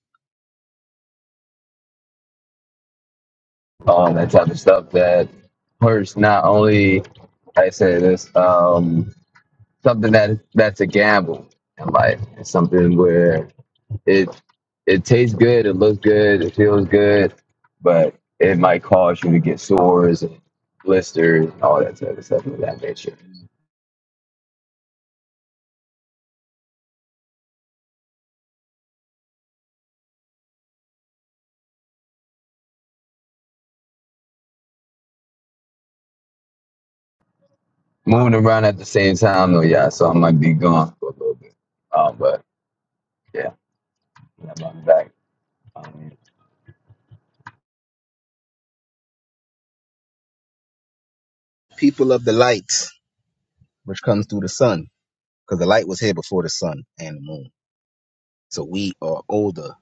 Um, that type of stuff that hurts not only. like I say this. Um, something that that's a gamble in life. It's something where it it tastes good, it looks good, it feels good, but it might cause you to get sores and blisters and all that type of stuff of that nature. Moving around at the same time though, yeah, so I might be gone for a little bit. Um, but yeah, I might be back. Um, People of the light, which comes through the sun, because the light was here before the sun and the moon. So we are older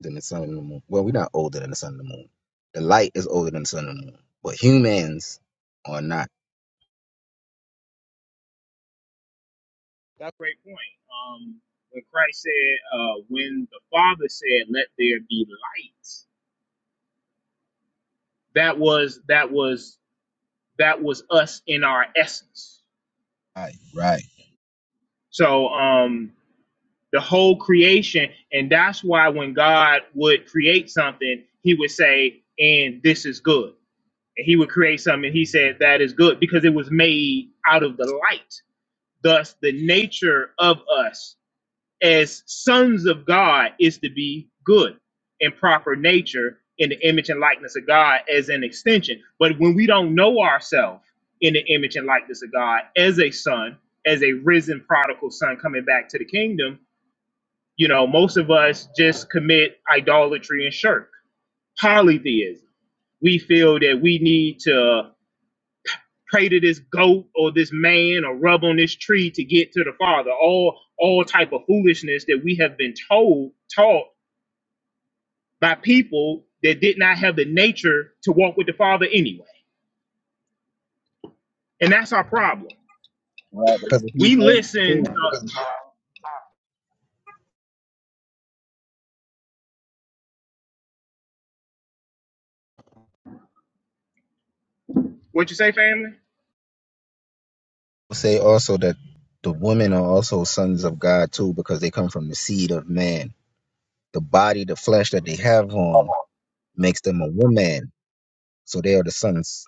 than the sun and the moon. Well, we're not older than the sun and the moon. The light is older than the sun and the moon, but humans are not. That's a great point. Um, when Christ said, uh, when the Father said, "Let there be light," that was that was that was us in our essence. Right, right. So um, the whole creation, and that's why when God would create something, He would say, "And this is good." And He would create something, and He said, "That is good," because it was made out of the light. Thus, the nature of us as sons of God is to be good and proper nature in the image and likeness of God as an extension. But when we don't know ourselves in the image and likeness of God as a son, as a risen prodigal son coming back to the kingdom, you know, most of us just commit idolatry and shirk, polytheism. We feel that we need to pray to this goat or this man or rub on this tree to get to the father all all type of foolishness that we have been told taught by people that did not have the nature to walk with the Father anyway. And that's our problem. Right, because if you We notice listen. too, Uh, what you say, family? say also that the women are also sons of God too, because they come from the seed of man. The body, the flesh that they have on, makes them a woman. So they are the sons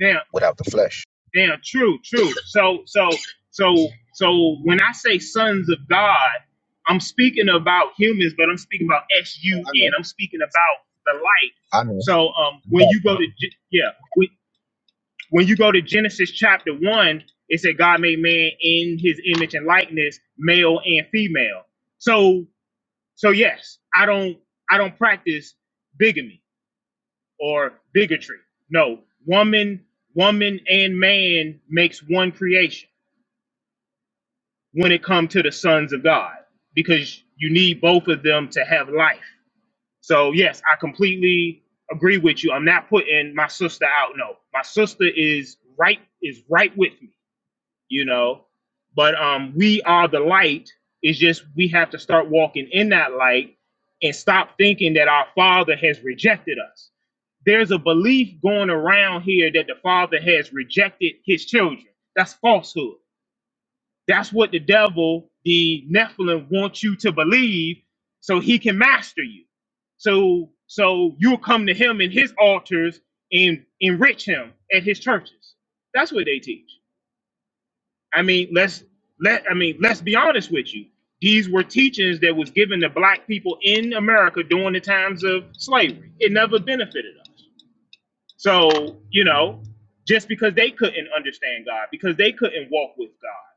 Now, without the flesh. now, true, true. So, so, so, so, when I say sons of God, I'm speaking about humans, but I'm speaking about S So U I N. know, I'm speaking about the light. I know. So, um, when you go to Ge- yeah, when, when you go to Genesis chapter one, it said God made man in His image and likeness, male and female. So So yes, I don't I don't practice bigamy or bigotry. No, woman, woman and man makes one creation when it comes to the sons of God because you need both of them to have life. So yes, I completely agree with you. I'm not putting my sister out. No, my sister is right is right with me. you know. But um, we are the light. It's just we have to start walking in that light and stop thinking that our Father has rejected us. There's a belief going around here that the Father has rejected His children. That's falsehood. That's what the devil, the Nephilim, wants you to believe, so he can master you. So, so you'll come to him in his altars and enrich him at his churches. That's what they teach. I mean, let's let I mean, let's be honest with you. These were teachings that was given to black people in America during the times of slavery. It never benefited us. So, you know, just because they couldn't understand God, because they couldn't walk with God,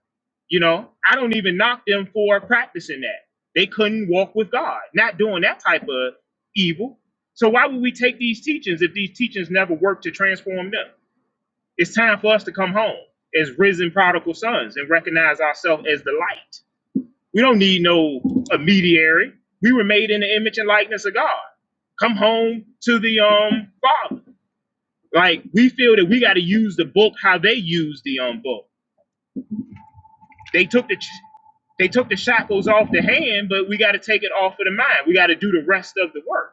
you know, I don't even knock them for practicing that. They couldn't walk with God, not doing that type of evil. So why would we take these teachings if these teachings never work to transform them? It's time for us to come home as risen prodigal sons and recognize ourselves as the light. We don't need no intermediary. We were made in the image and likeness of God. Come home to the um Father. Like we feel that we got to use the book how they use the um book. They took the they took the shackles off the hand, but we got to take it off of the mind. We got to do the rest of the work.